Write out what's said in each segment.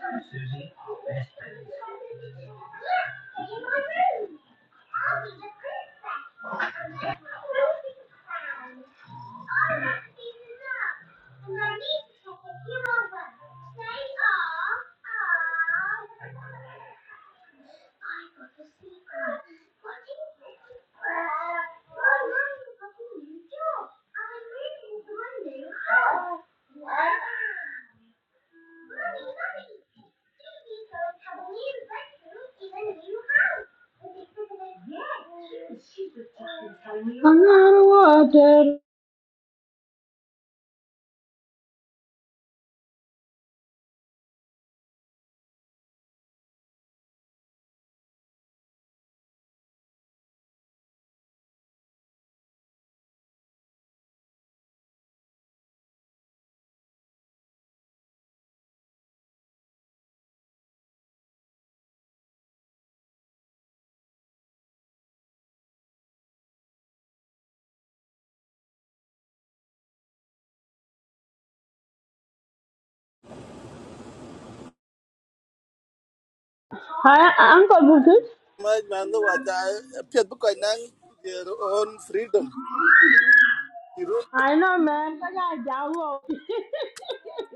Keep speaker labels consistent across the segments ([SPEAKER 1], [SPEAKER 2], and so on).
[SPEAKER 1] friend Susie, best friend. Yeah, in my room. I'll be the best friend. I'm not feeling well. have to be the nurse, and I need to take you over. They are. I've the My mum is coming. I am not know water. Hi, Uncle Bookus.
[SPEAKER 2] much man lo wa ja pet bu ko nang their own freedom you
[SPEAKER 1] I know, man. Because I jaw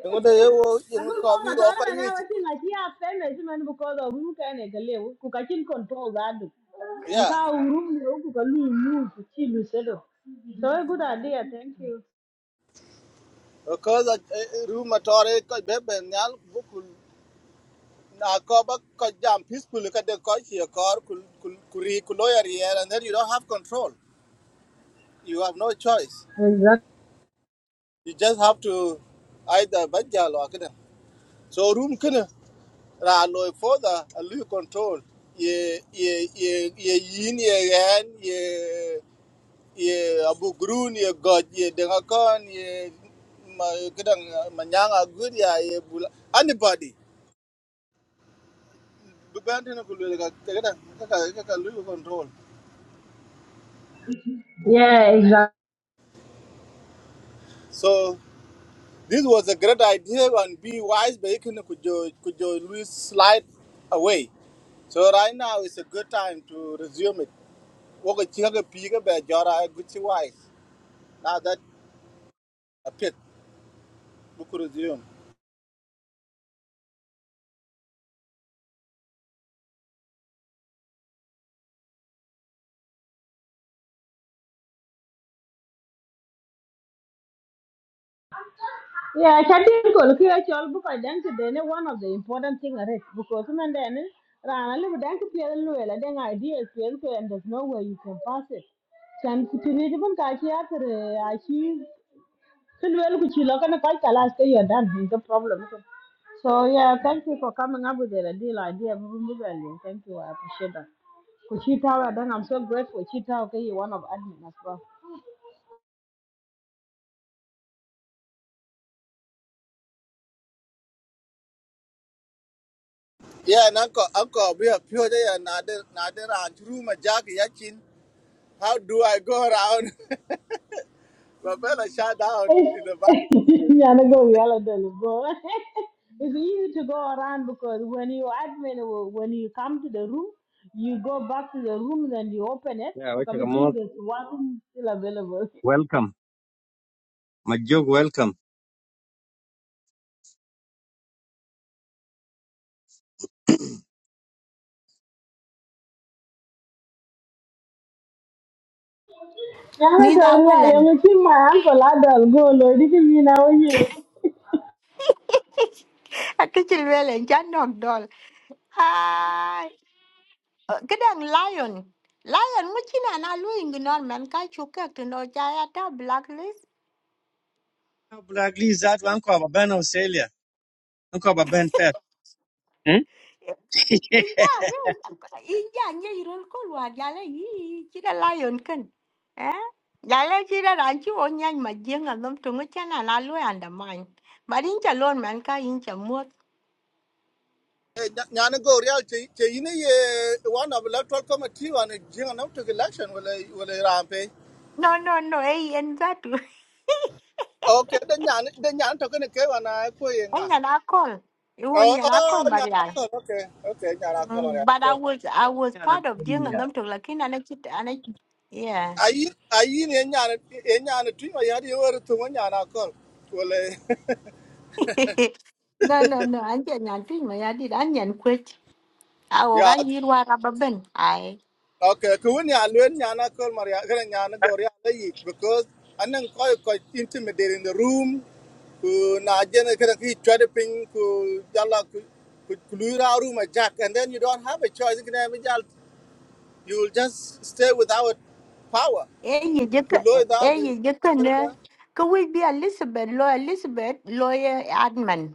[SPEAKER 2] ngo de yo
[SPEAKER 1] I
[SPEAKER 2] ngo
[SPEAKER 1] could
[SPEAKER 2] ko
[SPEAKER 1] mom
[SPEAKER 2] bi
[SPEAKER 1] at
[SPEAKER 2] ko
[SPEAKER 1] all
[SPEAKER 2] ko
[SPEAKER 1] and I
[SPEAKER 2] ni
[SPEAKER 1] was in like yeah famous man because of who can I live cook I can control that and
[SPEAKER 2] yeah
[SPEAKER 1] cow room cook a move to chill settle. So a good idea, thank you.
[SPEAKER 2] because a room atore ko be be nyal bu kul na ko ba ko jam peaceful ka de ko chi ko kul kul kuri kul lawyer here and then you don't have control you have no choice
[SPEAKER 1] Exactly.
[SPEAKER 2] you just have to either bajal or kada so room kana ra lo for the a lu control ye ye ye ye yin ye yan ye ye abu grun ye god ye dengakon ye ma kedang manyanga good ya ye bula anybody bubandi na kulwe ka kedang ka ka ka lu control
[SPEAKER 1] Yeah. Exactly.
[SPEAKER 2] so this was a great idea and be wise but you can could you could you lose slide away so right now is a good time to resume it woko chiga piga ba jora guchi wise now that a pit we could resume
[SPEAKER 1] Yeah, chatting call kira chol book identity ne one of the important thing are it because man then rana le dan ku pele luela den idea pele ko and there's no way you can pass it. Chan ku tini de ban ka kia tere you chi ku luel ku chi lo kana kai kalas ke you're done with the problem. ko. So yeah, thank you for coming up with the ideal idea. bu- bu- bu- Thank you, I appreciate that. Kuchita, well, then I'm so grateful. Kuchita, okay, you're one of admin as well.
[SPEAKER 2] yeah and uncle uncle we are pure yeah, and other another and room a jack How do I go around? Babella shout out
[SPEAKER 1] It's,
[SPEAKER 2] in the back.
[SPEAKER 1] yeah, I go yellow then, but it's easy to go around because when you admin, when you come to the room, you go back to the room and you open it.
[SPEAKER 3] Yeah,
[SPEAKER 1] To come
[SPEAKER 3] welcome,
[SPEAKER 1] and
[SPEAKER 3] kama
[SPEAKER 1] think there's one room still available.
[SPEAKER 3] welcome. Majog welcome.
[SPEAKER 1] Yeah, I
[SPEAKER 4] Mida
[SPEAKER 1] go yeah, let
[SPEAKER 4] awalan.
[SPEAKER 1] me keep my uncle Adol go. Lord, if you now you,
[SPEAKER 4] Akichin wele chanom dol. Hi. Kedang lion. Lion muchina na lu ignore man ka chukak to no jaya ta blacklist.
[SPEAKER 3] Black Lee that one ko Ben Australia. One ko Ben Fed. Eh?
[SPEAKER 4] Inja ngi inja ngi irol ko wa jale yi chira lion kan. Eh? Jale chira ranchi onya ma jenga dom tungu chana na lu andamine. Marincha lon man ka incha mot.
[SPEAKER 2] Nyana go real che che yine ye one of electoral committee one a jing up to election will I will I rampe.
[SPEAKER 4] No no no ei en zatu.
[SPEAKER 2] Okay, then nyana then nyana to gonna ke wana ko yenga.
[SPEAKER 4] Enya na call. Iwun
[SPEAKER 2] Oh
[SPEAKER 4] nya na
[SPEAKER 2] oh
[SPEAKER 4] call
[SPEAKER 2] nyana call okay okay nyana call okay.
[SPEAKER 4] Mm, but I
[SPEAKER 2] okay.
[SPEAKER 4] was I was
[SPEAKER 3] Yeah, na
[SPEAKER 4] part of Jing and
[SPEAKER 3] kulia.
[SPEAKER 4] Lam Tuk Lakin and I chit and I yeah.
[SPEAKER 2] Ayi ayi ne nyana e nyana tu ma yadi yor tu ma nyana call. Will
[SPEAKER 4] no no no I didn't I did not think my I did onion quit. I
[SPEAKER 2] I
[SPEAKER 4] will run
[SPEAKER 2] yeah
[SPEAKER 4] you what rubber Ben? I
[SPEAKER 2] Okay, ko wani alwen nyana kol maria kana nyana go ria le yi because anan ko ko intimidate in the room ku na jena kana ki try to ping ku jala ku ku lura room a jack and then you don't have a choice kana mi jal you will just stay without power
[SPEAKER 4] eh you
[SPEAKER 2] ku
[SPEAKER 4] get
[SPEAKER 2] ku lo da
[SPEAKER 4] eh
[SPEAKER 2] do in
[SPEAKER 4] you get
[SPEAKER 2] room a jena ka
[SPEAKER 4] there. Could we be Elizabeth law Elizabeth lawyer admin?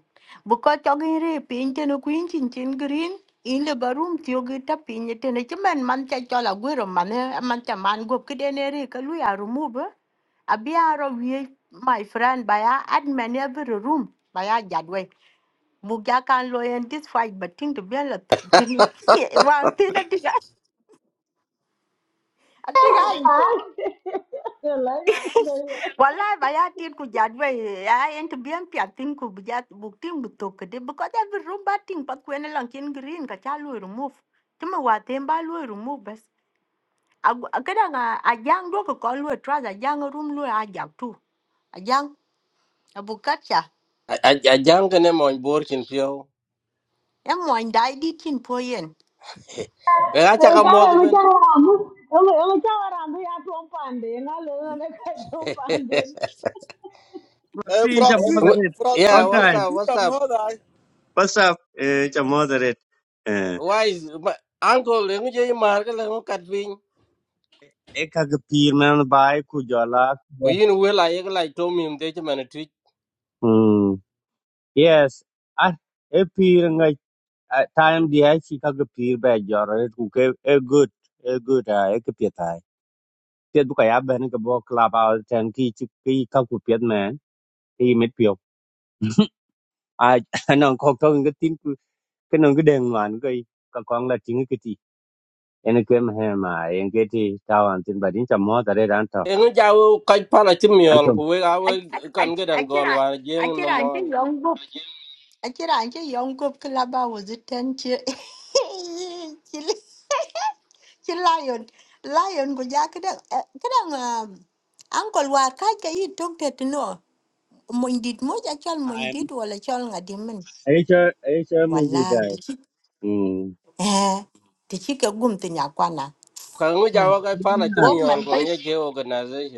[SPEAKER 4] Because talking rape in ten queen chin chin green in the barum tiogi tapin it in it and a chiman mancha chola guirum man eh, a mancha man go kidene rekalu are remove. eh? abiaro wie my friend baya admin every room baya jadwe muga kan loyen this fight but think to be la tin wa tin diga diga
[SPEAKER 1] ah, So like
[SPEAKER 4] wallahi baya tin ku jadwe ya en to be a pia tin ku buja buk tin bu to kede because every room ba tin pa ku ne lang kin green ka cha lu remove tuma wa tem ba lu remove bas kada nga ajang do ko ko lu a trouser ajang room lu ajak tu ajang abukacha
[SPEAKER 5] ajam kene mon bor chin pio
[SPEAKER 4] em wan dai di tin
[SPEAKER 5] ga cha ka
[SPEAKER 1] Hey,
[SPEAKER 5] mod
[SPEAKER 1] cara, me
[SPEAKER 5] ben
[SPEAKER 1] chama Ramu. Eu me chama Ramu e a tua pande. Eu não lembro que a tua pande.
[SPEAKER 2] eh
[SPEAKER 3] Si nja
[SPEAKER 2] proxy
[SPEAKER 3] moderate.
[SPEAKER 5] yeah
[SPEAKER 2] proxy
[SPEAKER 5] what's
[SPEAKER 3] Okay.
[SPEAKER 5] up
[SPEAKER 2] proxy
[SPEAKER 5] what's up
[SPEAKER 2] tamoda
[SPEAKER 3] What's up? Eh, nja moderate. Eh,
[SPEAKER 5] why is my uncle le ngi mar ga le ngi kat vin
[SPEAKER 3] eka kapir man bai ku jala.
[SPEAKER 5] ku yin we la ye la to mi de che man tu
[SPEAKER 3] Hmm. Yes. Ah, e pir ngai ah, time di ai si ka kapir ba jara ku ke a good. E good ah e kapir tai. Tiet bu ka ya ben ka bo club out ten ki chi ki ka ku piet man. à nó có con cái tin cứ- cái nó cái đèn mà nó cái cái con là chính cái gì em cái mà hè mà em cái thì tao ăn tin bài đến chăm mót tại đây ăn tao
[SPEAKER 5] e ngi ja wo ka pa la
[SPEAKER 3] ăn tôm
[SPEAKER 5] kan ga dan jeng no
[SPEAKER 4] Akiran ci
[SPEAKER 5] mon
[SPEAKER 4] yon gup. Akiran ci yon gup klaba wazitan ci. Ci lion. Lion ku ja kadang kadang angkol war ka ka yi tok te tino. Mondit mo ja chol
[SPEAKER 3] em
[SPEAKER 4] mondit wala chol ngadimin.
[SPEAKER 3] ấy chơi ấy chơi mình đi
[SPEAKER 4] Wala ti
[SPEAKER 3] đây
[SPEAKER 4] ci
[SPEAKER 3] ừ
[SPEAKER 4] eh ti ci ka gum ti nyakwana.
[SPEAKER 5] ka ngi ja wo
[SPEAKER 4] Hmm.
[SPEAKER 5] ka ko nge je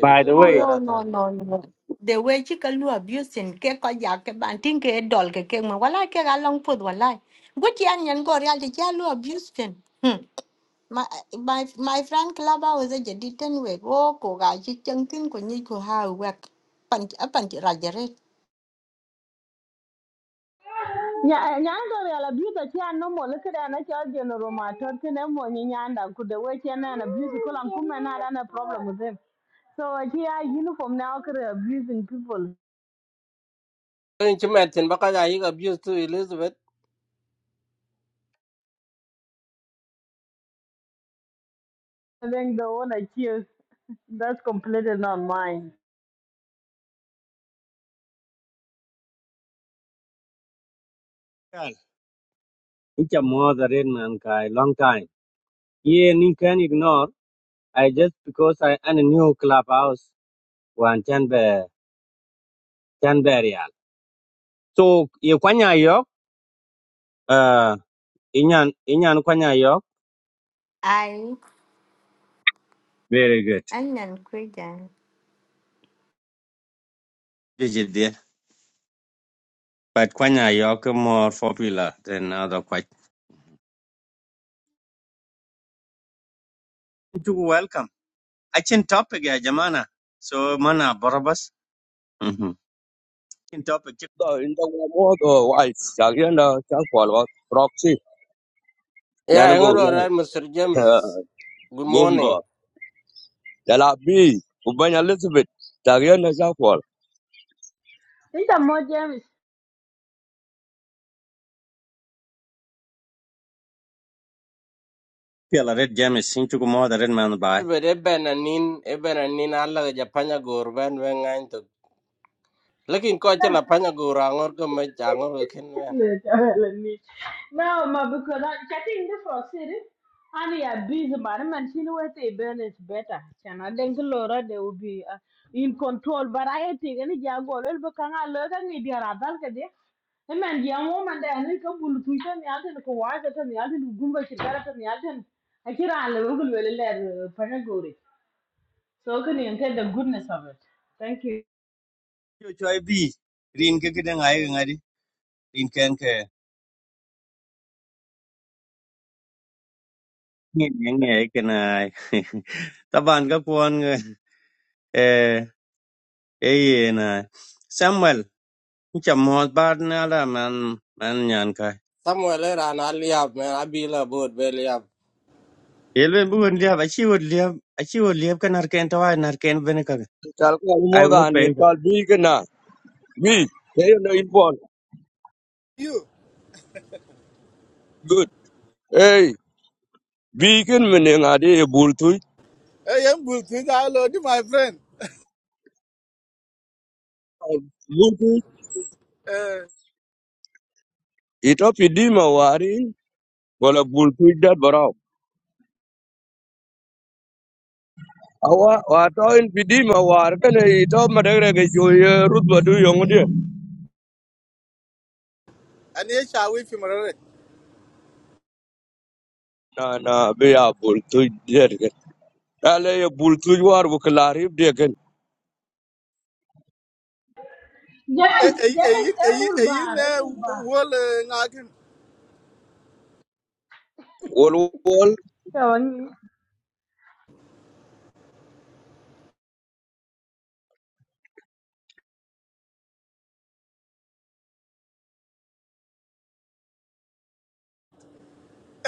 [SPEAKER 3] by
[SPEAKER 5] tin
[SPEAKER 3] the
[SPEAKER 5] lo
[SPEAKER 4] No,
[SPEAKER 3] way
[SPEAKER 5] yara
[SPEAKER 4] no, no,
[SPEAKER 5] tin
[SPEAKER 4] no, no. The way chị cái lùa abusing cái có giá cái bản tin cái đòn cái cái mà wala cái gà long food wala. What chị anh nhận gọi ra thì chị lùa abusing. Hmm. My, my, my friend Klaba was a jadi ten week. Oh, cô gái chị chân tin của nhi của ha wek. Pan, pan ra jere.
[SPEAKER 1] Nya- Nyanda real abuse chia no mo look at na chia general matter kene mo ni nyanda ku the way chia na na abuse kula kuma na da na problem with him. So chia uniform now kere abusing people.
[SPEAKER 5] en chim man tin ba ka ja yi abuse to elizabeth
[SPEAKER 1] I think the one accused that's completely not mine.
[SPEAKER 3] in chăm mót tại đây mà ăn cái long time yeah you can ignore I just because I am a new clubhouse one chan be chan be real so you kwanya yok uh inyan inyan kwanya yok
[SPEAKER 4] Ai,
[SPEAKER 3] very
[SPEAKER 4] anh nhận quê giá.
[SPEAKER 3] good But Kwanya Yoke more popular than other Kwach. You welcome. I can topic ya Jamana. So mana Borobas. Mm-hmm. In topic chip
[SPEAKER 6] Intan gue mau tuh wise, tagian tuh charcoal, proxy,
[SPEAKER 5] yeah
[SPEAKER 6] jangan
[SPEAKER 5] ngi ro ra
[SPEAKER 6] gue
[SPEAKER 5] mr james good morning
[SPEAKER 6] gumba, jalabi, ubenya listrik, tagian tuh charcoal.
[SPEAKER 1] Think I'm more James.
[SPEAKER 3] Pela Red James in Chuku more the red man by.
[SPEAKER 5] Elizabeth eben anin eben anin alla ga japanya gor ben ben ngain to Lakin ko chela panya gor angor ko me changor ko ken ben
[SPEAKER 1] Let let me. Now, ma, because I chatting the frog city, and yeah, busy, but I'm not seeing where they burn is better. Can I think Laura they will be uh, in control, but I think any jago will be can I learn any dear adult there. The man, young woman, they are like a bull tweet and the other Kawaka and the other Gumba Shigara and the other. I can't allow you to let Panagori. So can you get the goodness of it? Thank you.
[SPEAKER 3] You try B. Rin kikidang ay ngadi. Rin ken ke. Ngin ngay ken ay. Taban ka kuan nga. Eh. Eh na. Samuel. Ncha mo bar na la man man nyan ka.
[SPEAKER 5] samuel era na liab me abila bod be liab
[SPEAKER 3] Yelwe bugun liab. Achi wood liab. Achi wood liab ka narken tawa narken benika.
[SPEAKER 6] Charcoal gue mau
[SPEAKER 3] I
[SPEAKER 6] tuh
[SPEAKER 3] would
[SPEAKER 6] ane,
[SPEAKER 3] pay.
[SPEAKER 6] charcoal bikin na bik, kayaknya important,
[SPEAKER 2] you
[SPEAKER 6] good. Eh, bikin mendingan deh bulutui,
[SPEAKER 2] eh yam bul ti da lo di my friend
[SPEAKER 6] bulutui.
[SPEAKER 2] eh
[SPEAKER 6] Itop ini mau warin, gak ada bulutui dia berang. Aw, atau ini pidi mau warin, kan itu mereka guys jauh ya rut berdua ngudi.
[SPEAKER 2] ani shawi fi mo
[SPEAKER 6] Nana biar bulutui dia deh. ala ye bul tuj war bu klari deken
[SPEAKER 1] Yes, yes,
[SPEAKER 2] eyin
[SPEAKER 1] a
[SPEAKER 2] eyin
[SPEAKER 1] bull
[SPEAKER 2] eyin
[SPEAKER 1] bar, a bull bar.
[SPEAKER 2] wol ngakin
[SPEAKER 6] wol wol
[SPEAKER 1] So, ang-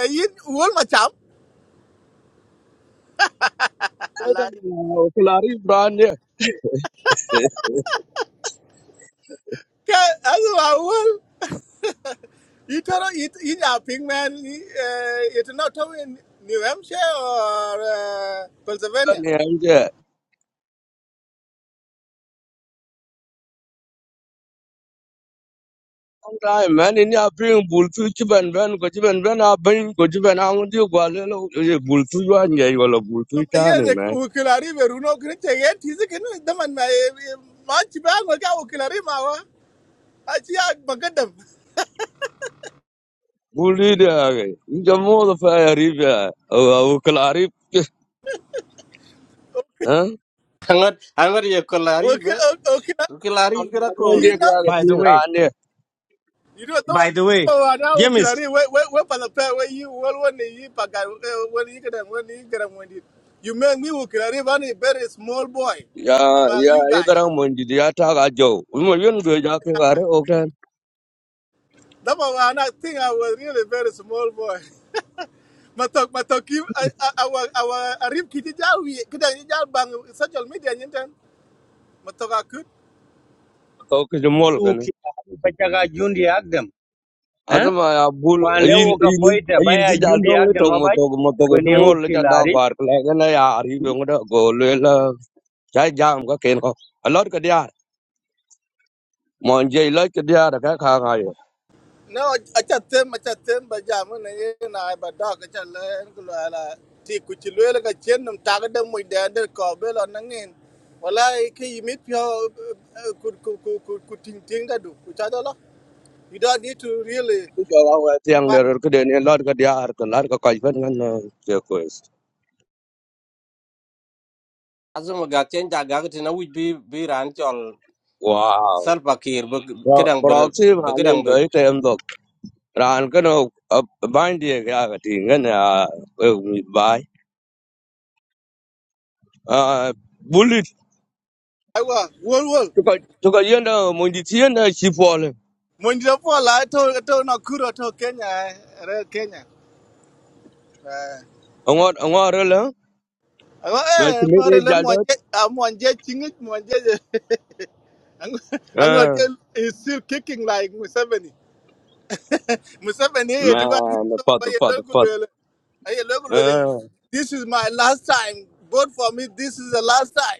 [SPEAKER 2] eyin wol macham
[SPEAKER 6] ne
[SPEAKER 2] ala
[SPEAKER 6] da klari brande ne
[SPEAKER 2] ke azwa wol itoro it in a ping man it not to in New Hampshire or uh, Pennsylvania
[SPEAKER 6] Ne anje ai man ni apin bul tuj ben ben ko ci ben ben a ben ko ci ben a ngi gwa le lo ye bul tuj wa nge wala bul
[SPEAKER 2] ma
[SPEAKER 6] tuj ta ne
[SPEAKER 2] yene
[SPEAKER 6] man
[SPEAKER 2] ukilari beruno kine tegen tizi kine daman ma ma chiba ngoka ukilari ma wa achi ag bagadam
[SPEAKER 6] bul ni de age jamo do fa ya riba o klari ha
[SPEAKER 5] angor angor ye kolari be
[SPEAKER 2] okay okay
[SPEAKER 5] kolari gra
[SPEAKER 6] An de
[SPEAKER 5] kor
[SPEAKER 2] you
[SPEAKER 6] ga ga
[SPEAKER 2] know
[SPEAKER 3] By the
[SPEAKER 6] tin
[SPEAKER 3] way,
[SPEAKER 6] ran ne ke
[SPEAKER 2] You don't know.
[SPEAKER 3] by the way,
[SPEAKER 2] Oh, and now okay, like,
[SPEAKER 3] James,
[SPEAKER 2] where where where for the pair where you well when you pack uh, when you get them when you get them when you you make me look like a very small boy
[SPEAKER 6] ya ni rane ya
[SPEAKER 2] among
[SPEAKER 6] ya
[SPEAKER 2] you
[SPEAKER 6] ye
[SPEAKER 2] guys.
[SPEAKER 6] garang mon di ya ta ga jo mo yun do ja ke gare o tan
[SPEAKER 2] That was when I think I was really very small boy. Matok matok you I I I was I was a rib kiti jawi kita ni jawi bang social media ni ten. Matok akut.
[SPEAKER 6] ko ke mol
[SPEAKER 3] tu ki bachaga jundi agdem, eh?
[SPEAKER 6] Asama ya bul
[SPEAKER 3] Kwande
[SPEAKER 6] ayin
[SPEAKER 3] woka
[SPEAKER 6] ayin
[SPEAKER 3] poita
[SPEAKER 6] ayin ti
[SPEAKER 3] baya
[SPEAKER 6] jal
[SPEAKER 3] jundi
[SPEAKER 6] dong ni
[SPEAKER 3] agdem
[SPEAKER 6] tong mo
[SPEAKER 3] abaj,
[SPEAKER 6] tog mo tog ti
[SPEAKER 3] kwenye
[SPEAKER 6] mol cha da
[SPEAKER 3] ukilari.
[SPEAKER 6] gwar kle gana ya ari be ngoda go le la cha jam ka ken ko alot ka dia mon je lot ka dia da ka kha ga yo
[SPEAKER 2] No, acha tem, acha tem, but jam na ye na ba dog acha le en kulo ala ti kuchilwe la ka chen num tag de mu de de ko be lo na ngin. Wala ke yimit pyo ku ku ku ku ku ting ting da du ku cha do lo. You don't need to really
[SPEAKER 6] ti jo wa wa tiang
[SPEAKER 2] fight.
[SPEAKER 6] der ka de ni lot ka dia ar ka lar ka kai pen ngan je ko is
[SPEAKER 5] azum ga chen ja ga tin u bi bi ran chol
[SPEAKER 6] wow
[SPEAKER 5] salpakir be
[SPEAKER 6] Pro-
[SPEAKER 5] kedang be
[SPEAKER 6] proxy ma
[SPEAKER 5] be
[SPEAKER 6] le
[SPEAKER 5] kedang be
[SPEAKER 6] be tem dok ran ka no ban die ga ga ti ngan ya we mi bai a bullet
[SPEAKER 2] I wa wol wol.
[SPEAKER 6] to ka to ka yenda mon di tienda chi
[SPEAKER 2] Mo ndi po la to to na kuro to Kenya eh, re Kenya. Eh.
[SPEAKER 6] Angor angor la
[SPEAKER 2] Ago
[SPEAKER 6] na
[SPEAKER 2] eh mo
[SPEAKER 6] chimere
[SPEAKER 2] re le mo
[SPEAKER 6] jalda
[SPEAKER 2] je a mo je chingit mo je. Ango ango
[SPEAKER 6] ah
[SPEAKER 2] ke is still kicking like Museveni. Museveni here, the years
[SPEAKER 6] man
[SPEAKER 2] old,
[SPEAKER 6] fat
[SPEAKER 2] but you
[SPEAKER 6] fat
[SPEAKER 2] don't go
[SPEAKER 6] fat
[SPEAKER 2] to Hey, look, really,
[SPEAKER 6] ah
[SPEAKER 2] this is my last time. Vote for me. This is the last time.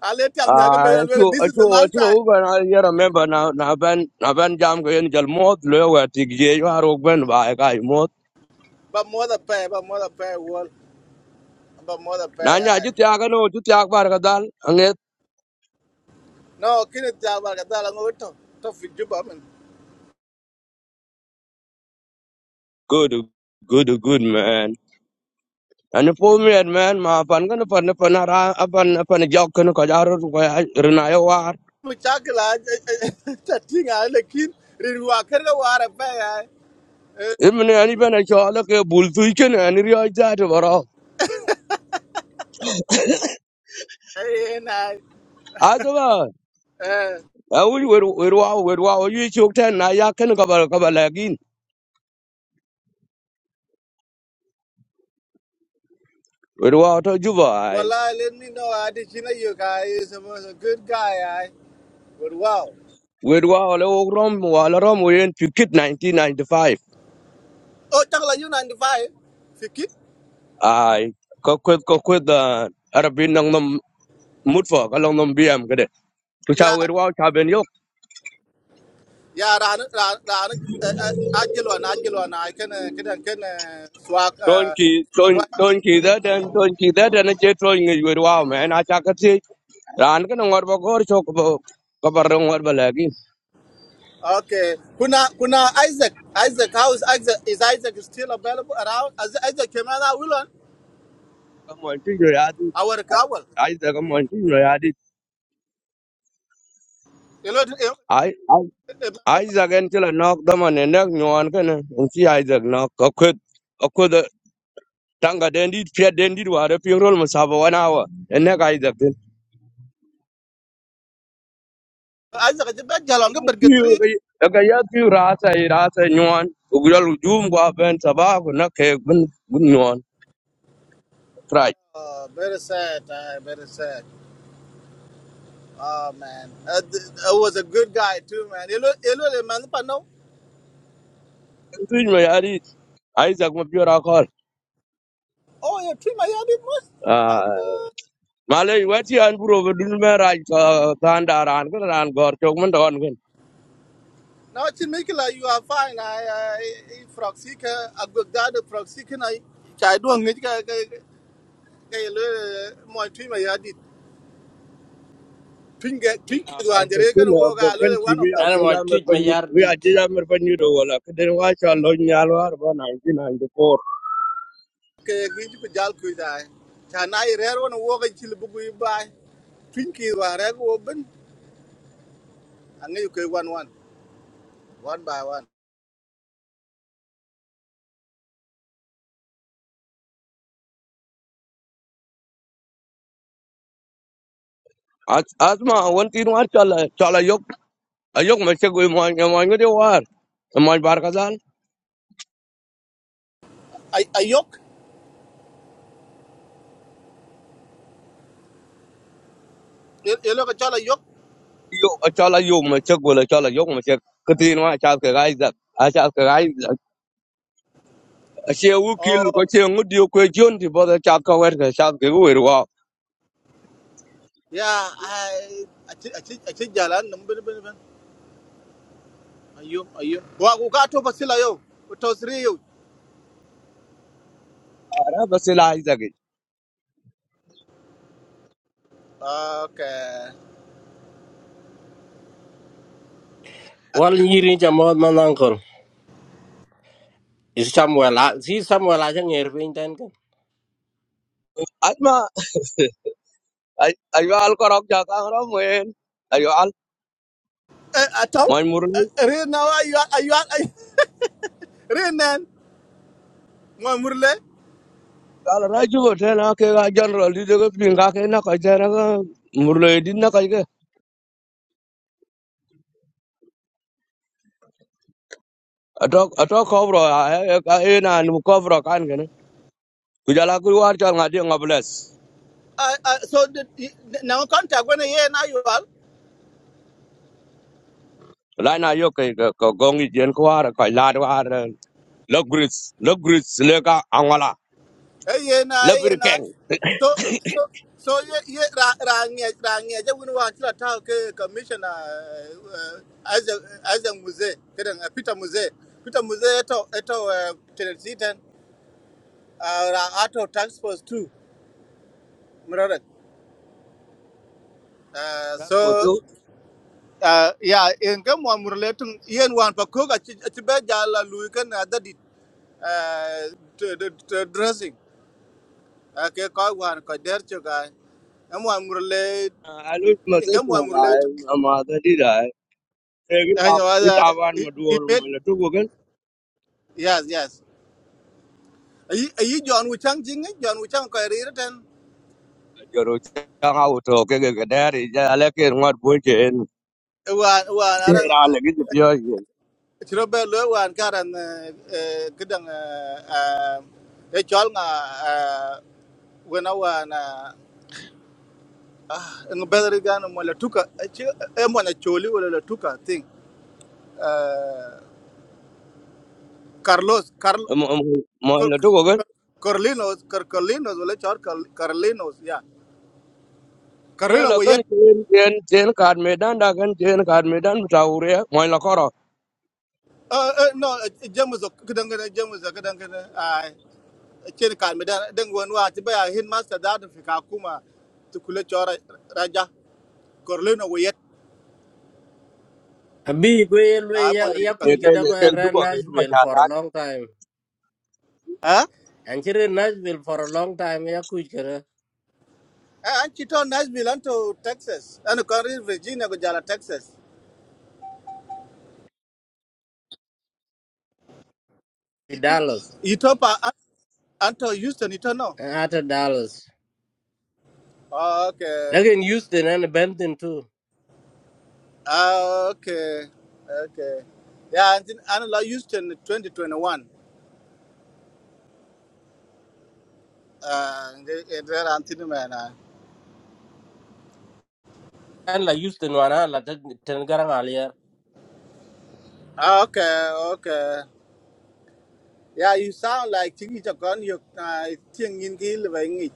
[SPEAKER 2] I let him know, but
[SPEAKER 6] ah
[SPEAKER 2] really,
[SPEAKER 6] chu
[SPEAKER 2] this is
[SPEAKER 6] chu
[SPEAKER 2] the last
[SPEAKER 6] chu
[SPEAKER 2] time.
[SPEAKER 6] ba na yara member na na ban na ban jam ko yen jal mot le wa tik je yo ro ben ba ka mot
[SPEAKER 2] But mother pay, but mother pay wall, but mother pay.
[SPEAKER 6] na
[SPEAKER 2] I
[SPEAKER 6] nya ju tya ga no ju tya bar ga dal anget
[SPEAKER 2] no, kini chaba kada lango to to fiju ba men.
[SPEAKER 6] good good good man and for me man ma pan ga pan pan ra pan pan jok ko ko jar ko rna yo war
[SPEAKER 2] Muchakila chatting I lekin rinwa kera wara pay I.
[SPEAKER 6] imne ani ben cho la ke bul tu ken ani ri ja to
[SPEAKER 2] Eh, eh,
[SPEAKER 6] baro
[SPEAKER 2] na.
[SPEAKER 6] awul wer wer wa wer wa yu chok ten na ya ken ka kabal ka bal gin wer wa to juba ai
[SPEAKER 2] Well, I let me know. I did you know you guys. is was a good guy. I but wow.
[SPEAKER 6] wer wa le ok rom wa la rom wen pikit 1995
[SPEAKER 2] Oh, chắc you 95. Fikit.
[SPEAKER 6] ai ko kwet ko kwet da arabin nang nam mut fo ka long nam biam ka de tu cha
[SPEAKER 2] Yeah.
[SPEAKER 6] wer wa cha ben yo
[SPEAKER 2] Yeah, ran ran ran ajelwan ajelwan I can eh, can eh, can eh, swag
[SPEAKER 6] ton
[SPEAKER 2] uh
[SPEAKER 6] ki ton
[SPEAKER 2] right.
[SPEAKER 6] ton ki da den ton ki da den che ton ngi wer wa me na cha ka ti ran ka ngor ba gor chok bo ka bar ngor bal gin
[SPEAKER 2] Okay. Kuna kuna Isaac. Isaac how is Isaac is Isaac still available around? As Isaac came out willan
[SPEAKER 6] mo ti yo ya di
[SPEAKER 2] our kawal.
[SPEAKER 6] ai da ka mo ti yo ya
[SPEAKER 2] You know eh, eh,
[SPEAKER 6] di
[SPEAKER 2] eh,
[SPEAKER 6] Isaac en ci la nok dama ne nek nyon kene en ci Isaac nok akwet akwet tanga den dit pia den dit ware pi rol mo sabo wana wa en nek Isaac tin
[SPEAKER 2] Isaac is a bad jalong bergetri.
[SPEAKER 6] piu ga ya piu rasa i rasa nyon ugrol jum gwa ben saba ko na ke bun bun nyon trai
[SPEAKER 2] Oh, very sad. Uh, very sad. Oh man, uh, th- I was a good guy too, man. You Hello, hello, man. But no,
[SPEAKER 6] tuj me yari Isaac mo piu rakol
[SPEAKER 2] oh, you trim my yard most.
[SPEAKER 6] ah
[SPEAKER 2] Okay.
[SPEAKER 6] male wati an buro dun me raj ka tandaran ko ran gor chok mon don
[SPEAKER 2] Now, Chimikila, you are fine. I, I, Froxika, I got that Froxika. I, I don't need to get a little more trim my yard. Twink, twink,
[SPEAKER 6] Ah,
[SPEAKER 2] you and the Reagan
[SPEAKER 6] abokan
[SPEAKER 2] walk a
[SPEAKER 6] abokan
[SPEAKER 2] little
[SPEAKER 6] ki
[SPEAKER 2] one
[SPEAKER 6] bi
[SPEAKER 2] of them.
[SPEAKER 5] ana
[SPEAKER 6] aje
[SPEAKER 5] wa
[SPEAKER 6] da mer
[SPEAKER 5] tuj me
[SPEAKER 6] panju
[SPEAKER 5] yar
[SPEAKER 6] bi
[SPEAKER 5] dit
[SPEAKER 6] aje da mer panju do wala kden wa chalo nyal war ba 1994
[SPEAKER 2] Okay, you could jalk with I. Can I rare one walk until you buy? Twink, you are open. And then you could one, one, one by one.
[SPEAKER 6] As- asma won tin war chala chala yok yok me chego mo mo ngode war mo bar kadal
[SPEAKER 2] I, I yoke. You look at Chala
[SPEAKER 6] yo chala yok me chego la chala yok me chego ktin wa chal ke gaiza a chal ke gaiza she u kil
[SPEAKER 2] Oh,
[SPEAKER 6] ko che ngudi ko jon ti boda chal ka wer ka chal ke wer wa
[SPEAKER 2] yeah, I, I, think- I, think- I think jalan nung bin bin bin. Ayum, ayum. Wa ku ka to pasila yo. Ku to sri yo.
[SPEAKER 6] ara basila aiza ge
[SPEAKER 2] Okay.
[SPEAKER 5] wal
[SPEAKER 2] Ak-
[SPEAKER 5] nyiri jamod manan kor is samuel si samuel a chen er pin
[SPEAKER 6] asma ayo al korok ja ka ro mo en ayo
[SPEAKER 2] Eh, ataw?
[SPEAKER 6] al
[SPEAKER 2] Eh, Rin na wa ayu ayu ayu. Rin nen. Mo murle.
[SPEAKER 6] ala ra jugo te na ke ga general di de pin ga ke na ka te na ga murle di na ka ke ato ato kobro a ka e na nu kobro kan ke ne ku jala ku war cha ngadi ngables
[SPEAKER 2] Ah, ah, So the- the- na wa contact when ye na you all.
[SPEAKER 6] la na yo ke ko gongi jen ko war ka la war lo gris lo gris le ka angala
[SPEAKER 2] Hey, na,
[SPEAKER 6] le
[SPEAKER 2] hey,
[SPEAKER 6] bir
[SPEAKER 2] na.
[SPEAKER 6] ken
[SPEAKER 2] So, so, so, yeah, yeah, ra, ra, nghe, ra, nghe, chắc cũng nói là tao cái commissioner uh, uh, as a, as a muse, cái thằng Peter Muse, Peter Muse, eto, eto, tenancy ten, uh, ra, ato tax force two, mrade.
[SPEAKER 6] ta ko
[SPEAKER 2] So,
[SPEAKER 6] tu
[SPEAKER 2] uh, yeah, in cái mọi mùa lễ tung, yên hoàn bạc cố cả chỉ chỉ bé già là lùi cái dressing, cái coi hoàn coi đẹp cho cái.
[SPEAKER 6] alu ma
[SPEAKER 2] in
[SPEAKER 6] se
[SPEAKER 2] Gambo
[SPEAKER 6] ko
[SPEAKER 2] related.
[SPEAKER 6] ga ma da di da e ki ta
[SPEAKER 2] And you
[SPEAKER 6] ki
[SPEAKER 2] know,
[SPEAKER 6] ta ban
[SPEAKER 2] he,
[SPEAKER 6] ma
[SPEAKER 2] he
[SPEAKER 6] duol
[SPEAKER 2] made,
[SPEAKER 6] mo le tu ko ken
[SPEAKER 2] yes, yes. Are you John Wichang Jing? John Wichang Kairi and
[SPEAKER 6] joro cha ga auto ke ke ga dari ja le ke ngat bo
[SPEAKER 2] one, one, Aran,
[SPEAKER 6] ra là cái gì vậy
[SPEAKER 2] Chirobe Lu, one, Karan, Kidang, a Chalna, when I want, ah, ng better gun, and Molatuka, a Mona Choli, or Latuka thing. Uh, Carlos, Carl,
[SPEAKER 6] mọi
[SPEAKER 2] Cor-
[SPEAKER 6] là tôi có cái
[SPEAKER 2] Cor- Corlinos, Cor- Corlinos, or Carlinos, yeah.
[SPEAKER 6] nó là cái
[SPEAKER 2] Carlino,
[SPEAKER 6] trên trên trên card mê đan đã cái trên card mê đan trâu rồi mọi là có rồi
[SPEAKER 2] Uh, uh, no, jamus kadangana jamus kadangana. I chen kan meda dengwan wa tiba ya hin master da da fika kuma tukule chora raja korleno wayet.
[SPEAKER 5] Abi gue lu
[SPEAKER 2] I mo
[SPEAKER 5] ya
[SPEAKER 2] da
[SPEAKER 5] ya
[SPEAKER 2] tuka.
[SPEAKER 6] cái
[SPEAKER 5] kuj
[SPEAKER 6] cái
[SPEAKER 5] kada ko
[SPEAKER 6] cái
[SPEAKER 5] era
[SPEAKER 6] đúng rồi cái đúng mà
[SPEAKER 5] Nashville
[SPEAKER 6] chả
[SPEAKER 5] for a
[SPEAKER 6] thà
[SPEAKER 5] long time.
[SPEAKER 2] Huh?
[SPEAKER 5] Anjir Nashville for a long time ya kuj kada
[SPEAKER 2] Eh, An chito Nashville anto Texas. An kari Virginia go jala Texas.
[SPEAKER 5] Fi Dallas.
[SPEAKER 2] Ito pa an- anto Houston ito no.
[SPEAKER 5] Ata Dallas.
[SPEAKER 2] Oh, okay.
[SPEAKER 5] Lakin Houston and Benton too.
[SPEAKER 2] Ah, okay. Okay. Yeah, and then an la Houston 2021. Uh, there antin man. uh,
[SPEAKER 5] An la Houston wana la ten ten garang alia.
[SPEAKER 2] Okay, okay. Yeah, you sound like Chingy Chakon, you Ching in Gil, Wangi.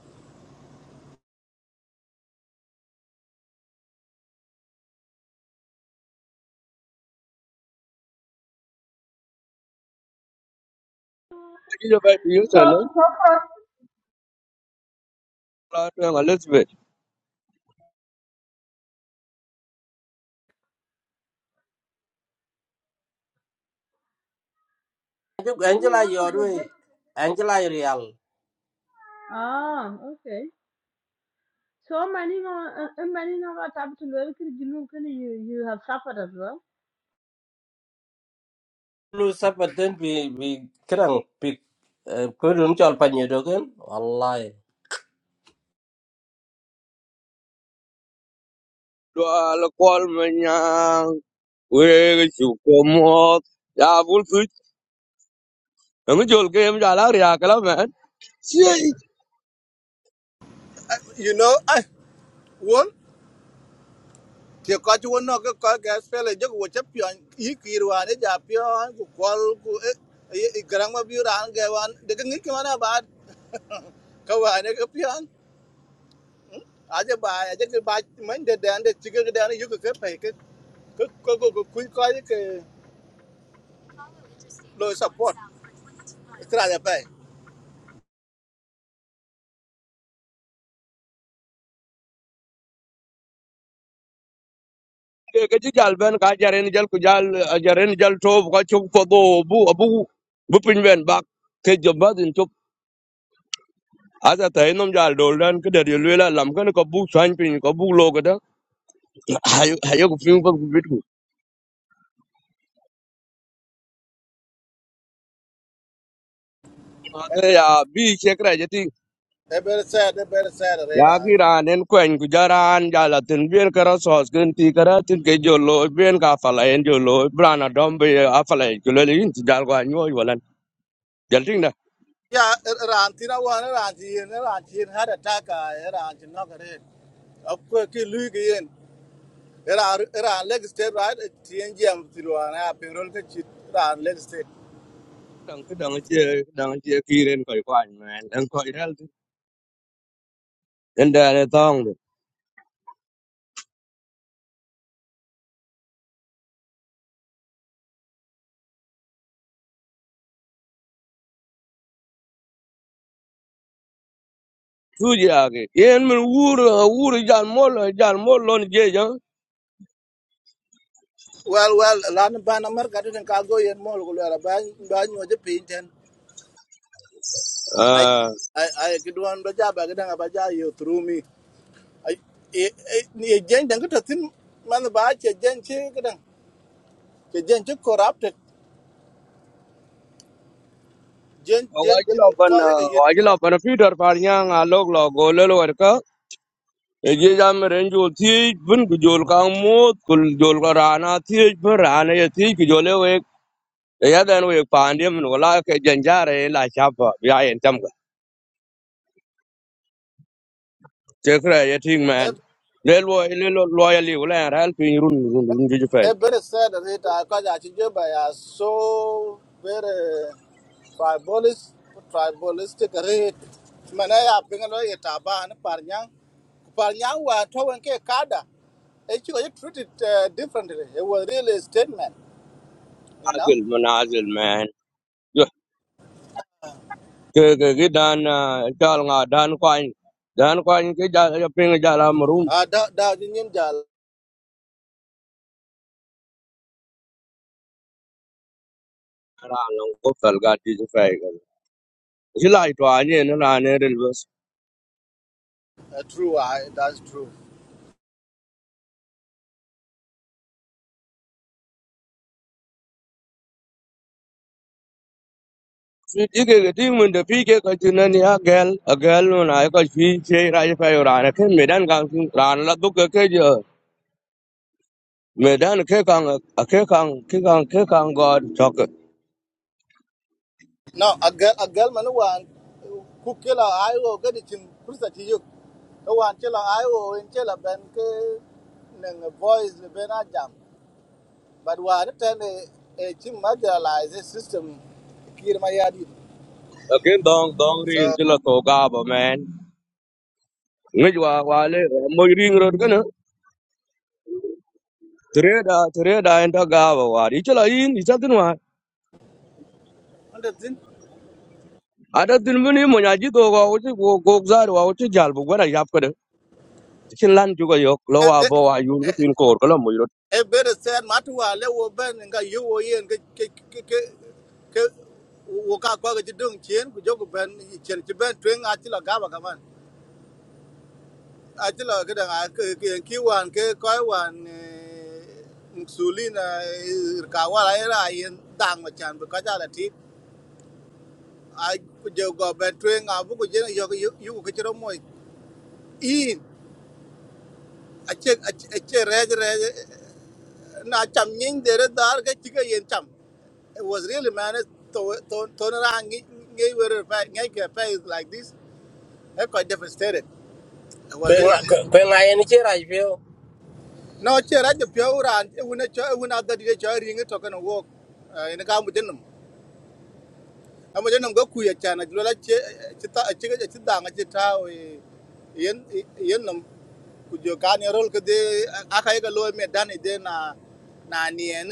[SPEAKER 6] cái gì vậy cái
[SPEAKER 1] So,
[SPEAKER 6] gì nữa
[SPEAKER 1] so far,
[SPEAKER 6] là tôi là Elizabeth
[SPEAKER 5] Anjuk
[SPEAKER 1] are you
[SPEAKER 5] Angela
[SPEAKER 1] one of the
[SPEAKER 5] Yorwe.
[SPEAKER 1] best?
[SPEAKER 5] Angela Real.
[SPEAKER 1] ah, okay. So, many uh, uh, many of what happened to you? You can you you have suffered as well.
[SPEAKER 5] Lu sapat ten bi bi kerang bi kudun chol panyo dogen. Wallahi.
[SPEAKER 6] đó là quan mình nhà quê cái chủ của một ya bul suy nó cái chỗ cái em ra là ria cái là mẹ
[SPEAKER 2] You know, I won. Thì có chú nó cái có cái spell ấy chứ của chấp nhận ý kỳ rồi đấy giả pio của qual của ấy cái răng mà biểu ran cái wan để cái nghĩ cái mà bà cái wan cái pio à chứ bà à chứ cái bà mình để đàn để chỉ cái đàn này yêu cái phải cái cái cái cái cái cái cái cái lời support cái là vậy
[SPEAKER 6] cái cái chữ jal ben cái jaren jal ku jal jaren jal top cái chụp phô bu bu bu pin ben bạc asa ta inom jal dol dan ke der yel wela lam kan ko bu san pin ko bu lo ga da hayo hayo ku fin ko bit ku ta ya bi che kra je ti
[SPEAKER 2] They better sad, they better sad red
[SPEAKER 6] ya
[SPEAKER 2] eye.
[SPEAKER 6] ki ran en ko en ku jaran jala tin bien kara sos gen ti kara tin ke jo lo bien ka fala en jo lo brana dom be a fala ku le yin ti jal ko an yo wala jal tin da
[SPEAKER 2] Yeah, Rantina one, Rantin, Rantin had a taka, Rantin knock it in. A quirky Lugian. Iran leg state, right? TNGM through an app in Rolkachit, Ran leg state.
[SPEAKER 6] dang ke dang che dang che ki ren ko ko an man en ko iral en da ne tong de tu ja ke yen mun wur wur jal mol jal mol lon je
[SPEAKER 2] Well, well, London Ban America didn't cargo in Molular, Ban Ban was a paint and I
[SPEAKER 6] ja
[SPEAKER 2] I could do one Baja Bagadang Baja you through me. I Jen don't get a thin man the Baja Jen Chicken, Jen corrupted. Jen
[SPEAKER 6] Wajil
[SPEAKER 2] Jenchin
[SPEAKER 6] open,
[SPEAKER 2] Koyaga you
[SPEAKER 6] wajil open Peter Panyang alog lo golel warka. Eje jam renjo thiej bun kujol kang mut kul jol ka rana thiej bun rana ye thiej kujole wek. Ya dan wek pandya min wala ke janjare la chapa ya en tam ka. Tekra ye ting
[SPEAKER 2] know
[SPEAKER 6] man. Lel wo lel loyali wala en ral pin run run run juju fay.
[SPEAKER 2] a very sad that I got at are so very tribalist tribalistic rate. Manaya Bingalo Yetaban Parnyang Parnyang were towing K Kada. Actually it treated uh, differently. It was really a statement, you know.
[SPEAKER 6] Azil manazil man. Yo ke ke ke dan chal nga dan kwan. Dan kwan ke jala pin jala marum.
[SPEAKER 2] Uh that that in Jal
[SPEAKER 6] Rana ko salga juju fay. July to ane na na ne del bus.
[SPEAKER 2] uh, true I that's true.
[SPEAKER 6] Fi dike ke ting mun de fi ke ka tin na ni a gel a gel mun ai ka fi che ra je fa ra na ke medan kang tin ran la du ke ke je medan ke kang a ke kang ke kang ke kang god chok
[SPEAKER 2] no a gal a gal man wan ku kela ayo ga di chin kursa ti yuk to wan chela ayo en chela ben ke nang boys le ben a jam but wan ten e e chin marginalize system kir ma ya
[SPEAKER 6] a ke dong dong
[SPEAKER 2] so
[SPEAKER 6] rin ti la to ga ba man ngi wa wa le mo rin ro ke na tre da tre da en ta ga ba wa ri chala yin ni cha tin wa
[SPEAKER 2] under tin
[SPEAKER 6] ada tin mun ni mo nya ji to ga o ti go go za wa o ti jal bu ga na yap ka de chin lan ju ga yok lo
[SPEAKER 2] e
[SPEAKER 6] wa
[SPEAKER 2] e
[SPEAKER 6] bo wa yun ko tin ko ko lo
[SPEAKER 2] e better said matu wa le wo ben nga yu wo yen ke ke ke ke ke wo ka kwa ga dung chien ku ben chen ti ben twen a ti la Achilo kada nga ke ke ki wan ke koi wan insulin ka wala era yin dang ma chan bu ka ja la ti a ku je go ben twe nga bu ku je yo yu ku chro mo in a che a che re re na cham nyin de re dar ke chi ke yin cham it was really man it to to to na ngi were ngi ke like this I quite devastated it was
[SPEAKER 5] Kwe nga
[SPEAKER 2] really
[SPEAKER 5] kwe nga yani chira jpio.
[SPEAKER 2] no che ra je pyo ran e wona cho e wona da de cho ringi to kana wo ina ka mu denum amu denum go ku ya cha na lo la che che ta che ga che da nga che ta o yen yen nam ku jo ka ne rol ka de aka ga lo me dan de na na nien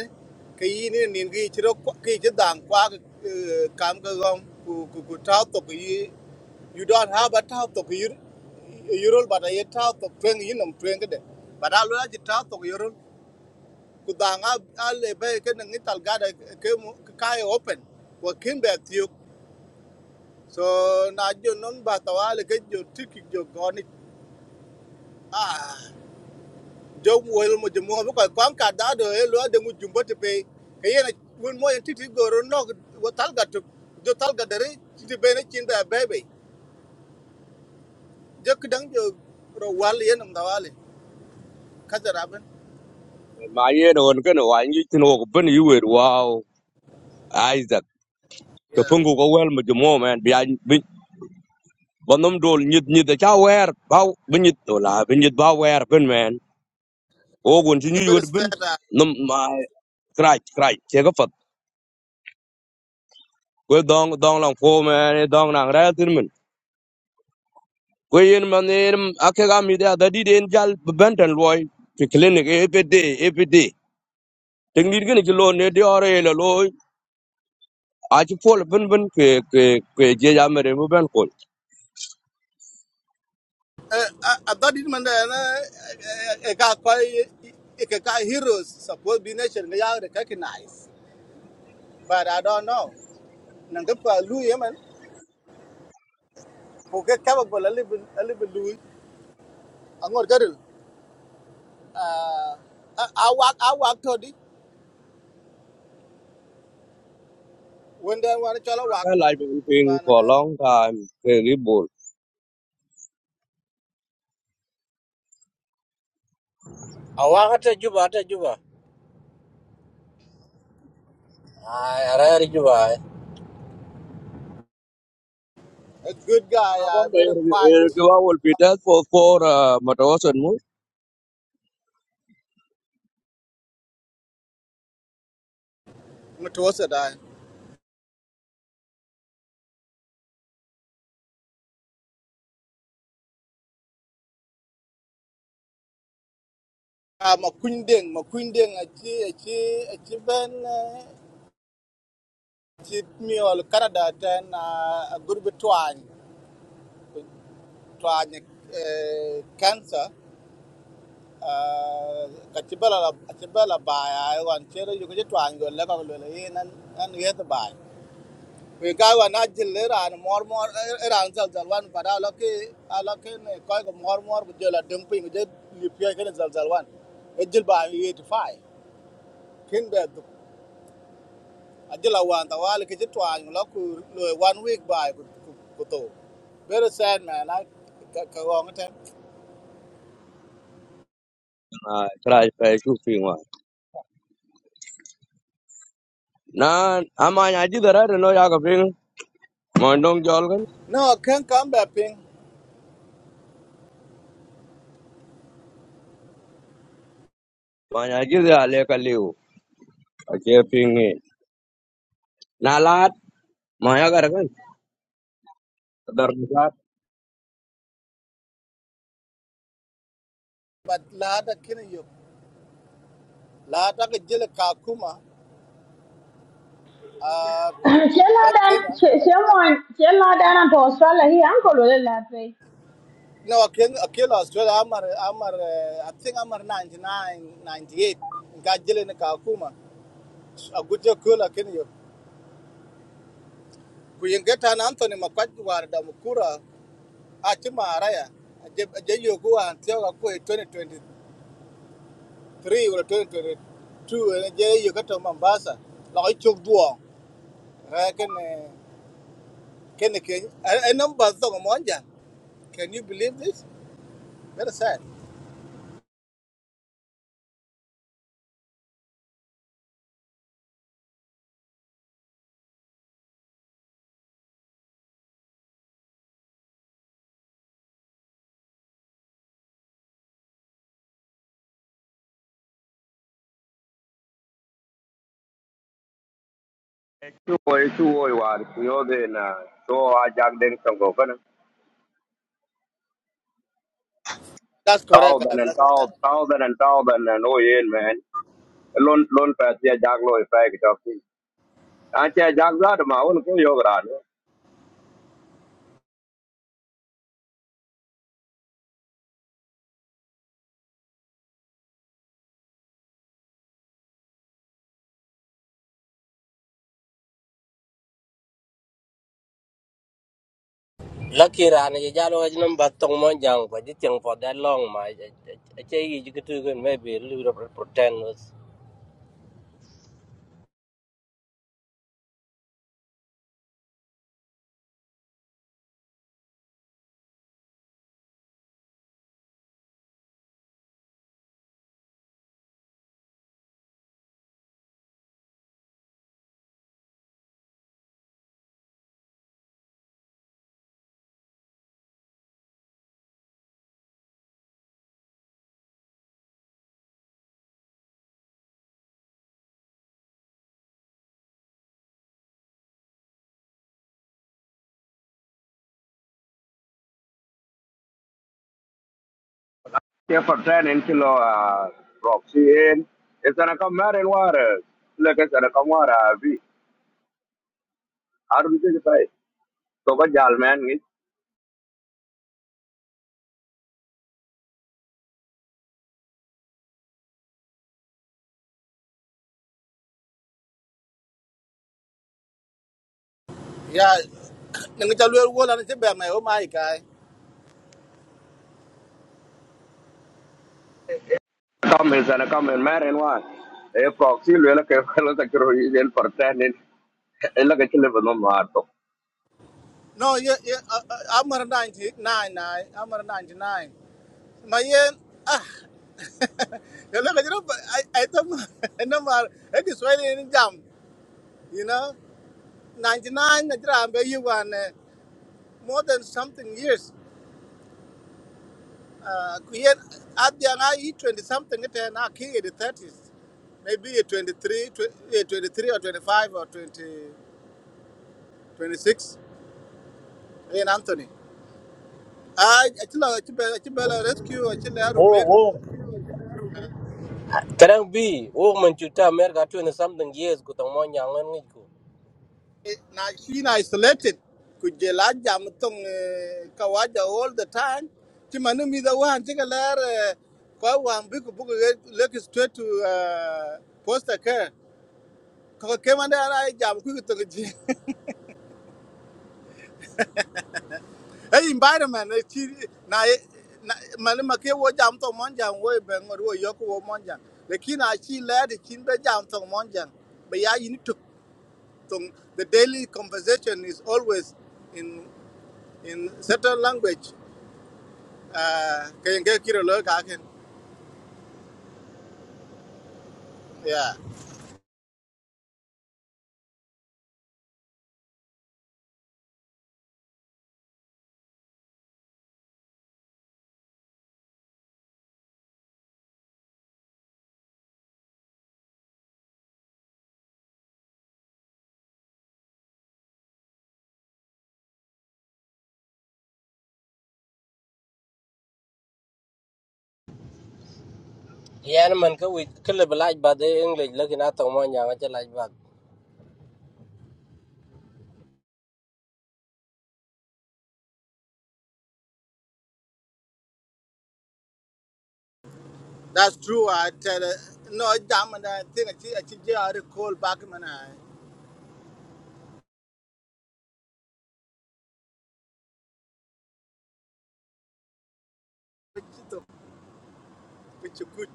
[SPEAKER 2] ke yi ni ni gi che ro ke che da kwa kam ga gom ku ku ku ta to ku yi you don't have a top to you you roll but I top to twenty in um twenty day. But I love the top to you kudanga alle be ke nang ital gada ke kai open wa kin be tiyo so na jo non ba tawale ke jo tiki jo goni ah jo wel mo jo mo ko kwam ka da do e lo de mu jumbo te pe ke yena won mo titi goro no wa tal ga to jo tal ga titi be ne chin be bebe jo kdang jo ro wal yen ndawale ka jaraben
[SPEAKER 6] ma yen on ken wa nyu tin ko ben yu wer wow isaac ko
[SPEAKER 2] yeah
[SPEAKER 6] pungu ko wel mo jumo men bi an bi bonom dol nyit nyit da cha wer ba bi nyit to la bi nyit ba wer ben men o gon ti
[SPEAKER 2] a
[SPEAKER 6] nyu
[SPEAKER 2] bit
[SPEAKER 6] wer ben
[SPEAKER 2] sad
[SPEAKER 6] nom ma krai krai che ko fat ko dong dong lang fo men dong nang ra tin men ko yen man yen ake ga mi da da di den jal ben tan loy ti clinic every day every day tek nit gene ti lo ne di ore le loy a ti pol ben ben ke ke ke je ya mere mo ben
[SPEAKER 2] adadi man da na e ka koi e ka ka heroes suppose be nature, ga ya recognize but i don't know nan ga pa lu ye man ko ga ka ba la le le lu angor ga dil a wak a wak to di when they want to wak
[SPEAKER 6] I like Philippines
[SPEAKER 2] wan
[SPEAKER 6] for a long time. They rebuild.
[SPEAKER 5] Awang ata juba ata juba. Ay, ara juba.
[SPEAKER 2] a good guy uh,
[SPEAKER 6] Kawan they
[SPEAKER 2] very quiet
[SPEAKER 6] kawa will be dead for for uh, matawas and mo.
[SPEAKER 2] mutuwasa da a makundin makundin a ci a ci a ci ben ci miol canada ten ah, a good gurbituan twaany kansa ka ci bala la ci bala wan cere yu ci twaany go la ko le yi nan nan yet baay we ga wa na jil le ran mor mor ran zal zal wan pa da lo ki a lo ki ne ko ko mor mor bu jela dum pin je li pye ke zal zal wan e jil baay yi ti fay kin be du a jila wan ta wal ki ci twaany lo ku lo one week baay ku ku to very sad man i ka ka wong ten
[SPEAKER 6] I try to pay two thing one. Na ama nyaji dara no ya ka ping. Mondong jolgan.
[SPEAKER 2] no ken kam be
[SPEAKER 6] Ma nyaji da ale ka liu. A che ping ni. Na lat ma ya gar kan. Dar ni lat.
[SPEAKER 2] but lada kina yo lada ka jele ka kuma uh
[SPEAKER 1] Chela
[SPEAKER 2] that
[SPEAKER 1] dan,
[SPEAKER 2] kenya
[SPEAKER 1] someone, Chela dan and Australia, he uncle will let me.
[SPEAKER 2] no akin akin australia amar amar eh, i think amar 99 98 ga jele na ka kuma a guje kula kina yo ku yengeta na anthony makwaj war da mukura a ci maraya a je yo ku an tiyo ga ku 2023 or 2022 ne je yo ka to mambasa la ko chok duo Can, can, can. en number so mo anja Can you believe this? Very sad.
[SPEAKER 6] Tu oi tu oi war. Yo de na. So a jag den song go kan.
[SPEAKER 2] That's correct. guy.
[SPEAKER 6] Thousand and
[SPEAKER 2] That's correct.
[SPEAKER 6] thousand thousand and thousand and oh yeah man. Lon lon pa che jag lo e pa ki tok. A che jag da ma un ko yo
[SPEAKER 5] Lucky rana je jalo ga jinam batong mo but it's je for that long ma che yi ji kutu kun maybe a little pretend was
[SPEAKER 6] ke forten en kilo a roxy en esana ka maren ware le ke sana ka wara vi arun ke tai to ba jal men ni
[SPEAKER 2] Yeah. Nang chalu wala na chebe mai oh my guy.
[SPEAKER 6] ka men sana ka men maren wa e proxy le la ke lo ta kro en forten en en la ke le bono mar to
[SPEAKER 2] No, yeah, yeah. uh, uh, I'm a 99, nine. nine. I'm a 99. My yeah. Ah. You look at it, but I I thought I know it is well in jam. You know, 99 na jira ambe you one uh, more than something years. Uh, kuyen at the I 20 something it and I kid in the 30s. Maybe uh, 23, 20, 23 or 25 or 20. 26 in Anthony. I actually Chibela rescue actually
[SPEAKER 5] Oh,
[SPEAKER 2] Arumbe
[SPEAKER 5] wo karang bi wo man chuta mer ga 20 something years ku tong mo jang ngi ku
[SPEAKER 2] na she na isolated kujela jam tong kawaja all the time. Chimanu mi da wan chika ler kwa wan biku buku look straight to uh, post care. Kaka kemanda na jam kuku tong ji. Hey environment eh, chi na eh, na mani make wo jam tong monjang wo bengo wo yoku wo monjang. Lakini achi ler chin be jam tong monjang. But yeah, you need to So the daily conversation is always in in certain language. Uh, yeah,
[SPEAKER 5] yan man ka wi kle belaj ba de english lucky na tong mo jang che laj ba
[SPEAKER 2] that's true. I tell uh, no, I damn and I think I think I think I recall back man. I which to- which you could.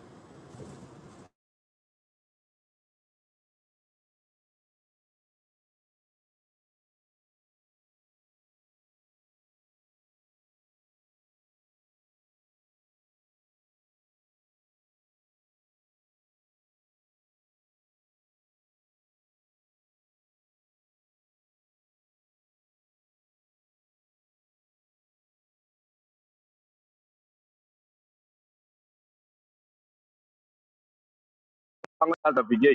[SPEAKER 6] ang ta ta bije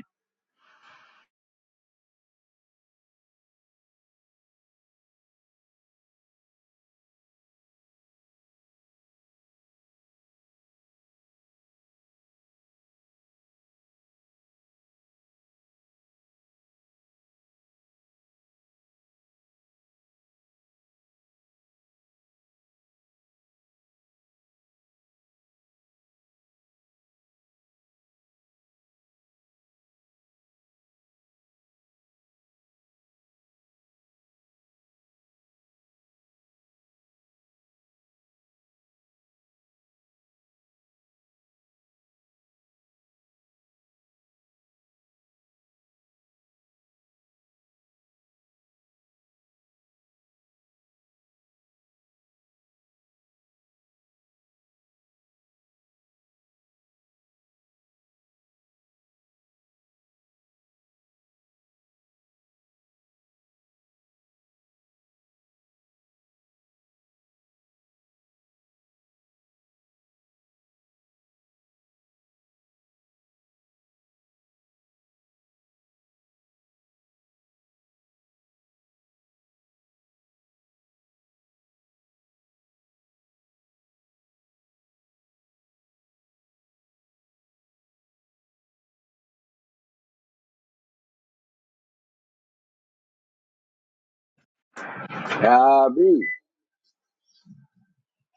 [SPEAKER 6] ya bi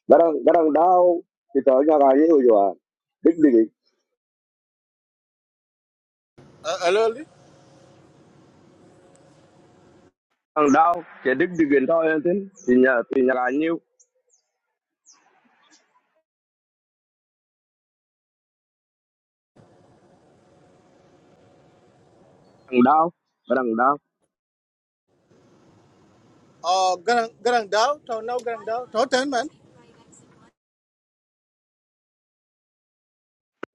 [SPEAKER 6] garang garang dau ti to nya ga ye yo dik dik
[SPEAKER 2] Uh, hello,
[SPEAKER 6] ang dau ke dik dik en to en tin ti nya ti nya ga nyu ang dau garang
[SPEAKER 2] Oh, garang garang down. Tau now garang down. Tau ten man.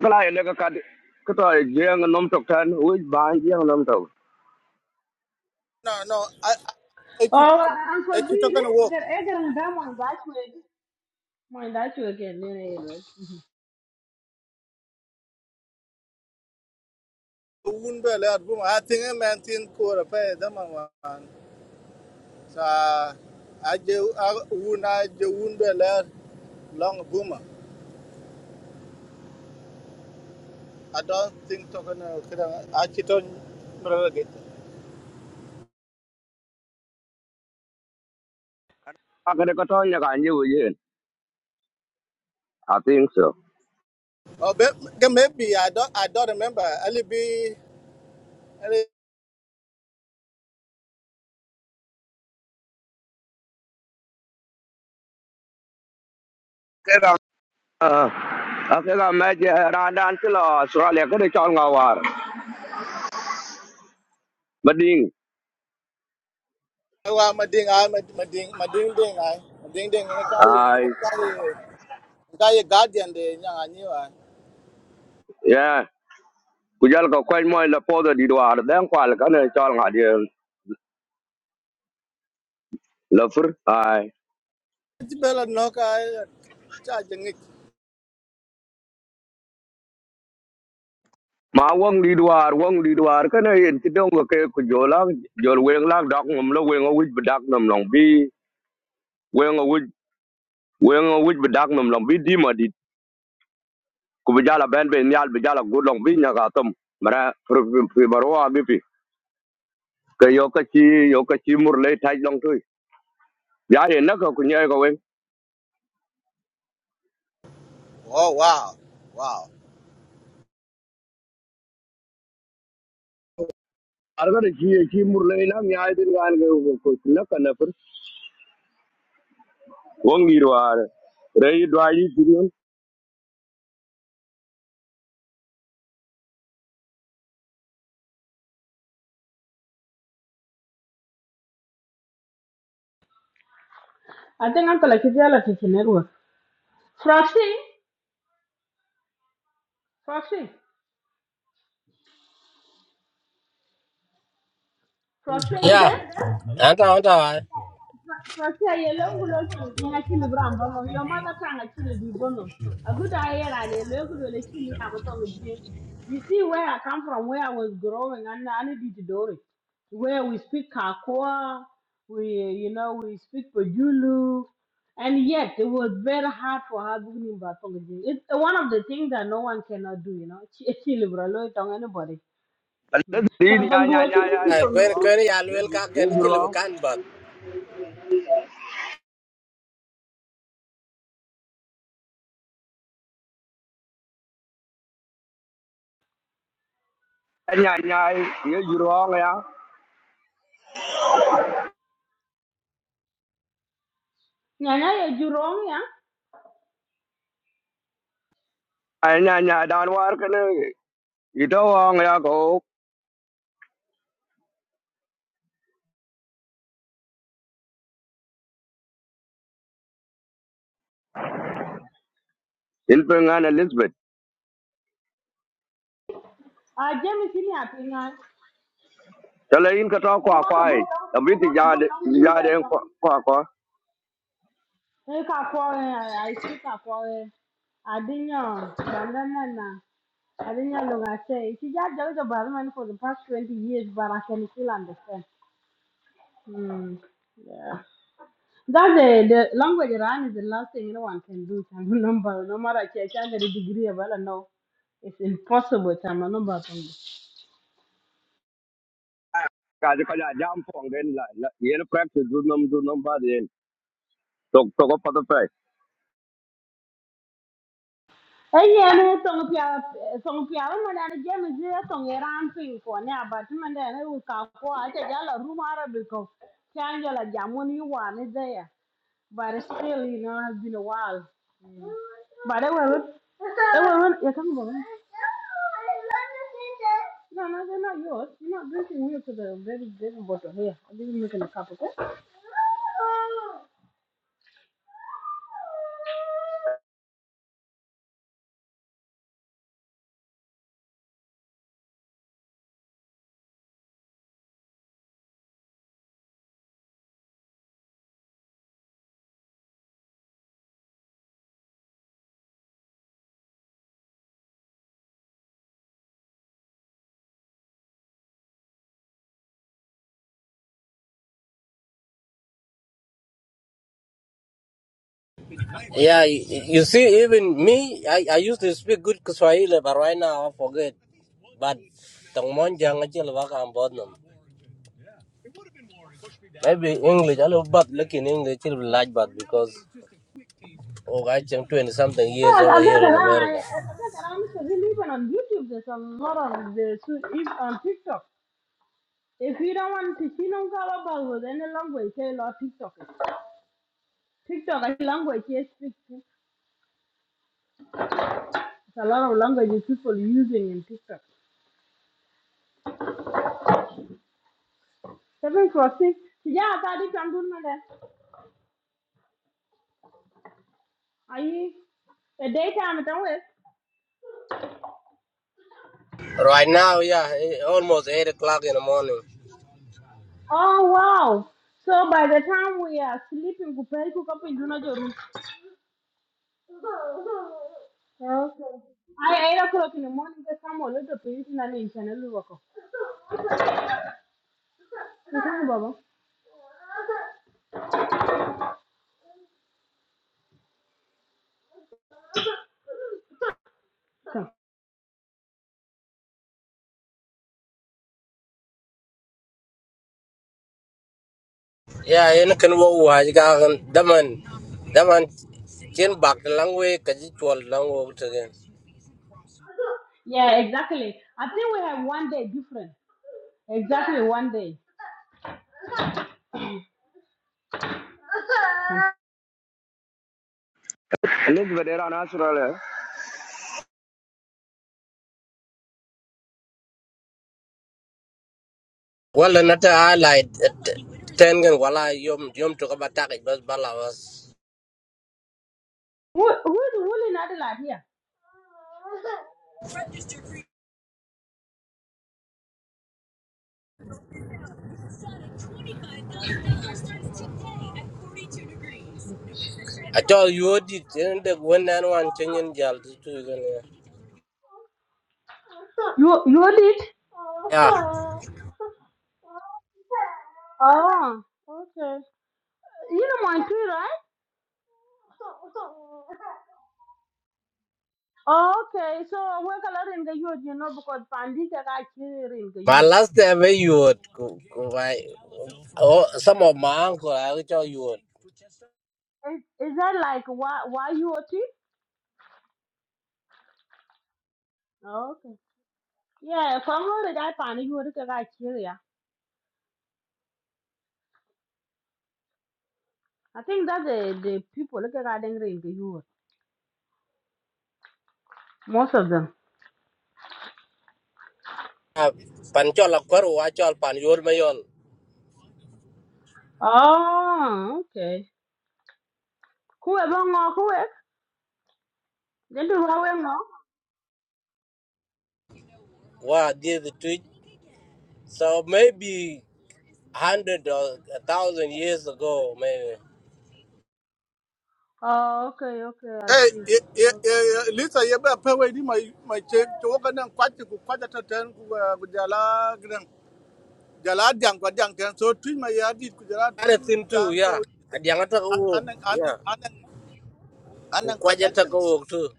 [SPEAKER 6] kala ele ka cái cái to jeng nom tok tan u ba jeng nom tok
[SPEAKER 2] No, no. I I keep
[SPEAKER 1] Oh,
[SPEAKER 2] I
[SPEAKER 1] Uncle B,
[SPEAKER 2] keep talking to walk.
[SPEAKER 1] the other and them on that way. My that you again, no, no, no.
[SPEAKER 2] Wouldn't be allowed. I think a man think core a pair. Them Uh, I do I wound I do wound a lot long boomer. I don't think talking uh I cheat on get.
[SPEAKER 6] a ka ko có nya kan cái yin vậy? À, tiếng
[SPEAKER 2] Oh but but maybe I don't I don't remember. I'll be
[SPEAKER 6] ke ga a ke ga ma je ran dan ti lo sura le ko de chol nga war ma ding
[SPEAKER 2] I'll my ding I my my ding my ding ding I my ding ding and I
[SPEAKER 6] ai
[SPEAKER 2] guy and guy guardian the young I knew I
[SPEAKER 6] ya ku jal ko ko mo la po de di war den kwal ka ne chol nga di la fur ai
[SPEAKER 2] it's better knock I charging it.
[SPEAKER 6] ma wong di war wong di war ka ne yin ti dong cái ke ku jola jol weng lak dok ngum lo weng o wit bedak nom long bi weng o wit weng o wit bedak nom long bi di ma ku bi jala ben be nyal bi jala gulong bi nya ga tom mara fi barwa bi fi ke yo ka chi yo ka chi mur le tai long tu ya ye na ka ku nya ko wen
[SPEAKER 2] Oh wow. Wow.
[SPEAKER 6] ar ga chi ye chi mur le na nya din ga ga ko na ka na fur won gi ro ar re yi do yi ku
[SPEAKER 1] I think I'm gonna keep you like it's in Froxy, Froxy, Froxy, you
[SPEAKER 5] ya
[SPEAKER 1] there?
[SPEAKER 5] anta anta
[SPEAKER 1] Protect your longulo song, yang a chili bram bono, your mother tongue a chili be bono. A good air and a local a chili amatong jing. You see where I come from, where I was growing, and I did to do it. Where we speak Kakwa, we, you know, we speak Pajulu, and yet it was very hard for her beginning Batong jing. It's one of the things that no one cannot do, you know, a chili bralo tongue anybody.
[SPEAKER 6] le din ya
[SPEAKER 1] Chabangu,
[SPEAKER 6] nya
[SPEAKER 1] what
[SPEAKER 6] nya
[SPEAKER 1] you
[SPEAKER 6] ya ye ju
[SPEAKER 1] think?
[SPEAKER 6] ro
[SPEAKER 5] kwen I ya
[SPEAKER 6] ye
[SPEAKER 5] lwel
[SPEAKER 6] ju
[SPEAKER 5] ka
[SPEAKER 6] ye
[SPEAKER 5] ken
[SPEAKER 6] ju
[SPEAKER 5] che le
[SPEAKER 6] ro
[SPEAKER 5] kan ba
[SPEAKER 6] nya nya ye ju ro ya
[SPEAKER 1] Nyanya, you're wrong, yeah?
[SPEAKER 6] ai nya nya dan war ka ne i do wa ya ko in pe nga na lisbeth
[SPEAKER 1] I Jamie, see me
[SPEAKER 6] ta le in ka to kwa kwa ai abin ti ya de ya de kwa kwa
[SPEAKER 1] 我那个不能，我那个不能用的说，你卡过来，还是卡过来？阿丁呀，咱咱那那，阿丁呀，龙阿塞，she just does the Barman for the past twenty years, but I can still understand. Hmm. Yeah. That the, the language around is the last thing anyone can do. Number, no matter if you have a degree, well, no, it's impossible. Time Number,
[SPEAKER 6] cái cái là jam pong den la la yel practice du năm du năm ba de tok tok pa ta pai
[SPEAKER 1] Eyene songpya songpya mo na je me je song eran pin ko ne abati mende ne u ka ko aje ja la rumara bi ko chanjo la jamon you wa ne there but still you know has been a while Mm. but I will I will you come on no no they're not yours you're not drinking milk to the very very bottle here I didn't make a cup okay
[SPEAKER 5] yeah you you see even me i i used to speak good swahili but right now i forget but tong monjang achil ba kam bodnum maybe english I alo but looking english chil large but because oh i am 20 something years
[SPEAKER 1] yeah,
[SPEAKER 5] over
[SPEAKER 1] I
[SPEAKER 5] here
[SPEAKER 1] got
[SPEAKER 5] in
[SPEAKER 1] around. I
[SPEAKER 5] america
[SPEAKER 1] I got around. So he even on YouTube. There's a lot of the on TikTok. If you don't want to, you don't go about with any language, say lot TikTok. TikTok is language you speak. It's a lot of languages people using in TikTok. Seven crossing. Yeah, that is I'm doing that. Are you a daytime at all?
[SPEAKER 5] right now yeah eh, almost 8 o'clock in the morning
[SPEAKER 1] Oh wow. So by the time we are sleeping, we pay cook up in Juno Jorum. Okay. I eight o'clock in the morning they come a little bit in an channel work. Baba. So,
[SPEAKER 5] yeah you can walk. kan wo wa ga gan daman daman chin bak langwe ka ji chol langwo tegen
[SPEAKER 1] yeah, exactly. I think we have one day different. Exactly one day.
[SPEAKER 6] ni de vera na sura le
[SPEAKER 5] wala nata allied ten gan wala yom yom to ka batak bas bala was balawas.
[SPEAKER 1] Who who is who in Adelaide here?
[SPEAKER 5] I told you did and the one and one changing jal to two yeah.
[SPEAKER 1] You you did?
[SPEAKER 5] Yeah.
[SPEAKER 1] Oh, okay. You know my tree, right? Oh, okay. So we color in the youth, you know, because Pandita got here in the
[SPEAKER 5] My
[SPEAKER 1] youth.
[SPEAKER 5] last time I would, go- go- my oh, some of my uncle I would tell you would.
[SPEAKER 1] Is, is that like why why you are tree? Oh, okay. Yeah, Congo the guy Pandi you look at that here. yeah. I think that the the people look at them in the youth. Most of them.
[SPEAKER 5] Panchol akwaru wachol pan yor mayon.
[SPEAKER 1] Oh, okay. Who are who are? Then do how
[SPEAKER 5] Wa did the tweet. So maybe hundred or a thousand years ago, maybe.
[SPEAKER 1] Oh, okay, okay, I
[SPEAKER 2] Eh,
[SPEAKER 1] see.
[SPEAKER 2] eh, eh, eh,
[SPEAKER 1] Okay.
[SPEAKER 2] eh, Lisa, you better pay away my my check to work and quite to quite a ten with Jala Gran Jala Dang, what Dang, so twin my yard did Jala
[SPEAKER 5] Other
[SPEAKER 2] twin
[SPEAKER 5] thing
[SPEAKER 2] down
[SPEAKER 5] too,
[SPEAKER 2] to
[SPEAKER 5] yeah. Adiangata
[SPEAKER 2] an
[SPEAKER 5] ko
[SPEAKER 2] an
[SPEAKER 5] yeah.
[SPEAKER 2] an an an
[SPEAKER 5] Ukwaja ta
[SPEAKER 2] connections.
[SPEAKER 5] ko too.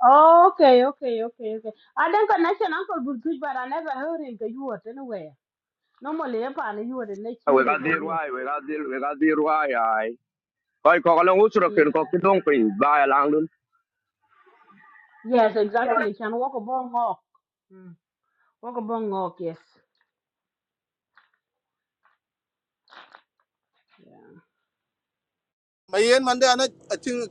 [SPEAKER 1] Oh, okay, okay, okay, okay. I think a nation uncle would but I never heard him go you were anywhere. Normally, if I you were the next
[SPEAKER 6] we
[SPEAKER 1] year
[SPEAKER 6] ga
[SPEAKER 1] in
[SPEAKER 6] dir
[SPEAKER 1] you were.
[SPEAKER 6] wai về cái dir we ga dir wai ai coi có cái ko lo rồi
[SPEAKER 1] Yeah.
[SPEAKER 6] ken ko cái dong pin ba ya lang dun
[SPEAKER 1] Yes, exactly. Can walk a bong hawk. Mm. Walk a bong hawk, yes. Yeah.
[SPEAKER 2] My yen Monday, and I think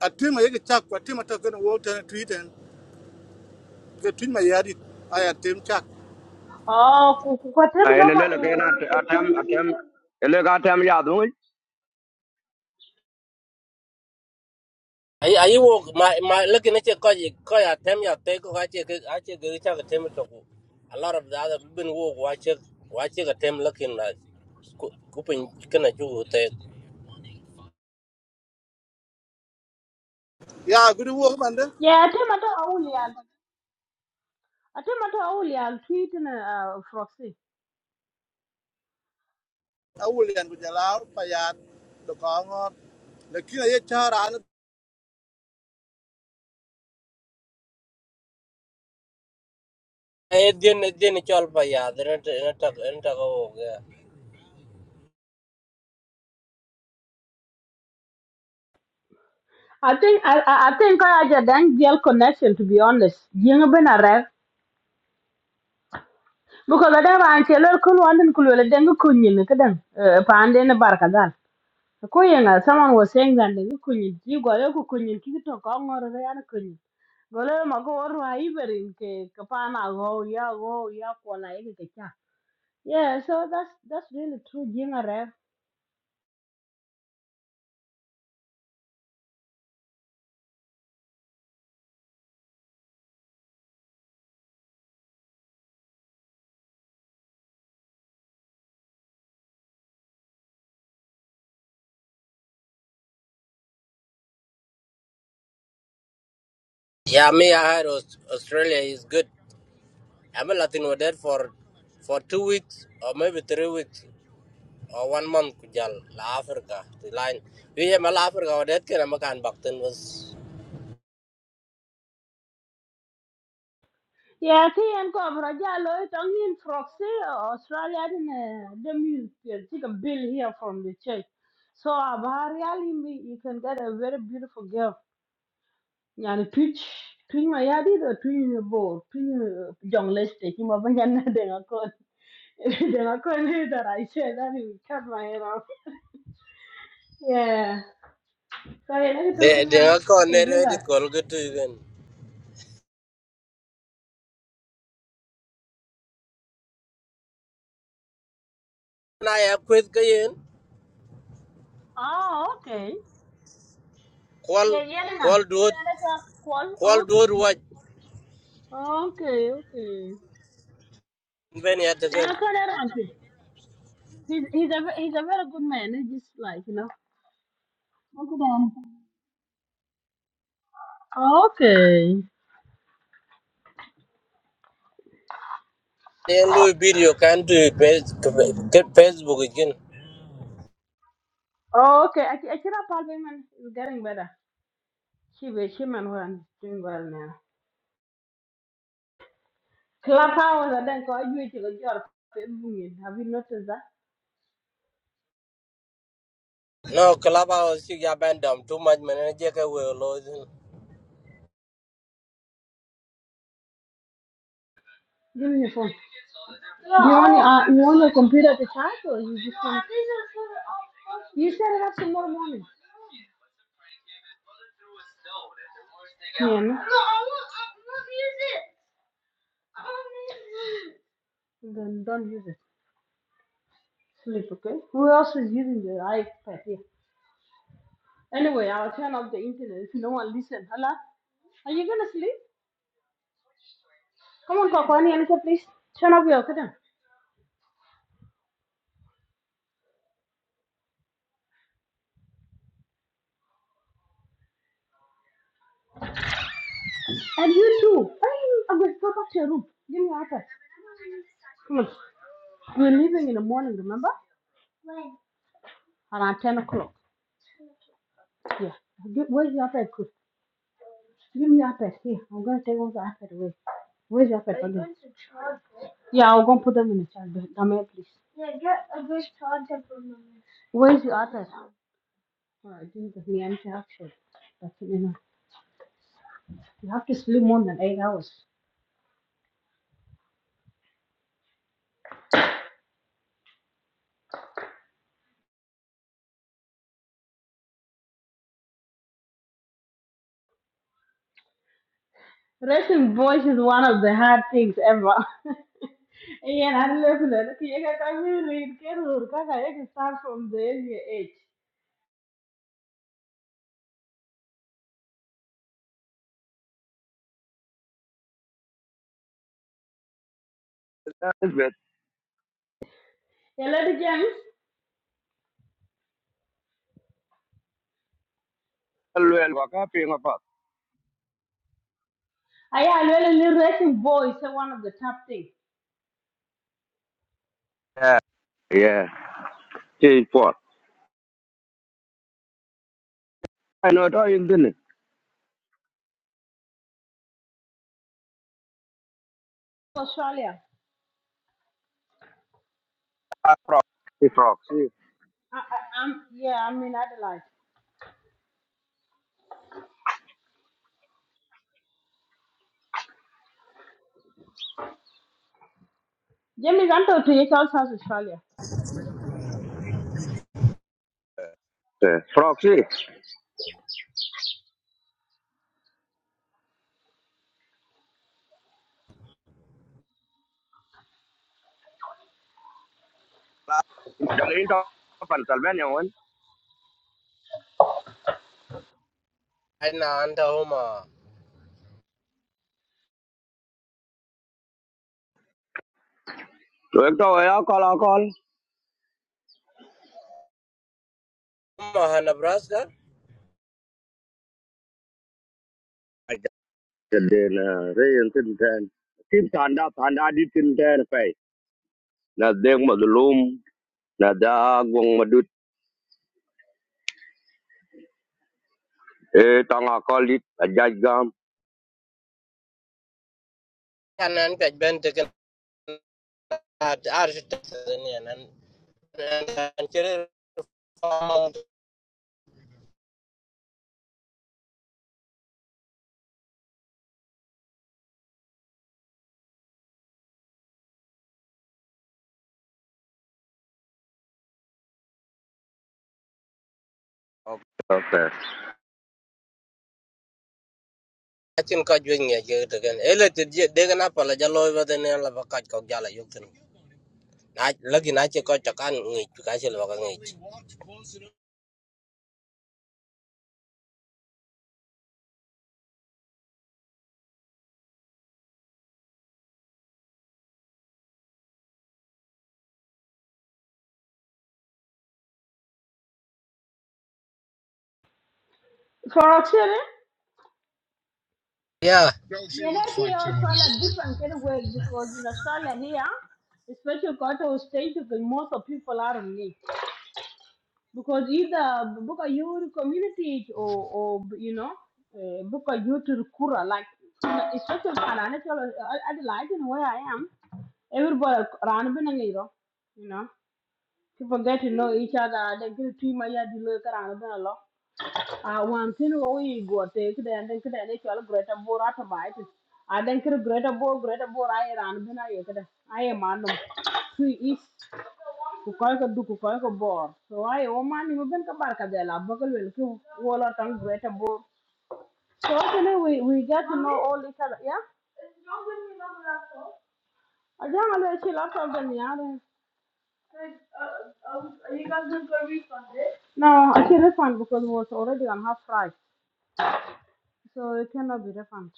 [SPEAKER 2] a twin my chuck, what Tim talking about and tweet and the twin my yard I had Tim chuck.
[SPEAKER 1] Oh, ku- ku- what
[SPEAKER 6] ai le le le ke
[SPEAKER 1] normally?
[SPEAKER 6] na atam atam le ga atam ya du we
[SPEAKER 5] Ai ai wo my my looking at your cause you call your time your take or I check I check the check a time to go. A lot of the other people wo watch it watch it a time looking like kupin kana ju te.
[SPEAKER 2] Yeah, good work, Monday.
[SPEAKER 1] Yeah, I think I don't only I think I don't only I'll treat in a uh, proxy.
[SPEAKER 2] I will end with Jala, Payat, the Congo, the Kina Yachar,
[SPEAKER 5] Ai din din chol pa ya den ta den ta go. Yeah
[SPEAKER 1] I think I I I think I had a dang deal connection to be honest. Young been because ada ran che lol kul wan kul wel deng kunyin kadan pande ne barka dal ko yenga someone was saying that deng kunyin ji go yo ku kunyin ki to ko ngor re an kunyin gole ma ko wor wa iberin ke ka go ya go ya ko la yake yeah so that's that's really true jinga re
[SPEAKER 5] Yeah, me I had Aus- Australia is good. I'm a Latin with that for for two weeks or maybe three weeks or one month kujal la Africa the line. We am la Africa with that kana makan bakten was
[SPEAKER 1] yeah ki en ko bra ja lo to ngin proxy australia din dem you take a bill here from the church so abhar yali you can get a very beautiful girl yani twitch twitch ma yadi do twitch ne bo twitch jongle ste ki ma banya na de na ko that i said cut my hair off yeah so yeah let it
[SPEAKER 5] de
[SPEAKER 1] open
[SPEAKER 5] de nga
[SPEAKER 1] on
[SPEAKER 5] ko
[SPEAKER 1] you You
[SPEAKER 5] ne
[SPEAKER 1] can
[SPEAKER 5] re
[SPEAKER 1] do
[SPEAKER 5] di
[SPEAKER 1] that
[SPEAKER 5] kol ga tu gen na ya kwet ga yen
[SPEAKER 1] oh okay
[SPEAKER 5] kol
[SPEAKER 1] yeah yeah na
[SPEAKER 5] kol duot
[SPEAKER 1] that is a call
[SPEAKER 5] kol duot
[SPEAKER 1] okay
[SPEAKER 5] wa
[SPEAKER 1] okay okay
[SPEAKER 5] ben ya te
[SPEAKER 1] Then
[SPEAKER 5] gen
[SPEAKER 1] I call that auntie he's he's a he's a very good man he's just like you know okay okay
[SPEAKER 5] ne lu video kan tu pe ke facebook gen
[SPEAKER 1] okay i i kira palpement is getting better She be she man one doing well now. Clap Clubhouse and then got you to your Facebook. Have you noticed that?
[SPEAKER 5] no klaba o si ya ben dam tu ma men je ke we lo zin
[SPEAKER 1] Give me your phone. you want uh, you want your computer to charge or you just want You set it up tomorrow morning. Yeah, no? Then don't use it. Sleep, okay? Who else is using the iPad here? Anyway, I'll turn off the internet if no one listens. Hello? Are you gonna sleep? Come on, Papa, any answer, please. Turn off your curtain. And you too. I'm, I'm going to go back to your room. Give me your iPad. Come on. We're leaving in the morning, remember? Around 10 o'clock. Yeah. Get, where's your iPad, Chris? Give me your iPad. Here, I'm going to take all the iPad away. Where's your iPad? Are you again? going to charge it? Yeah, i am going to put them in the charger. Come here, please. Where's your iPad? Alright, didn't give me any action. That's it, you know. You have to sleep more than eight hours. Raising voice is one of the hard things ever. Ian, I'm living it. Okay, you can really get it. I you can start from the early age. Yeah, ladies James,
[SPEAKER 6] le le wa ka pi nga pa
[SPEAKER 1] I really need raising voice is one of the tough things.
[SPEAKER 6] yeah ti po ai no to in din
[SPEAKER 1] Australia.
[SPEAKER 6] ti proxy
[SPEAKER 1] I, I, I'm, yeah, I'm in Adelaide. James, I'm talking to you, South South Australia.
[SPEAKER 6] proxy ga le in to pan tal ben yo anh
[SPEAKER 5] ai na anta o ma
[SPEAKER 6] to ek to ya ko la ko
[SPEAKER 5] ma ha na bras ga
[SPEAKER 6] Kadena, Ray and Tintan. Tim Tanda, Tanda did Tintan pay. Na deng madulum, na da gwang madut, eh, tanga k o า i t a jajgam.
[SPEAKER 5] kan an pe ben te gen ar ar te ne nan an chere fa
[SPEAKER 6] Okay.
[SPEAKER 5] acin köc juëc ngec yek tökën eletid deken apala ja loi bëthën ën laba köc kök jala yök thën lakin aci köc tökan ngec pï kacï laba ka ngec
[SPEAKER 1] For Australia,
[SPEAKER 5] ya
[SPEAKER 1] Yeah, know, here Australia different kind of way because in Australia here, especially got to state, because most of people are on leave. because either book a your community or or you know uh, book a you to kura like it's such a financial I like in where I am everybody around you know people get to know each other they get to my yard you look around a one thing. wo i go te kde an den kde ne chal greta bor automate a den kre greta bor greta bor ai ran bina I kde ai manum tu is ku koy ko du ku koy ko bor so i o mani mo ben ka barka de la bagal wel ku wola tan greta bor so kene we we get to know all each other yeah a jang alwe chi laptop den yare no i should refund because it was already on half price So it cannot be refunded.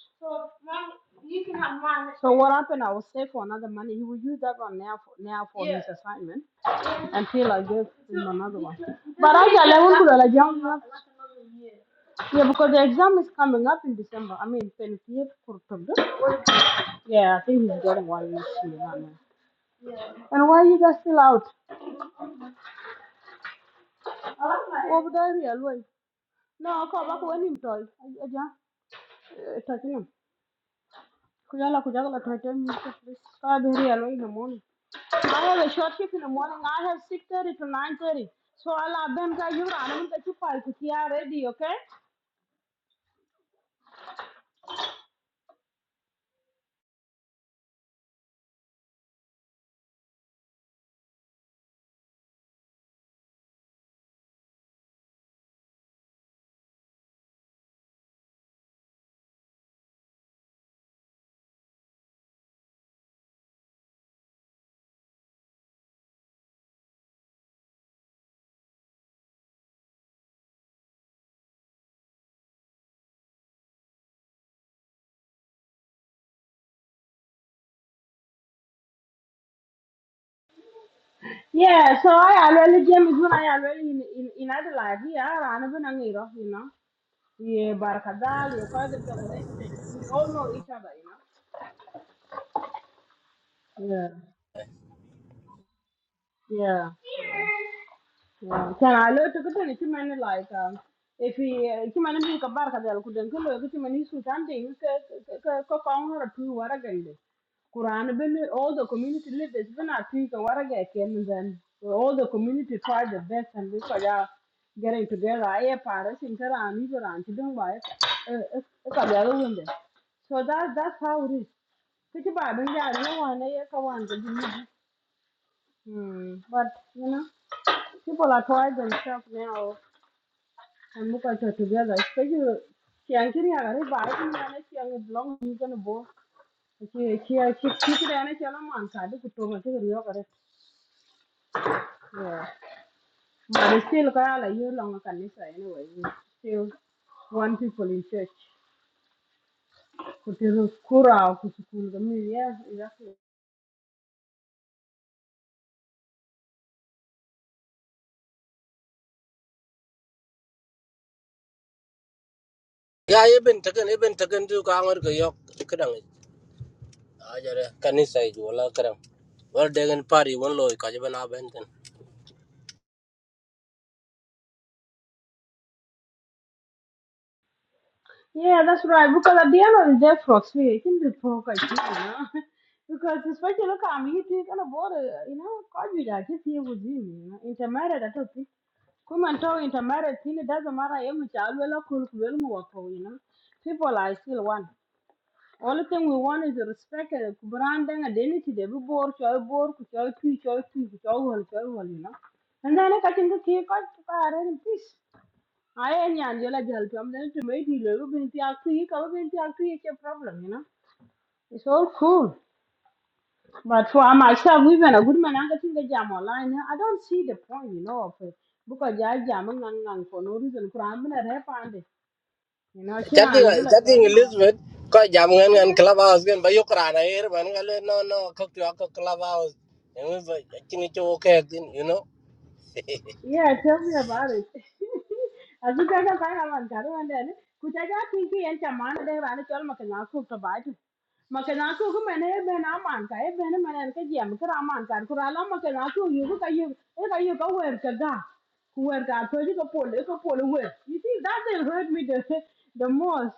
[SPEAKER 1] So what happened? I will save for another money. He will use that one now for, now for his assignment until I give So him another one. But I mean level that to the be young for Yeah, because the exam is coming up in December. I mean, 28th for Yeah, I think he's getting one next year. And why are you guys still out? I Over there, real way. No, I call back when him told. Aja, touching him. Kujala kujala threaten me to please. God very hello in the morning. I have a short shift in the morning. I have six thirty to nine thirty. So I'll have them guys you run them that you fight to are ready, okay? Yeah, so I already James when I already in in in Adelaide, yeah, I ran even Angiro, you know. Yeah, Barakadal, yeah, Kwaza Jungle Estate. We all know each other, you know. Yeah. Yeah. Yeah. Can I look to get any human like um if he human being a bark at the Alcudan Kulo, get him an issue something, cock on her two waragandi. Quran been all the community leaders been at peace and waragak and then all the community tried the best and look at that getting together. I have Paris in Tehran, Iran, Chidunwai, Kabelo window. So that that's how it is. Kichi ba bin ya no one ya ka wan da Hmm. But you know, people are trying themselves now and look at it together. Especially Chiangkiri Agari Biden and Chiang Blong he's gonna go. She angry blog hindi kano bo. she she she could any channel man side to come and take a look at Yeah. But still kinda like you long a canisa anyway. We still one people in church. Kutu kura kutu kula. Yeah, exactly.
[SPEAKER 5] ya eben tökën eben tökën tu ka ŋöd kë yök këdëŋ ajade kanisa ic wala këdëŋ wal deken pari won loi köc ebën abën thën
[SPEAKER 1] Yeah, that's right. Because at the end of the day, folks, we can be broke, I think, you know. Because especially look at me, you kind of bother, you know, God will like this here with him, you know. Intermarried, I don't think. Come and tell intermarried, thing, it doesn't matter, you know, child will not cool, well move you know. People are still one. Only thing we want is respect and brand and identity. They be bored, chow bored, chow tree, chow tree, chow hole, chow hole, you know. And then I can go kick out and peace. I and Angela Jalcom, then to make you little bit after you come into after you a problem, you know. It's all cool. But for myself, even a good man, I think the jam online. I don't see the point, you know, of it. Because I jam and for no reason. Could I'm going to have found it. You know, should I live like
[SPEAKER 5] catïŋ
[SPEAKER 1] that?
[SPEAKER 5] elizabeth köc jam ŋën ŋën club house kën ba yök raan aer mën ka no no kök ywak kö club house ëŋö acïŋ cï wö you know
[SPEAKER 1] Yeah, tell me about it. As you guys are kind of on Garo and then, could I just think he and Chaman and ran a child Makanaku to bite? Makanaku, who may have been a man, I have been a man and a jam, Karaman, Kurala Makanaku, you look at you, look at you go where Kaga, who were got political poll, little poll, where God told you to pull, you to pull away. You see, that they hurt me the, the most.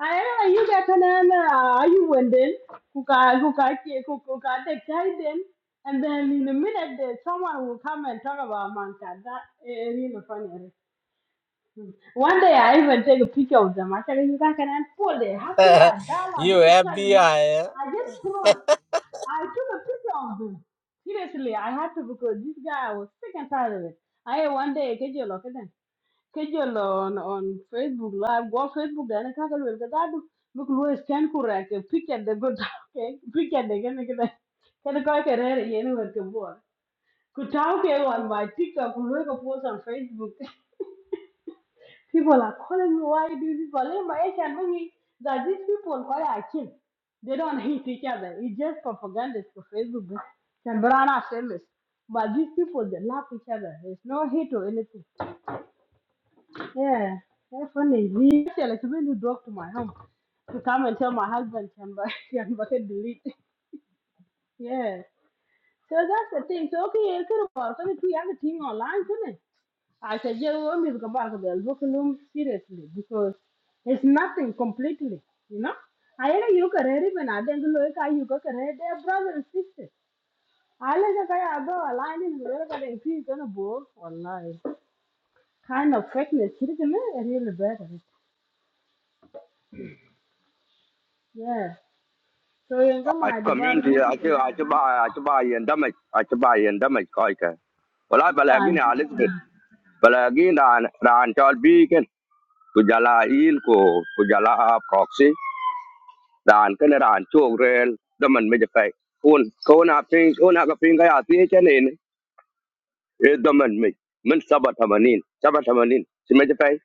[SPEAKER 1] Aera you got another are you wending who got who got who got the guidance and then in a minute there someone will come and talk about Manka. That is really funny. One day I even take a picture of them. I said you guys can and pull they happy at Dala
[SPEAKER 5] you
[SPEAKER 1] this is you
[SPEAKER 5] FBI
[SPEAKER 1] know.
[SPEAKER 5] eh?
[SPEAKER 1] I just thought I took a picture of them. Seriously, I had to because this guy I was sick and tired of it. I one day I get your locket kejel on on Facebook live go Facebook dane kaka lwel ka dadu mik lu scan correct picture the good okay picture the gene gene kan ko ke re yen wer ke bo ku tau ke on my TikTok lu ko post on Facebook people are calling me why do you people in my age and me that these people call are kids they don't hate each other it's just propaganda for Facebook can brana famous but these people they love each other there's no hate or anything yeah, that's funny. Me, actually, like, when you drove to my home to come and tell my husband, can buy, can buy delete. Yeah. So that's the thing. So, okay, you could have worked two other thing online, couldn't it? I said, yeah, well, we want me to come back to the curriculum seriously because it's nothing completely, you know? I know you can read it when I think look at you can read their brother and sister. I like that I about aligning the world and if you're gonna bore or Kind of fakeness, isn't It really better. Yeah. So you ga
[SPEAKER 6] I
[SPEAKER 1] my device
[SPEAKER 6] community,
[SPEAKER 1] most of
[SPEAKER 6] I
[SPEAKER 1] the
[SPEAKER 6] should, I
[SPEAKER 1] time.
[SPEAKER 6] should buy, I should buy and damage, I should buy a ว d damage, koike. Well, I
[SPEAKER 1] Big
[SPEAKER 6] balagin
[SPEAKER 1] time.
[SPEAKER 6] Elizabeth, balagin ran, ran chol beacon, kujala il ko, kujala proxy, ran kan ran chok rel, daman medjafay. Un, kona ping, kona ka p i c h a i n daman mai min saba tamanin saba tamanin si mai pai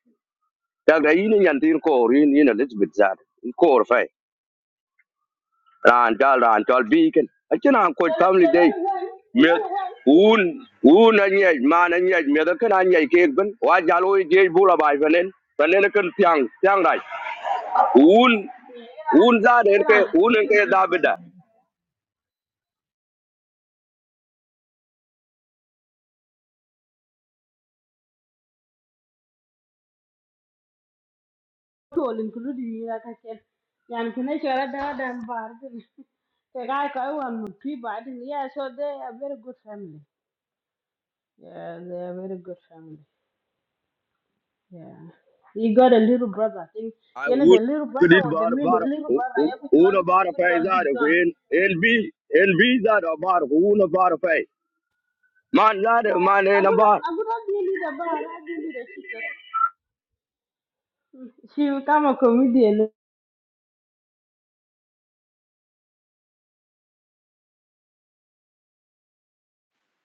[SPEAKER 6] daga yin yan tin ko rin yin elizabeth zar ko fai ran dal ran dal biken akina an ko
[SPEAKER 1] You
[SPEAKER 6] family
[SPEAKER 1] Yen
[SPEAKER 6] day
[SPEAKER 1] only one, yen
[SPEAKER 6] me
[SPEAKER 1] only one.
[SPEAKER 6] un un an yai ma an yai me da kana yai ke ban wa jalo je bula bai fanen fanen kan tiang tiang rai un
[SPEAKER 1] Yeah,
[SPEAKER 6] un za da ke
[SPEAKER 1] Iran is a
[SPEAKER 6] un
[SPEAKER 1] very
[SPEAKER 6] ke
[SPEAKER 1] good
[SPEAKER 6] da bida
[SPEAKER 1] country. All including you like I said. Yan kene chora da da bar. The guy ka wan pi ba din. Yeah, so they are very good family. Yeah, they are very good family. Yeah. He got a little brother. I think
[SPEAKER 6] ai
[SPEAKER 1] you know
[SPEAKER 6] un
[SPEAKER 1] the little brother
[SPEAKER 6] kredit
[SPEAKER 1] or the
[SPEAKER 6] bar
[SPEAKER 1] mean
[SPEAKER 6] bar
[SPEAKER 1] little brother. I could all,
[SPEAKER 6] un bar
[SPEAKER 1] I
[SPEAKER 6] fai
[SPEAKER 1] all
[SPEAKER 6] za
[SPEAKER 1] big
[SPEAKER 6] da ku
[SPEAKER 1] John.
[SPEAKER 6] en lb Mandare,
[SPEAKER 1] Yeah, I
[SPEAKER 6] mane
[SPEAKER 1] would,
[SPEAKER 6] nabar.
[SPEAKER 1] I would not be a leader, but I do leader. She, she become a comedian.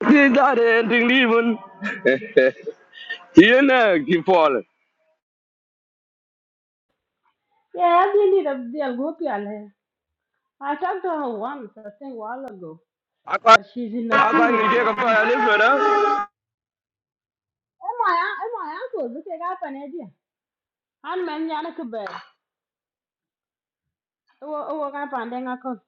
[SPEAKER 6] Tidare ding liven. Yene kifol.
[SPEAKER 1] Yeah, Abdul Abdul Gopial. I talked to her once, I think, a while ago,
[SPEAKER 6] Akwa
[SPEAKER 1] but she's in
[SPEAKER 6] akwa
[SPEAKER 1] Nakuru, I
[SPEAKER 6] nige kafa
[SPEAKER 1] believe.
[SPEAKER 6] ya lifera.
[SPEAKER 1] Am I? Am I uncle? Look at that an idea. And man, Yanaka Bear. Oh, oh, up and then I call.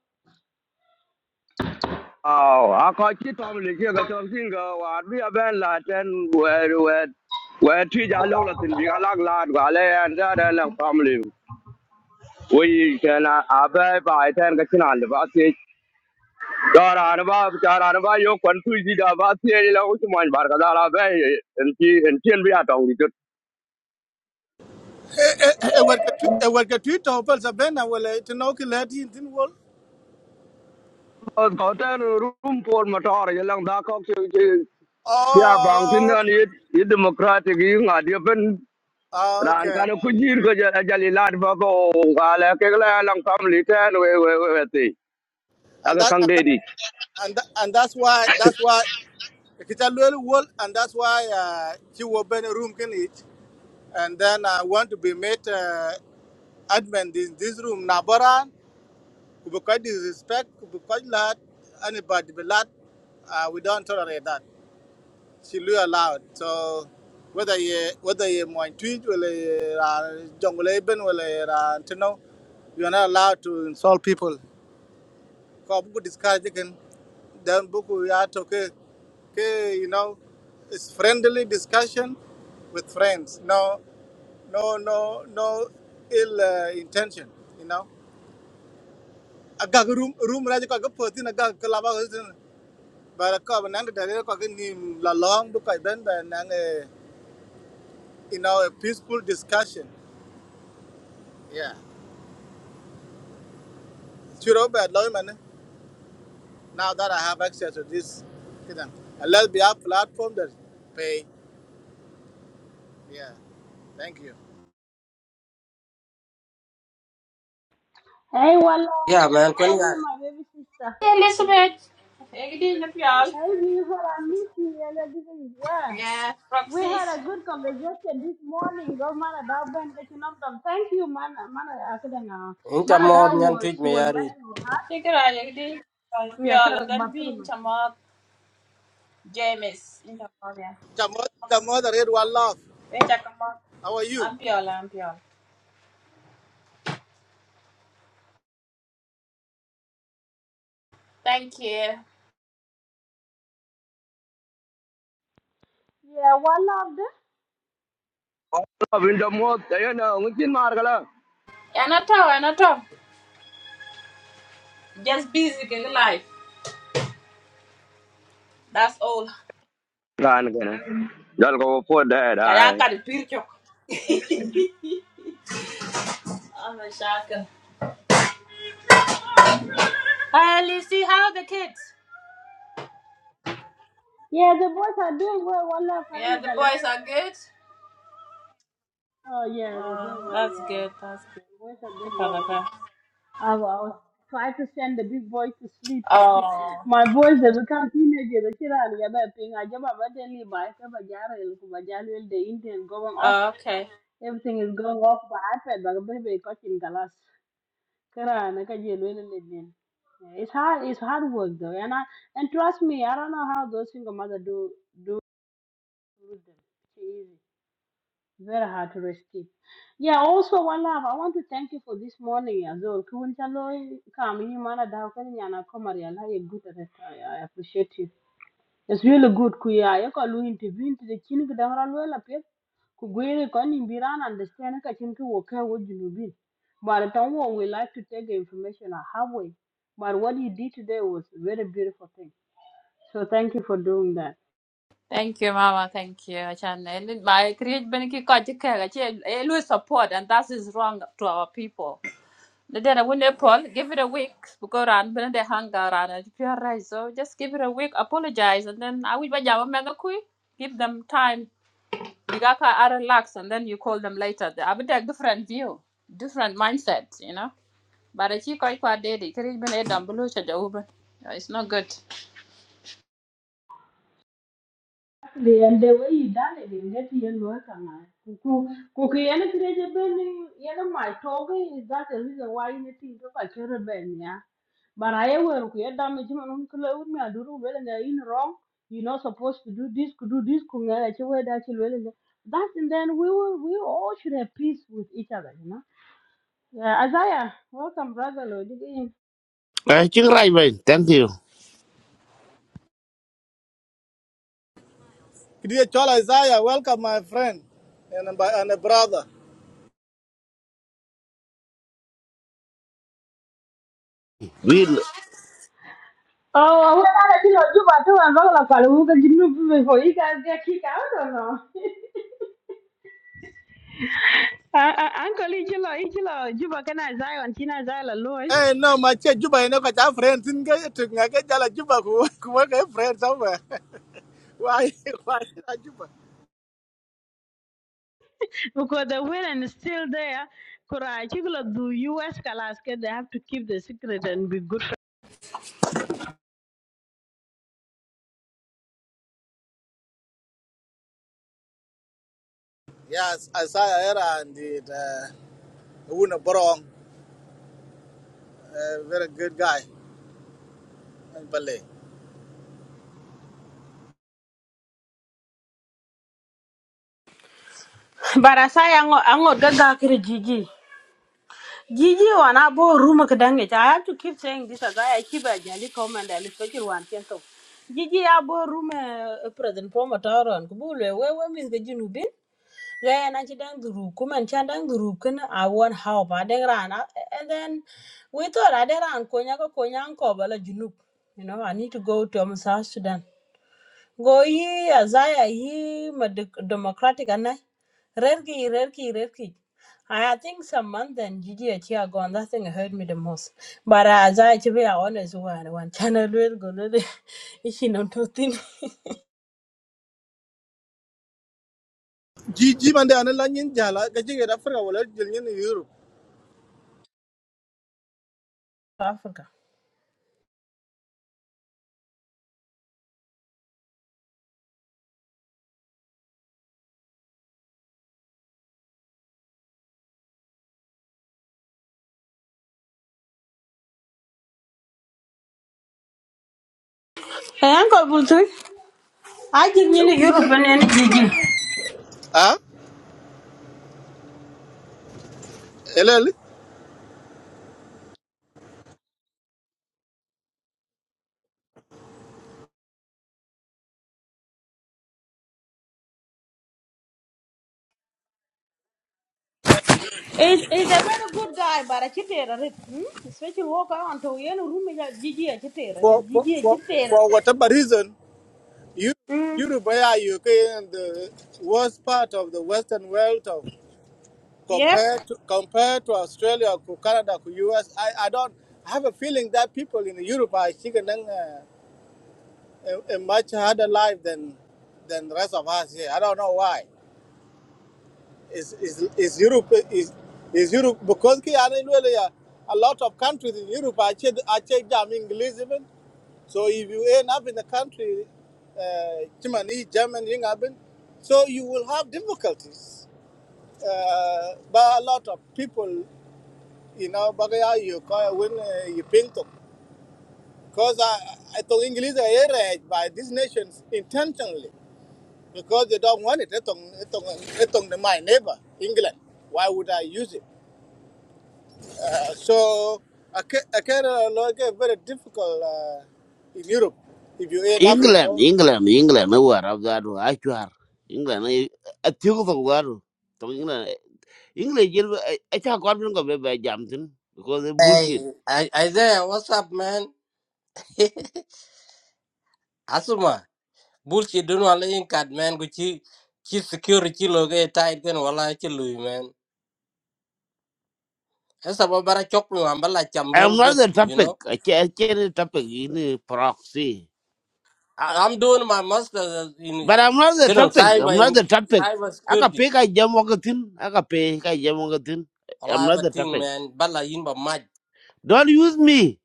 [SPEAKER 6] Aw, akwa kitom lige ka tonsinga war bi aben laten wer wer. Wer ti ja lo la tin bi alag lad gale and dare lang family. We can abe by ten ka chinan le basi. Dara na ba dara na ba yo kwan tu ji da basi le la usman bar ka dara be en ti en ti en bi ata uri
[SPEAKER 2] Eh, eh, warga tu warga tu to sabena wala itno ki lati tin wol
[SPEAKER 6] on ko ta rum por mà tor ye lang da ko chi chi ya bang tin
[SPEAKER 2] oh
[SPEAKER 6] an ye ye democratic yi ngã de ben
[SPEAKER 2] oh,
[SPEAKER 6] ran
[SPEAKER 2] okay
[SPEAKER 6] cái no cứ jir cái ja ja li lat ba ko ga la ke la lang kam li ta we we we ti
[SPEAKER 2] and
[SPEAKER 6] aga
[SPEAKER 2] that
[SPEAKER 6] kang
[SPEAKER 2] and
[SPEAKER 6] đi
[SPEAKER 2] that
[SPEAKER 6] đi,
[SPEAKER 2] and, that, and that's why that's why kita lol wol and that's why uh, she will be in a room can it and then i want to be made uh, admin in this room nabara because disrespect because lot anybody but lot uh, we don't tolerate that she lui allowed. So whether you whether you want tweet or you are jungle even or you are know you are not allowed to insult people. Ko buku discourage again. Then buku ya toke ke ke you know it's friendly discussion with friends. No no no no ill uh, intention. You know. Agag room room raja ko agag poti na agag kalaba ko sin. Bara ko ba nang dare ko ke ni la long bukai ben ba nang. you know, a peaceful discussion. Yeah. Sure, Robert Leumann, now that I have access to this, you and let's be a platform that pay. Yeah. Thank you.
[SPEAKER 1] Hey, Walla,
[SPEAKER 5] Yeah, man. When
[SPEAKER 1] how
[SPEAKER 5] you
[SPEAKER 1] are you,
[SPEAKER 5] are
[SPEAKER 1] my baby sister?
[SPEAKER 7] Elizabeth. Jeg kan dele fjall.
[SPEAKER 1] Hey, beautiful, I miss you. yeah, like this is- yeah.
[SPEAKER 7] Yeah.
[SPEAKER 1] We
[SPEAKER 7] Roxy's.
[SPEAKER 1] had a good conversation this morning. Go, man, that Ben catching up. them. Thank you, man. Man, I couldn't. uh,
[SPEAKER 5] into
[SPEAKER 1] Man,
[SPEAKER 5] more
[SPEAKER 1] that
[SPEAKER 5] than
[SPEAKER 1] was
[SPEAKER 5] tweet
[SPEAKER 1] she
[SPEAKER 5] me,
[SPEAKER 1] was
[SPEAKER 5] Yari.
[SPEAKER 1] making her. heart.
[SPEAKER 7] Check it out. Jeg kan
[SPEAKER 1] Yeah, sort
[SPEAKER 7] And
[SPEAKER 1] of
[SPEAKER 7] then be in
[SPEAKER 1] bathroom.
[SPEAKER 7] Chamat. James. In Chamat, yeah.
[SPEAKER 2] Chamo- Chamo the Red One Love.
[SPEAKER 7] In Chamat.
[SPEAKER 2] How are you?
[SPEAKER 7] I'm fjall. I'm Thank you.
[SPEAKER 1] Yeah, Walla,
[SPEAKER 6] so win da mo ta ye na ngi chin cái gala
[SPEAKER 7] Anata, Anata. Just busy in life. That's all.
[SPEAKER 6] ran ga na dal có po da
[SPEAKER 7] Kaya
[SPEAKER 6] dai
[SPEAKER 7] the di pirchok. I'm a shackle. Hi, Lucy. How are the kids?
[SPEAKER 1] Yeah, the boys are doing well. One love. How are
[SPEAKER 7] Yeah,
[SPEAKER 1] you,
[SPEAKER 7] the
[SPEAKER 1] darling?
[SPEAKER 7] boys are good.
[SPEAKER 1] Oh, yeah, they're doing
[SPEAKER 7] Oh,
[SPEAKER 1] well.
[SPEAKER 7] that's good.
[SPEAKER 1] Yeah,
[SPEAKER 7] That's good.
[SPEAKER 1] the boys are doing
[SPEAKER 7] Good for
[SPEAKER 1] well.
[SPEAKER 7] the
[SPEAKER 1] Yeah.
[SPEAKER 7] girl.
[SPEAKER 1] I wa- I was trying to send the big boy to sleep.
[SPEAKER 7] Oh.
[SPEAKER 1] My boys, they become teenagers. They still are the other thing. I jump up at any bike. I jara ilku bajalu the Indian going off.
[SPEAKER 7] oh, okay.
[SPEAKER 1] Everything is going off by iPad. But baby, catching galas. Kara na kaje lwele ledin. It's hard. It's hard work though, and I and trust me, I don't know how those single mother do do. do them. It's easy. Very hard to rescue. Yeah, also one love. I want to thank you for this morning as well. Kun kam yi mana da ko ni ana komar ya good at it. I I appreciate you. It's really good ku ya lu interview into the chin ku dang ran la pe. Ku gwere ko ni understand ka chin ku wo ka But don't we like to take the information a halfway. But what you did today was a very beautiful thing. So thank you for doing that.
[SPEAKER 7] Thank you, Mama. Thank you. Channel. My create benefit kajikaga. Always support, and that is wrong to our people. The day when Paul give it a week because ran when they hang around and pure right. So just give it a week. Apologize, and then I will bajama megakui. Give them time. Bigaka are relax, and then you call them later. They have a different view, different mindset, you know. But I think I quite did it. Create benefit damn blue. It's not good.
[SPEAKER 1] Exactly, and the way you done it, you get your work on Kuku, kuku yana kireje beni, yana my talking is that the reason why you think of a cherry ben, yeah. But I will create damage on uncle, with me, I do well and they're in wrong. You're not supposed to do this, could do this, could not actually wear that you well. That and then we will, we all should have peace with each other, you know. Yeah, Isaiah, welcome, brother. Lord. You did.
[SPEAKER 8] I think right, man. Thank you.
[SPEAKER 2] Kidia Chola Isaiah, welcome my friend and my and a brother.
[SPEAKER 8] We
[SPEAKER 1] Oh, well, I feel like you, but you and Bangla Palu, you can do before you guys get kicked out or no? Uncle Ichilo, Ichilo, Juba kana Zion, China Zala Loy,
[SPEAKER 2] Hey, no, my che Juba, you know, because our friends in Gaya to Naga Jala Juba, who work a friend somewhere. Why? Why not Juba?
[SPEAKER 1] because the women is still there. Kura Chiglo do US Kalaska, they have to keep the secret and be good.
[SPEAKER 2] Yes, Isaiah Era and the uh, Wuna Borong, a very good guy. balle
[SPEAKER 1] But as I ango ango gaga kiri Gigi. Gigi wana bo room kadange. I have to keep saying this as I keep a jali comment and especially one kento. Gigi abo room eh, eh, president Paul Mataro and kubule wewe miss gajinu Yeah, and I dang the rook, come and chandang the rook, I want help. I dang ran, uh, and then we thought I dang ran, konyako konyanko, bala junuk. You know, I need to go to um, South Sudan. Go ye, Azaya, ye, ma dec- democratic, and I. Rerki, rerki, rerki. I I think some month and Gigi a year ago, and that thing hurt me the most. But uh, as I to be honest, one, one channel will go, is she not to think
[SPEAKER 2] ji ji man de la nyin jala ga jige da afrika wala jël ñen europe
[SPEAKER 1] Africa? Hey, Uncle Bultu, I give you the European Gigi.
[SPEAKER 2] ah elel
[SPEAKER 1] Is is a very good guy, but a chitera it. Hmm? Especially walk around to you know room is Gigi a chitera
[SPEAKER 2] for
[SPEAKER 1] it.
[SPEAKER 2] for
[SPEAKER 1] Gigi a
[SPEAKER 2] for
[SPEAKER 1] chitera
[SPEAKER 2] for
[SPEAKER 1] it.
[SPEAKER 2] whatever reason you
[SPEAKER 1] Hmm.
[SPEAKER 2] europe ya you can the worst part of the western world of
[SPEAKER 1] Yep.
[SPEAKER 2] compared to compared to australia to canada to us i i don't I have a feeling that people in europe are taking a, a, a much harder life than than the rest of us here i don't know why is is is Europe is is Europe because ki ana ilwele ya a lot of countries in Europe are che are che jam English even. So if you end up in a country, uh, Germany, German, you know, so you will have difficulties. Uh, but a lot of people, you know, bagaya you call when uh, you paint them. Because I, I talk English area by these nations intentionally because they don't want it. They talk, they talk, they talk to my neighbor, England. Why would I use it? So I ca- a Canada law get very difficult uh, in Europe if you end up in
[SPEAKER 8] England,
[SPEAKER 2] law.
[SPEAKER 8] England, England. No war of that. I chuar England. I I think of war. To England, eh, England. You I I can't go back by Jamton because they bullshit.
[SPEAKER 5] Hey, I, Isaiah, what's up, man? Asuma, bullshit, don't want to cut, man. Gucci, chi security logo tight gun while I chill, man. That's about bara chop me, I'm like,
[SPEAKER 8] I'm
[SPEAKER 5] real
[SPEAKER 8] not
[SPEAKER 5] good,
[SPEAKER 8] the
[SPEAKER 5] you
[SPEAKER 8] topic.
[SPEAKER 5] know.
[SPEAKER 8] I can't, I can't the topic in the proxy.
[SPEAKER 5] I, I'm doing my master's in
[SPEAKER 8] But I'm not the
[SPEAKER 5] couldn't
[SPEAKER 8] topic. I'm
[SPEAKER 5] cyber
[SPEAKER 8] not
[SPEAKER 5] in
[SPEAKER 8] the topic.
[SPEAKER 5] cyber
[SPEAKER 8] I can
[SPEAKER 5] security.
[SPEAKER 8] pick a jam walkatin. I can pick a jam walkatin.
[SPEAKER 5] All
[SPEAKER 8] I'm
[SPEAKER 5] I have
[SPEAKER 8] not
[SPEAKER 5] a
[SPEAKER 8] the
[SPEAKER 5] thing,
[SPEAKER 8] topic.
[SPEAKER 5] man. Bala in my
[SPEAKER 8] Don't use me.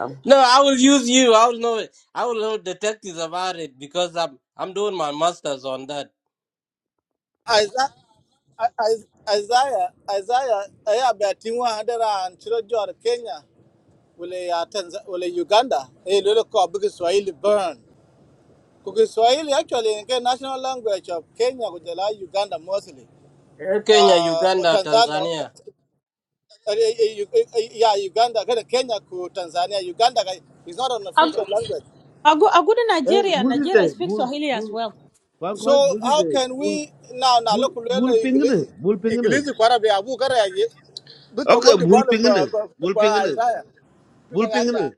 [SPEAKER 8] I'm,
[SPEAKER 5] no, I will use you. I will know. I will know detectives about it because I'm I'm doing my masters on that.
[SPEAKER 2] Isaiah, Isaiah, Isaiah, Isaiah, Batinwa, Hadera, and Chirojor, Kenya, will a Uganda, a little called Big Swahili burn. Because Swahili actually in the national language of Kenya, which is like Uganda mostly,
[SPEAKER 5] Eh, Kenya,
[SPEAKER 2] uh, or
[SPEAKER 5] Uganda,
[SPEAKER 2] Tanzania.
[SPEAKER 5] Tanzania.
[SPEAKER 2] eh, eh, eh, eh, Yeah, Uganda, kada Kenya, ku Tanzania. Uganda is not an
[SPEAKER 1] A
[SPEAKER 2] official
[SPEAKER 1] go
[SPEAKER 2] language.
[SPEAKER 1] a go a good
[SPEAKER 8] eh,
[SPEAKER 1] Nigeria.
[SPEAKER 8] bully
[SPEAKER 1] Nigeria
[SPEAKER 8] the
[SPEAKER 1] speaks
[SPEAKER 8] bull,
[SPEAKER 1] Swahili as
[SPEAKER 8] bull.
[SPEAKER 1] well.
[SPEAKER 8] Kwan
[SPEAKER 2] So
[SPEAKER 8] kwan bully
[SPEAKER 2] how
[SPEAKER 8] the
[SPEAKER 2] can
[SPEAKER 8] bull.
[SPEAKER 2] we now now
[SPEAKER 8] bul
[SPEAKER 2] look lelo
[SPEAKER 8] bul pingene
[SPEAKER 2] English
[SPEAKER 8] bul pingene
[SPEAKER 2] English kwara be abu kara ye buto
[SPEAKER 8] okay
[SPEAKER 2] ngodi
[SPEAKER 8] bul
[SPEAKER 2] ball
[SPEAKER 8] pingene
[SPEAKER 2] kwa kwa
[SPEAKER 8] bul
[SPEAKER 2] kwa
[SPEAKER 8] pingene
[SPEAKER 2] Isaiah Tuko
[SPEAKER 8] bul pingene
[SPEAKER 2] yaja.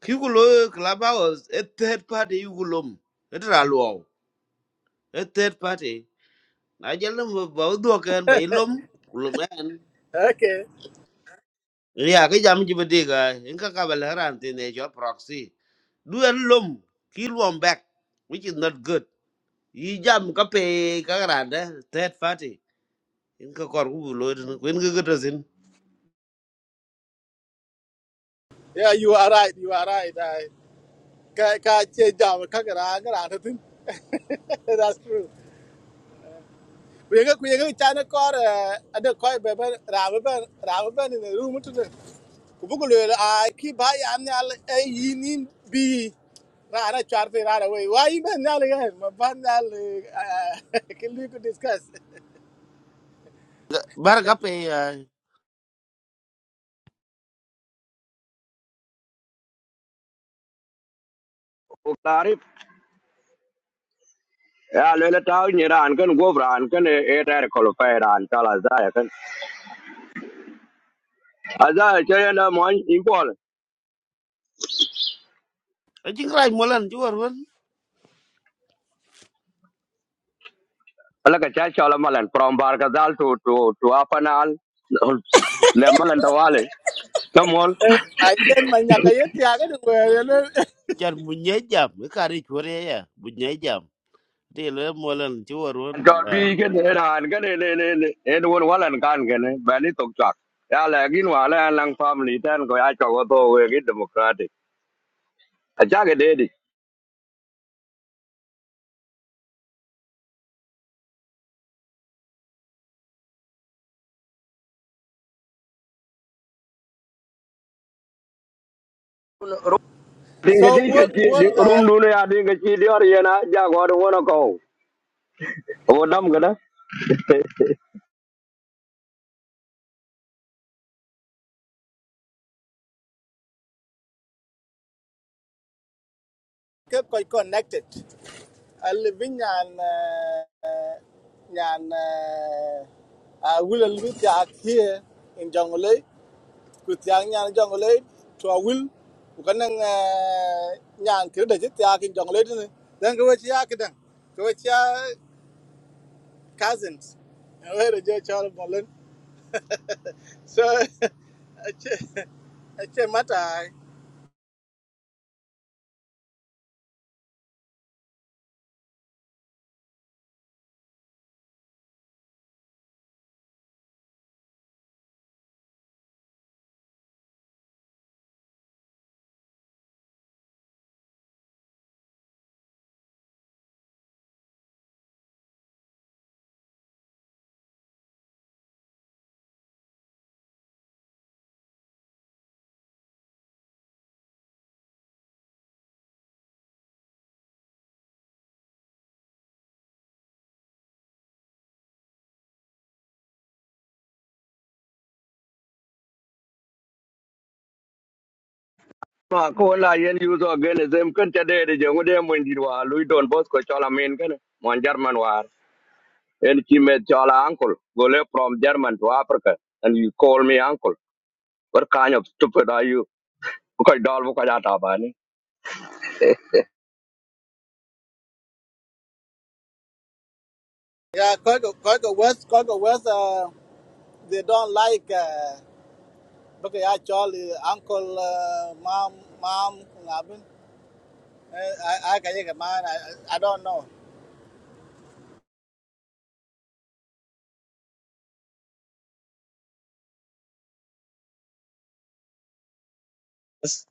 [SPEAKER 8] kigulo clubhouse a third party yugulom etra luo a third party na jelle mo baw do ken bay lom kulum en
[SPEAKER 2] okay
[SPEAKER 8] ya ke jam ji bede ga en ka ka bel haran tin e jo proxy du en lom ki lom back which is not good yi jam ka pe ka rada third party en ka kor gulo en ka gata sin
[SPEAKER 2] yeah you are right you are right I ka ka che jam ka gara gara tatin that's true Kuyega kuyega chana kor eh, ada koi beben rawe ben rawe ben in the room a ki ba ya al e yinin bi ra ra char fe ra ra we wa yi ben al ga ma ban al ke lu ku discuss
[SPEAKER 8] bar ka pe
[SPEAKER 6] ko tarif ya le la ta ni ran cái go ran kan e ta ko lo pa ran ta la za ya kan a za che na mo in
[SPEAKER 8] Ajin raj molan chuwar wan.
[SPEAKER 6] laka cha chola malan from barkazal to to to apanal le malan tawale kamol an
[SPEAKER 2] a yen ka yet ya ga de we le
[SPEAKER 8] Chan bunyai jam. Ikari chuwar ya ya. Bunyai jam. Di lo molan chuwar wan.
[SPEAKER 6] to bi
[SPEAKER 8] ah.
[SPEAKER 6] gen ran gen ne ne ne ne en won walan kan gen bani tok chak ya la gin wala lang family tan ko ya cho to we gi democratic a cha ge de di
[SPEAKER 2] so
[SPEAKER 6] ding ji
[SPEAKER 2] wol
[SPEAKER 6] ke
[SPEAKER 2] wol
[SPEAKER 6] ji rum du ne ya ding ke ji di or yana ja go do wona ko o dam gana
[SPEAKER 2] ke koi connected al bin yan yan a wul al bi here in jungle ku tiang nyan jongle to a will ku kanang nyan kir de tiang kin jongle ne dan ko chi yak dan ko chi ya cousins we de je chal bolen so ache ache mata
[SPEAKER 6] ma ko la yen yu so gen zem kan cha de de je ngode mun di wa lui don bos ko chola men gen mon jarman en chi met chola uncle gole from german to africa and you call me uncle what kind of stupid are you ko dol ko ja ta ba ni
[SPEAKER 2] yeah ko ko ko west ko ko west uh, they don't like uh, because ya chal uh, uncle uh, mom mom ngabin i i ka ye man I, I don't know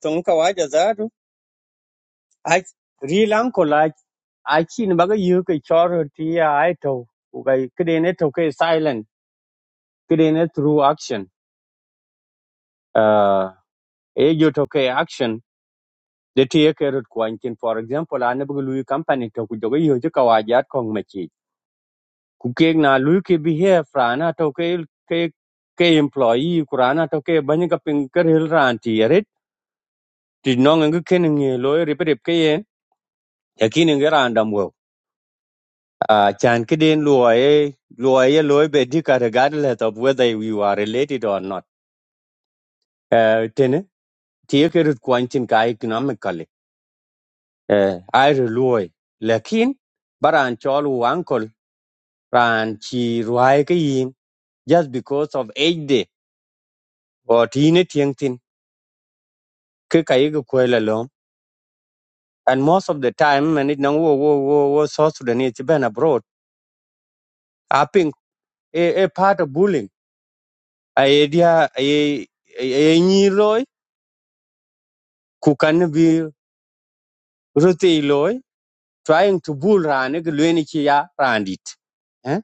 [SPEAKER 3] Tonka waja zaru. Ach, real uncle ach, achi ni baga yuke choro tia aito. Ukai kidene toke silent, kidene through action. Uh, ejo toke action. The tia kerut kwa for example, ane baga lui company toku joga yoje kawajat kong machi. ku kek na lu ke behave rana to ke ke ke employee ku rana to ke bany ka ping ker hil ran ti ret ti no ngi ken ngi lo ri pe ke ye yakin ngi ran dam wo a chan ke den lo ye lo ye lo be di ka regardless of whether you are related or not eh ten ti ke ru kwan chin ka economically eh ai ru lo lakin baran chol wu ankol ran chi ruai ke yin just because of age day or teenage young thing ke ka yigi kwela lom and most of the time and it nang wo wo wo wo South Sudanese ci ben abroad I think a, a part of bullying a idea a a nyi loy ku kan bi rote loy trying to bull ran ke lweni ci ya randit eh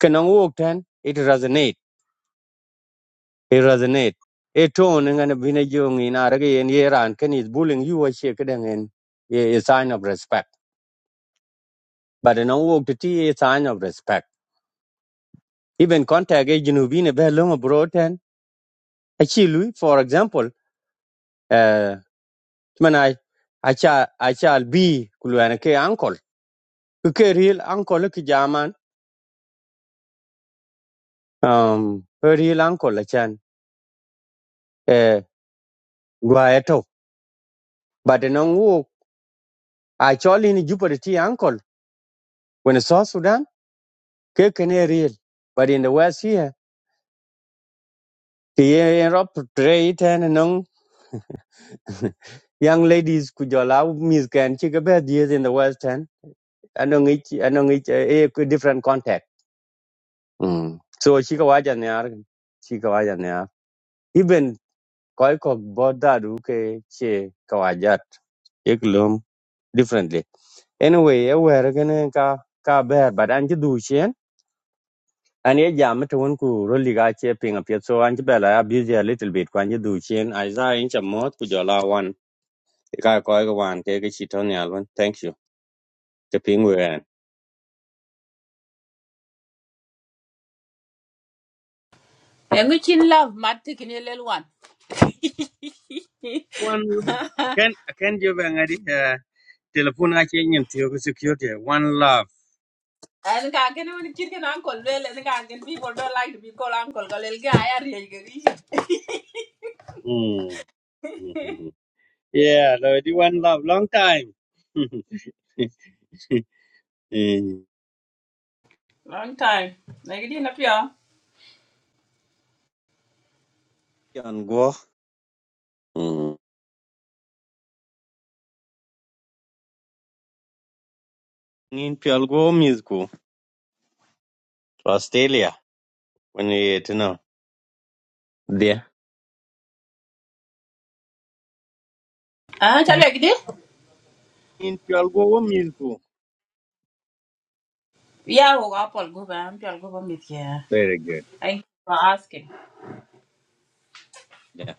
[SPEAKER 3] ke nang wo ok ten it resonate it resonate a tone ngan bi ne jong ina rage yen ye ran ken is bullying you a che ke dengen a a sign of respect but nang wo ti a sign of respect even contact e junubin be long bro ten achi lui for example uh manai acha acha bi kulwana ke uncle Ku ke real uncle ke jaman um a real uncle achan eh gwa eto but no wo actually ni jupiter ti uncle when so sudan ke ken e real but in the west here the europe trade and no young ladies kujola mis kan chi ke be these in the west and anong each anong each a different contact. Mm. So chi ka waja ne ar chi ka waja ne ar. Even koi ko boda du ke che ka waja ek lum differently. Anyway, e wer gane ka ka ber but an ji du chen an ye jam to un ku ro li ga che ping up so an ji bela a busy a little bit kwan ji du chen ai za in cha mot ku jola wan E ka koi ko wan ke ke chi to ne alwan. Thank you. Ke ping wer.
[SPEAKER 7] Yang chin love mat kin ye lel wan.
[SPEAKER 3] One can can you bang at uh telephone I change to security. One love.
[SPEAKER 7] An ka ken wani chir ken uncle lel an ka ken people don't like to be called uncle ka lel ga ya ri ye ga
[SPEAKER 3] Mm. Mhm. Yeah, Lord, one love, long time. Pian
[SPEAKER 7] Long time. Na gidi na pia.
[SPEAKER 3] Guo. Mm. In Pian go musical. Australia. When you to know. Yeah.
[SPEAKER 7] Ah, chale did?
[SPEAKER 3] In Pian go musical.
[SPEAKER 7] Ya wo ga pol go ba am pol go ba mit ya.
[SPEAKER 3] Very good.
[SPEAKER 7] Thank you for asking.
[SPEAKER 3] Yeah.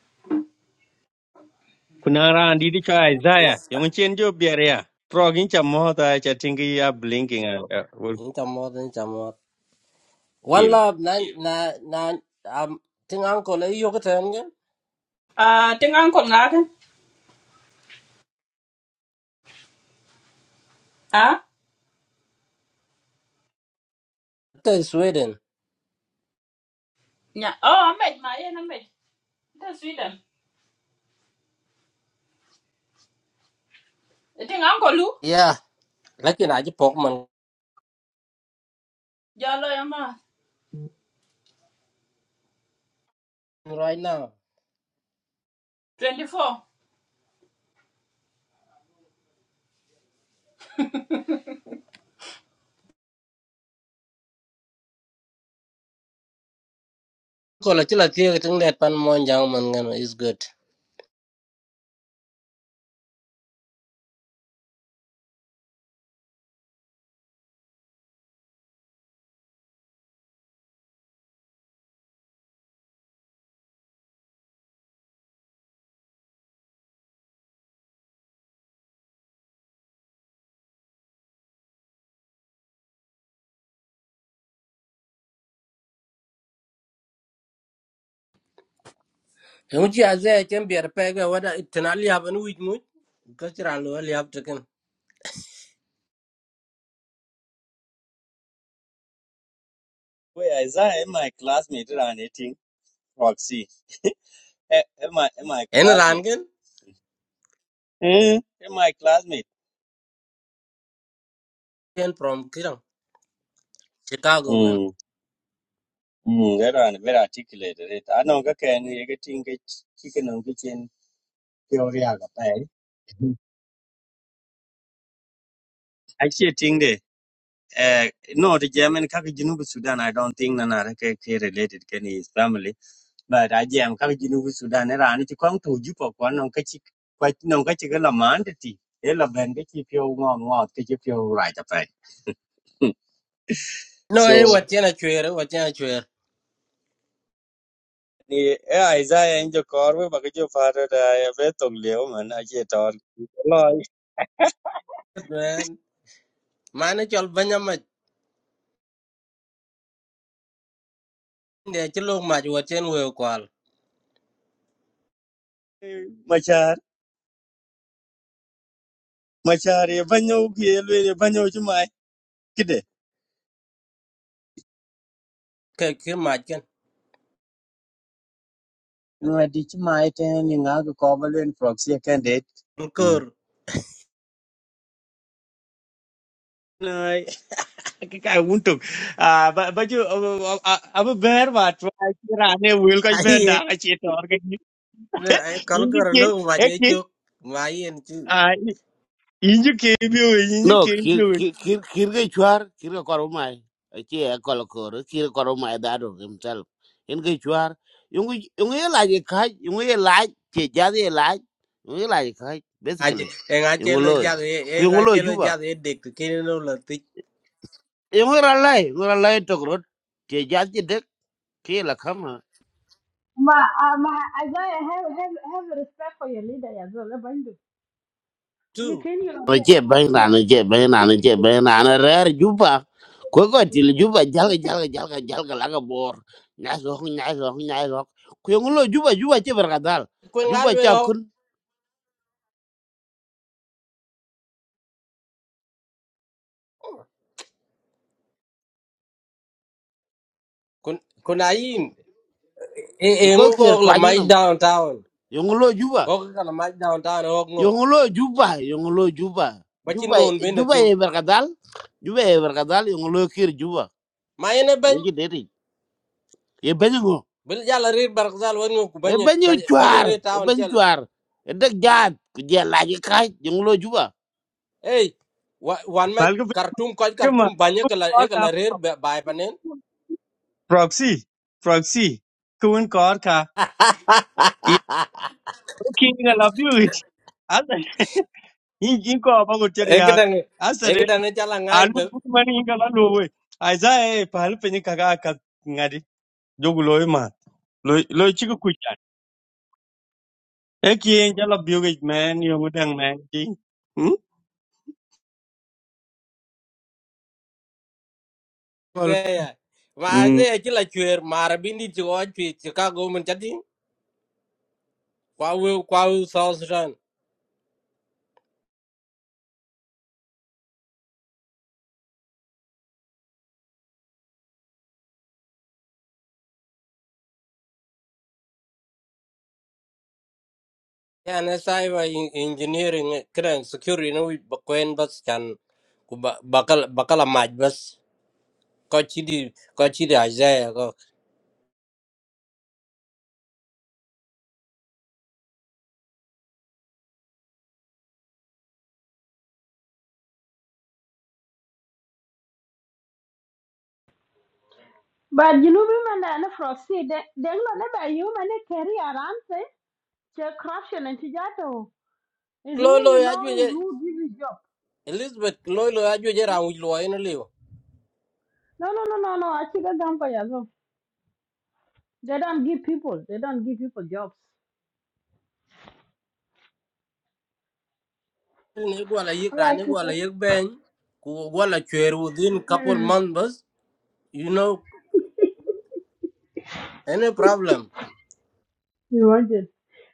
[SPEAKER 3] Kunara and did cha Isaiah. Yung chen jo biaria. Frog in cha mohta cha tingi ya blinking and uh, will
[SPEAKER 5] Incha mod, incha mod. One
[SPEAKER 3] kill.
[SPEAKER 5] love, na na na. Um, thing uncle, eh, you can
[SPEAKER 7] Ah, ting uncle na ken? Ah?
[SPEAKER 5] tell Sweden.
[SPEAKER 7] Nya. Oh, am med ma ye na med. Ta Sweden. Ting uncle lu?
[SPEAKER 5] Yeah, like in aji pok
[SPEAKER 7] Jalo ya ma.
[SPEAKER 5] right now.
[SPEAKER 7] 24.
[SPEAKER 5] Uncle, chila tiya thing that pan mon jang man gan is good. Emuji azay chambiar pega wada itanali haban with mu. Because you're all you have to can.
[SPEAKER 3] Wait, Isaiah, am my classmate and eating Roxy. Am my am my
[SPEAKER 5] En
[SPEAKER 3] classmate? Eh? Am my classmate?
[SPEAKER 5] Ken from Kirang, Chicago ken.
[SPEAKER 3] Mm, very, very articulated. It. I know that can you get in get chicken on kitchen theory aga pay. Actually, thing de. Uh, no, the German kaka Junubu Sudan. I don't think nana ke ke related can his family. But I jam kaka Junubu Sudan. Era ani chukang tu jupa kwa nong kachi kwa nong kachi kala mandati. Ela ben kachi pio ngong ngong kachi pio right apay.
[SPEAKER 5] No, eh,
[SPEAKER 3] So
[SPEAKER 5] what chen a chwer, eh, what chen a chwer.
[SPEAKER 3] ni eh Isaiah injo korwe bakajo faro da ya betong leo man aje tor.
[SPEAKER 5] Man, man eh, chol banya mach. Inde chi luk mach what chen weo kwal.
[SPEAKER 3] machar machar ye banyo ye lwe ye banyo ci mai kide
[SPEAKER 5] Ke ki mach ken.
[SPEAKER 3] ngadi ci mai ten ni nga ko ko ba lwen proxy candidate
[SPEAKER 5] Kur.
[SPEAKER 3] na ka ka wunto a ba ba ju ab ber ba twa ci rane wel ka
[SPEAKER 5] Ai,
[SPEAKER 3] ber da
[SPEAKER 5] eh,
[SPEAKER 3] ka ci tor ga ni
[SPEAKER 5] no, eh, kol
[SPEAKER 3] inji
[SPEAKER 5] kur
[SPEAKER 3] ke
[SPEAKER 5] luk mach
[SPEAKER 3] ek
[SPEAKER 5] eh
[SPEAKER 3] ni
[SPEAKER 5] chuk. Ma yen chi.
[SPEAKER 3] a inji ke bi we inji
[SPEAKER 8] No,
[SPEAKER 3] ke
[SPEAKER 8] kir
[SPEAKER 3] bi we
[SPEAKER 8] kir kir kir ga chuwar. Kir ga korumai. Achi ya kolokoro. Kir ga korumai dadu himself. In ga chuwar. Yung yung ye laj ikaj. Yung ye laj. Che jadi ye laj. Yung ye laj ikaj.
[SPEAKER 5] Aje,
[SPEAKER 8] Basically.
[SPEAKER 5] eh, nga
[SPEAKER 8] Yung
[SPEAKER 5] lo
[SPEAKER 8] loy.
[SPEAKER 5] jad, eh,
[SPEAKER 8] Ku
[SPEAKER 5] eh, e nga
[SPEAKER 8] yung loy
[SPEAKER 5] chen lo
[SPEAKER 8] juba.
[SPEAKER 5] jad, eh, dik. Kini no la tik.
[SPEAKER 8] Yung ralai. Yung ralai tokrot. Che jadi dek. Kira lakam
[SPEAKER 1] Ma, uh, ma, as I have, have, have respect for your leader as well. eh, Bandu.
[SPEAKER 5] Tu.
[SPEAKER 1] You can, you
[SPEAKER 8] nó che ben na
[SPEAKER 1] know.
[SPEAKER 8] nó che ben na nó che ben na na rer juba ko ko til juba jalga jalga jalga jalga la ga bor na so hu na so hu na so ko ngulo juba juba che ber gadal
[SPEAKER 5] Kwen ngal
[SPEAKER 8] juba
[SPEAKER 5] welo
[SPEAKER 8] cha
[SPEAKER 5] ho.
[SPEAKER 8] kun
[SPEAKER 5] Kun, kun ayin. Eh, eh, ngu
[SPEAKER 8] ko
[SPEAKER 5] ko
[SPEAKER 8] kir
[SPEAKER 5] la
[SPEAKER 8] twani
[SPEAKER 5] mach
[SPEAKER 8] nam
[SPEAKER 5] downtown.
[SPEAKER 8] yo ngulo
[SPEAKER 5] ko
[SPEAKER 8] juba
[SPEAKER 5] ka la mai downtown hok ngo.
[SPEAKER 8] yo ngulo juba yo ngulo juba
[SPEAKER 5] Machin
[SPEAKER 8] juba
[SPEAKER 5] nun bende
[SPEAKER 8] juba
[SPEAKER 5] thin. tin,
[SPEAKER 8] e ber gadal juba e ber gadal yo ngulo kir juba
[SPEAKER 5] mai ne
[SPEAKER 8] yo
[SPEAKER 5] bany.
[SPEAKER 8] ji deti e ben ngo
[SPEAKER 5] bil jala rir barkzal wan ku
[SPEAKER 8] e
[SPEAKER 5] banye
[SPEAKER 8] ben yo
[SPEAKER 5] banye
[SPEAKER 8] chwar
[SPEAKER 5] re
[SPEAKER 8] e
[SPEAKER 5] taon
[SPEAKER 8] ben
[SPEAKER 5] chali
[SPEAKER 8] chwar e dak jaat ku je la ji kai yo ngulo juba
[SPEAKER 5] hey wan ma
[SPEAKER 3] pal ko
[SPEAKER 5] kartum ko
[SPEAKER 3] ke ma
[SPEAKER 5] kartum banye
[SPEAKER 3] ko
[SPEAKER 5] kala e
[SPEAKER 3] ka
[SPEAKER 5] kala rir bay panen
[SPEAKER 3] proxy proxy kun kor ka Okay, I love you. आज in- inko apango teri
[SPEAKER 5] ek dang ek
[SPEAKER 3] asere
[SPEAKER 5] dang chala ngany
[SPEAKER 3] alu
[SPEAKER 5] de
[SPEAKER 3] mani inga la lowe aiza e pahalu penye kaka ka ngadi jogu lowe ma loy loy chiku kuchan e kien jala bioge man yongu dang man ti hmm Kol-
[SPEAKER 5] zeya ma
[SPEAKER 3] mm
[SPEAKER 5] zeya chila chwer mar bindi ti o chi chicago mun chati kwa we kwa we south sudan yan sai ba engineering eh, kran security no wi bakwen bas chan ku ba- bakal bakala maj bas ko chidi ko chidi azaya ko
[SPEAKER 1] But you know, women are not proxy. They, they're not about you, man. They carry around, say, their corruption and Tijato is
[SPEAKER 5] lo
[SPEAKER 1] who
[SPEAKER 5] lo
[SPEAKER 1] you
[SPEAKER 5] ya
[SPEAKER 1] know, is who gives you job.
[SPEAKER 5] Elizabeth loy lo ajo jera wi lo en liu.
[SPEAKER 1] No, no, no, no, no. I think I'm for you. They don't give people. They don't give people jobs.
[SPEAKER 5] Ni gwala yik
[SPEAKER 1] All right,
[SPEAKER 5] rani
[SPEAKER 1] sister.
[SPEAKER 5] gwala yik ben ku gwala chwer within couple
[SPEAKER 1] Mm.
[SPEAKER 5] month bus you know any problem.
[SPEAKER 1] You want it?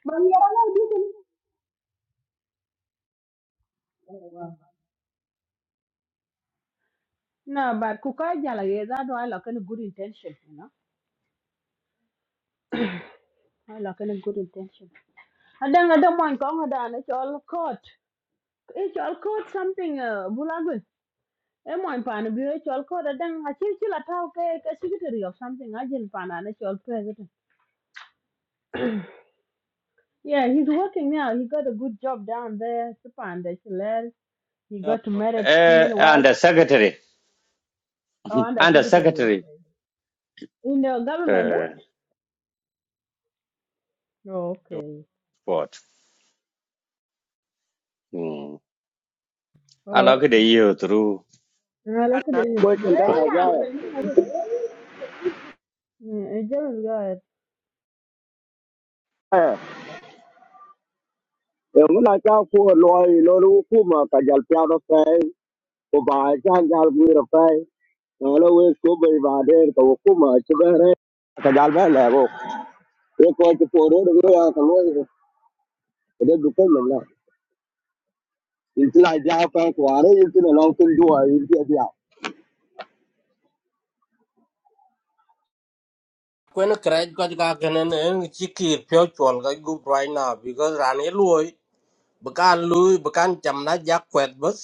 [SPEAKER 1] But you are not busy. Oh, wow. No, but kukajala ye that I like any good intention, you know. I like any good intention. And then I don't mind going down. It's all caught. It's all caught something. Uh, bulagwe. E mo impan bi it's all caught. And then I see chila tau ke ke secretary of something. I just pan and it's all president. Yeah, he's working now. He got a good job down there. Chupa and the He got married too
[SPEAKER 3] Uh,
[SPEAKER 1] many wives.
[SPEAKER 3] and the secretary,
[SPEAKER 1] Oh, under
[SPEAKER 3] and the
[SPEAKER 1] secretary.
[SPEAKER 3] secretary,
[SPEAKER 1] Okay. In the government.
[SPEAKER 3] uh,
[SPEAKER 1] eh? Okay.
[SPEAKER 3] what? Mm. I
[SPEAKER 1] Oh,
[SPEAKER 3] like the year through.
[SPEAKER 1] no, look at it.
[SPEAKER 6] quê trên
[SPEAKER 1] Where
[SPEAKER 6] cái
[SPEAKER 3] Qua-
[SPEAKER 6] này ra
[SPEAKER 1] I'm telling you, look. Yeah, it just got.
[SPEAKER 6] à em muốn là cháu của loài loài lũ của mà cả dàn piao đó phải của bà sang dàn vui đó phải nó là quê của bề bà đây của của mà chứ bé đấy cả dàn bé này cô cái coi cái phố đó đừng có ra thằng ấy cái đấy đúng cái mình là những cái này ra phải quả đấy những cái là lâu tin đùa những cái gì à
[SPEAKER 5] Kwen kraj ka ka kenen en chiki pyo chol ka gup right now because rani loy bakan loy bakan cham na jak kwet bus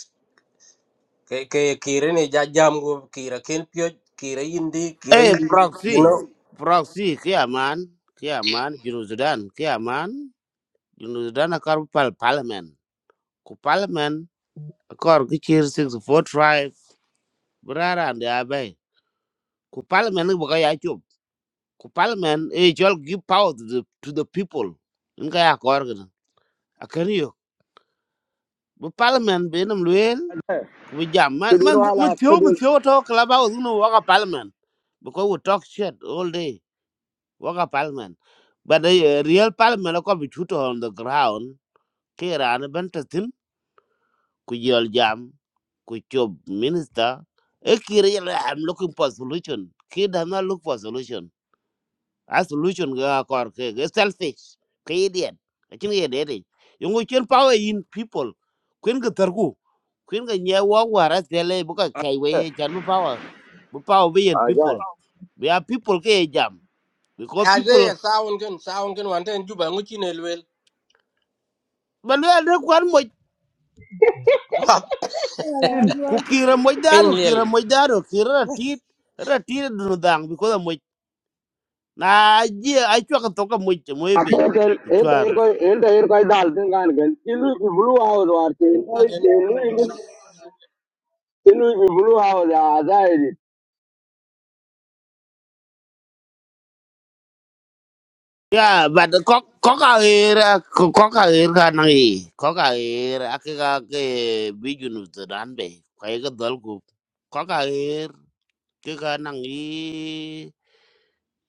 [SPEAKER 5] ke ke kire ni ja jam go kira ken pyo kira indi kira
[SPEAKER 8] Eh,
[SPEAKER 5] indi you know.
[SPEAKER 8] proxy, proxy, kiaman, kiaman, Junus Sudan, kiaman, Junus Sudan akar pal parliament, ku parliament akar kecil six four five berada anda abai, ku parliament ni bukan ya cub, ku parliament eh jual give power to the to the people, ini kayak akar gitu, akar yuk, bu parliament benam luel, ku jam, man
[SPEAKER 6] cái đứa
[SPEAKER 8] man
[SPEAKER 6] nó
[SPEAKER 8] man
[SPEAKER 6] là cái
[SPEAKER 8] tiaw man
[SPEAKER 6] đứa
[SPEAKER 8] tiaw tau kelabau tu nu waka parliament, because we talk shit all day. waka parliament but the real parliament ko bi chuto on the ground ke ran ben tatin ku yol jam ku chob minister e kire yala am looking for solution ke da na look for solution a solution ga kor ke ge selfish ke idiot akin ye dede yungu chen power in people kwen ga tarku kwen ga nya wa wara tele bu ka kai we chan bu power bu power be in
[SPEAKER 6] à ra
[SPEAKER 8] people we are people ke jam because
[SPEAKER 5] Aje
[SPEAKER 8] people
[SPEAKER 5] ya sound ken sound ken wanten juba nguchi ne lwel.
[SPEAKER 8] But we are not one more
[SPEAKER 1] Yeah, as
[SPEAKER 8] ku
[SPEAKER 1] well.
[SPEAKER 8] kira moy
[SPEAKER 5] Pin
[SPEAKER 8] daru
[SPEAKER 5] lel.
[SPEAKER 8] kira moy daru kira tit ra tit dun dang bi ko da moy na ji ai chwa ka to ka moy moy pin
[SPEAKER 6] Atel el tair
[SPEAKER 8] chwar
[SPEAKER 6] ko el tair ko dal tin gan gan kilu bi blue house war ke nai ke lu kilu bi blue house a dai
[SPEAKER 8] ya bad ko ko ka era ko ko ka era ka nang i ko ka era ak ka ke bi junu dan be ka ga dal ku ko ka era ke ka nang i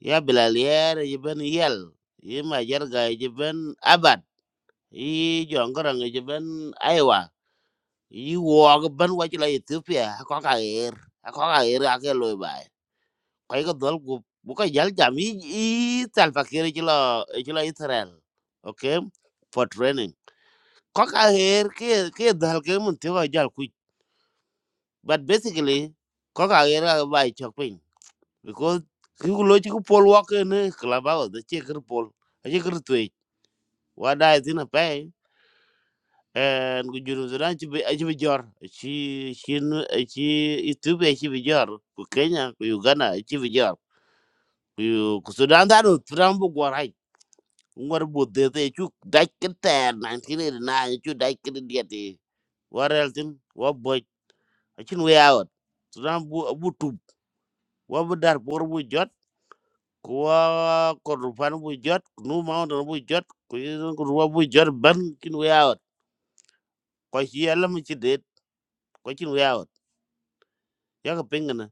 [SPEAKER 8] ya bilal yer je ben yel i ma jar ga je ben abad i jongorang je ben aiwa iwok ban wac la ethiopia akɔk aer akɔk aer ake loi bai kɔc ke dhɔl gup bu kɔc jal jam yi i thalpakir ci lo israel ok for training kɔk aer ke dhal ke mun thiok jal kuc but basically kɔk aer ake bai cɔk piny because ki ku lo ci ku pol wɔk kene kelabau dhacie kir pol aci kir thueic wa dai thin apɛi en ku junu sudan ci bi ci bi jor ci ci nu- eh, ci YouTube ci bi jor ku kenya ku uganda ci bi jor ku yu- ku sudan da no sudan bu gor hay ngor bu de te ci daj ke ter 1989 ci daj ke de te warel tin wa boy ci nu yaawat sudan bu bu tub wa bu dar bor bu jot ku wa kordofan bu jot ku nu mountain bu jot ku yu- ku wa bu jot ban ci nu yaawat ko ci yalla mu ci de ko ci nu yaawat yaka pengana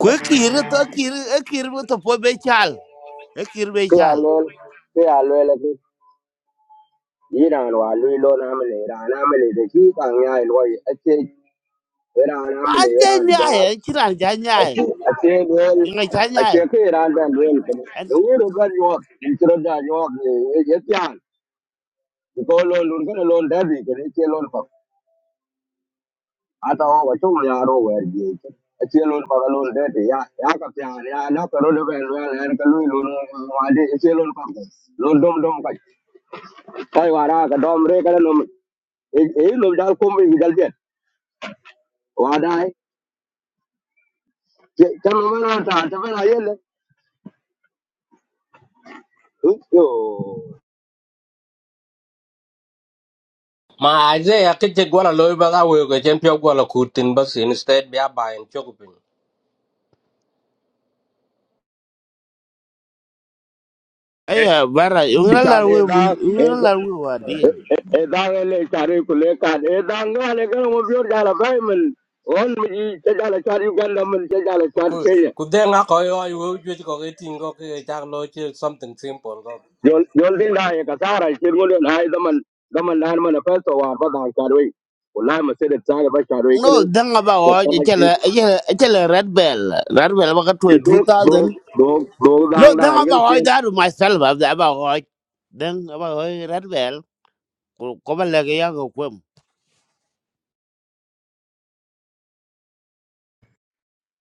[SPEAKER 8] kwe kir to kir e kir bo to po be chal e kir be
[SPEAKER 6] ke a
[SPEAKER 8] chal
[SPEAKER 6] lol ke a lol ke iran wa lu lo na me le ra na me le de ki kan ya lo ye a che ra na me
[SPEAKER 8] an
[SPEAKER 6] le
[SPEAKER 8] te
[SPEAKER 6] ra ni ja
[SPEAKER 8] nyae e kiran ja
[SPEAKER 6] a
[SPEAKER 8] nyae
[SPEAKER 6] che a che lol
[SPEAKER 8] inga cha
[SPEAKER 6] a
[SPEAKER 8] nyae
[SPEAKER 6] che ke e ran dan lol ke lu ro ga yo in tro da yo ye ye tian ko lo lu ko lo da bi ke che lo ata o ba chung ya ro wer ye che a che lo ba lo de te ya ya ka pya ya na ka ro de wer wer er ka lu lu ma de a che lo ka ko lo dom dom ka kai wa ra ka dom re ka no e e lo dal ko mi dal de wa dai che cha no ma na ta ta ba ye le yo
[SPEAKER 5] Ma Isaiah kiche gwala loy ba ga we ko chen pyo gwala kutin bas instead bia ba en chokupin.
[SPEAKER 8] aya bara inga la
[SPEAKER 6] cha
[SPEAKER 8] we
[SPEAKER 6] de
[SPEAKER 8] mun
[SPEAKER 6] da e
[SPEAKER 8] inga la we wa deal
[SPEAKER 6] e da le cha re ku le ka e da nga le ka mo bi or ja la ba men on mi che ja la cha uganda men che ja la
[SPEAKER 5] Ku
[SPEAKER 6] cha
[SPEAKER 5] ku de nga ko yo yo ju ko ke tin go ke cha lo che something simple go.
[SPEAKER 6] jol jol din da ya kasara kir ngol na ai zaman zaman na har mana fasa wa ba da karwai wallahi mu sai da tsare ba karwai
[SPEAKER 8] no
[SPEAKER 6] kin
[SPEAKER 8] danga ba
[SPEAKER 6] to
[SPEAKER 8] o je
[SPEAKER 6] kana ki
[SPEAKER 8] chele je chele red bell red bell ba ka to
[SPEAKER 6] ki do do
[SPEAKER 8] 2000
[SPEAKER 6] do do
[SPEAKER 8] no
[SPEAKER 6] da da har
[SPEAKER 8] danga ba
[SPEAKER 6] gel
[SPEAKER 8] o
[SPEAKER 6] kin
[SPEAKER 8] da ru myself ba ba o dang ba o red bell ko ko ba le ga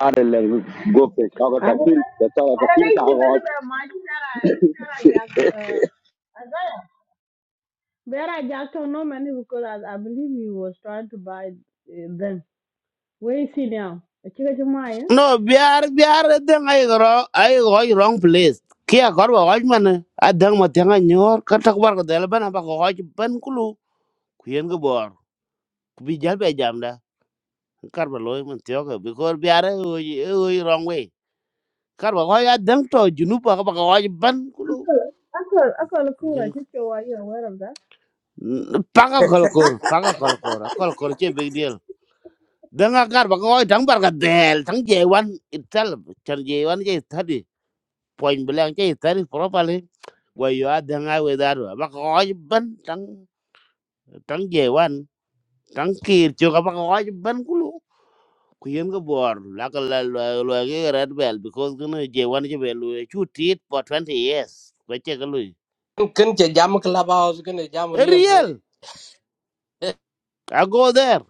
[SPEAKER 6] are le go pe ka ka
[SPEAKER 1] I
[SPEAKER 6] ta
[SPEAKER 1] don't
[SPEAKER 6] fil
[SPEAKER 1] know.
[SPEAKER 6] ta ta
[SPEAKER 1] I
[SPEAKER 6] ka
[SPEAKER 1] don't know
[SPEAKER 6] fil
[SPEAKER 1] if
[SPEAKER 6] ta
[SPEAKER 1] you
[SPEAKER 6] ga
[SPEAKER 1] better be much better. Jack. Uh, better Jack don't know many because I, I believe he was trying to buy uh, them. Where is he now? Chica Jumaya.
[SPEAKER 8] No, biar biar deng ai gro ai goi wrong place. Kia gor ba goj man a deng ma tenga nyor ka tak bar ko del ban ba ko goj ban kulu kuyen go bor. Ku bi jal be jam da. Kar ba loy man tiyo ko because biar e goi wrong way. Kar ba goj a deng to junu ba ba ko goj ban kulu.
[SPEAKER 1] Uncle, Uncle Kura,
[SPEAKER 8] Kuyen
[SPEAKER 1] Chicho, are you aware of that?
[SPEAKER 8] panga kol kor panga kol kor kol kor che big deal. Deng a kar ba ko goj tang bar ka del tang je wan itself chan je wan je point blank che tari properly wa yo adanga we daru ba ko ban tang tang je wan tang kir chưa có ba ko ban kulu luôn, khuyên ga bor là ka la lo cái red bell because cái gonna je wan về bel chu tit for 20 years ko che cái lu
[SPEAKER 5] Kin che jam club house kin che jam real se.
[SPEAKER 8] real i go there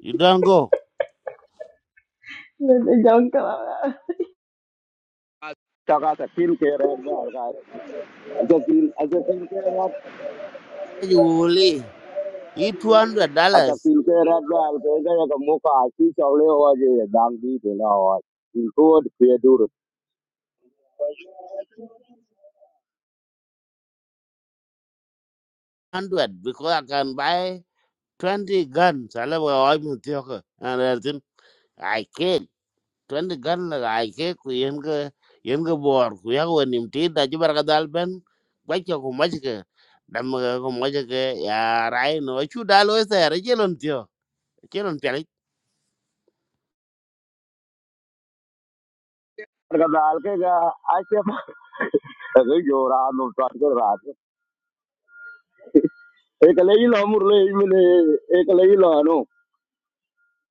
[SPEAKER 8] you don't go
[SPEAKER 1] Yes, I don't know.
[SPEAKER 6] ta ka ta fil ke re ga ga ta fil a ta fil ke re
[SPEAKER 8] you only eat 200
[SPEAKER 6] a ta
[SPEAKER 8] dollars
[SPEAKER 6] fil ke re ga al ke ga ka mu ka ashi chaule ho je dang di de na ho fil ko de pe dur
[SPEAKER 8] 100 because i can buy 20 guns i love all my theater and everything i can twende gan la ay ke ku yen ga yen ga bor ku ya ko nim ti da ji barka dal ben ba ke ku ma ke dam ga ku ma ke ya rai no chu da lo sa ra je lon tio ke lon pe ri
[SPEAKER 6] ka dal ke ga आशे जोरा ekale ilo murle imile ekale ilo no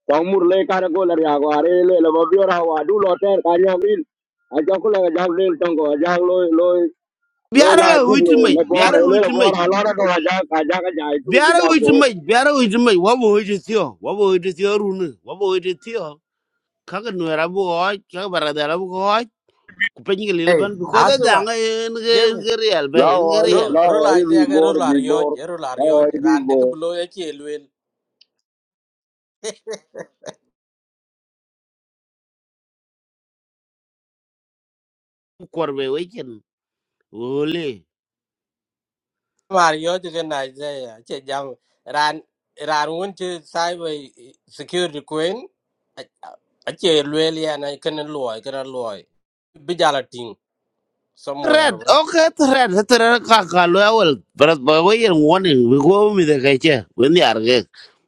[SPEAKER 6] tong murle kara gola ria go are le le mabio ra wa du lo ter ka ria bin a jo kula ga jang le tong go jang lo lo lo
[SPEAKER 8] biara
[SPEAKER 6] la
[SPEAKER 8] la hu ti
[SPEAKER 6] video
[SPEAKER 8] me
[SPEAKER 6] le bo
[SPEAKER 8] biara
[SPEAKER 6] re le
[SPEAKER 8] hu
[SPEAKER 6] le
[SPEAKER 8] ti
[SPEAKER 6] bo
[SPEAKER 8] me
[SPEAKER 6] ra lo ra go ja ka ja ka ja tu bi
[SPEAKER 8] biara
[SPEAKER 6] jam
[SPEAKER 8] hu
[SPEAKER 6] go
[SPEAKER 8] ti me biara hu ti me wa bo hu ti tio wa bo hu ti tio ru ne wa bo hu ti tio ka ga no ra bo ko ka ga barka dal bo ko ku pe ni ga le
[SPEAKER 5] Hey,
[SPEAKER 8] ban ko da
[SPEAKER 5] asu
[SPEAKER 8] da
[SPEAKER 5] ba.
[SPEAKER 8] ga en ga
[SPEAKER 5] Je
[SPEAKER 8] en ga real ba
[SPEAKER 6] la
[SPEAKER 8] en
[SPEAKER 6] o
[SPEAKER 8] ga
[SPEAKER 5] rol
[SPEAKER 8] real
[SPEAKER 6] la
[SPEAKER 5] rol
[SPEAKER 6] o bi
[SPEAKER 5] Isaiah ke
[SPEAKER 6] bor
[SPEAKER 5] rol
[SPEAKER 6] bi
[SPEAKER 5] ar yo
[SPEAKER 6] bor
[SPEAKER 5] rol ar
[SPEAKER 6] la
[SPEAKER 5] yo
[SPEAKER 6] o bi
[SPEAKER 5] ran de ke
[SPEAKER 6] bor
[SPEAKER 5] blo ye che lwel.
[SPEAKER 8] ku kor be we ken ole
[SPEAKER 5] Mario to can Isaiah. Che jam ran ran won to cyber security queen. A che really and I can alloy can alloy. Bijala ting
[SPEAKER 8] Red,
[SPEAKER 5] somewhere.
[SPEAKER 8] okay, red, red, kakalo awal. Berat bawa yang warning, bawa mi de kece, ini arge.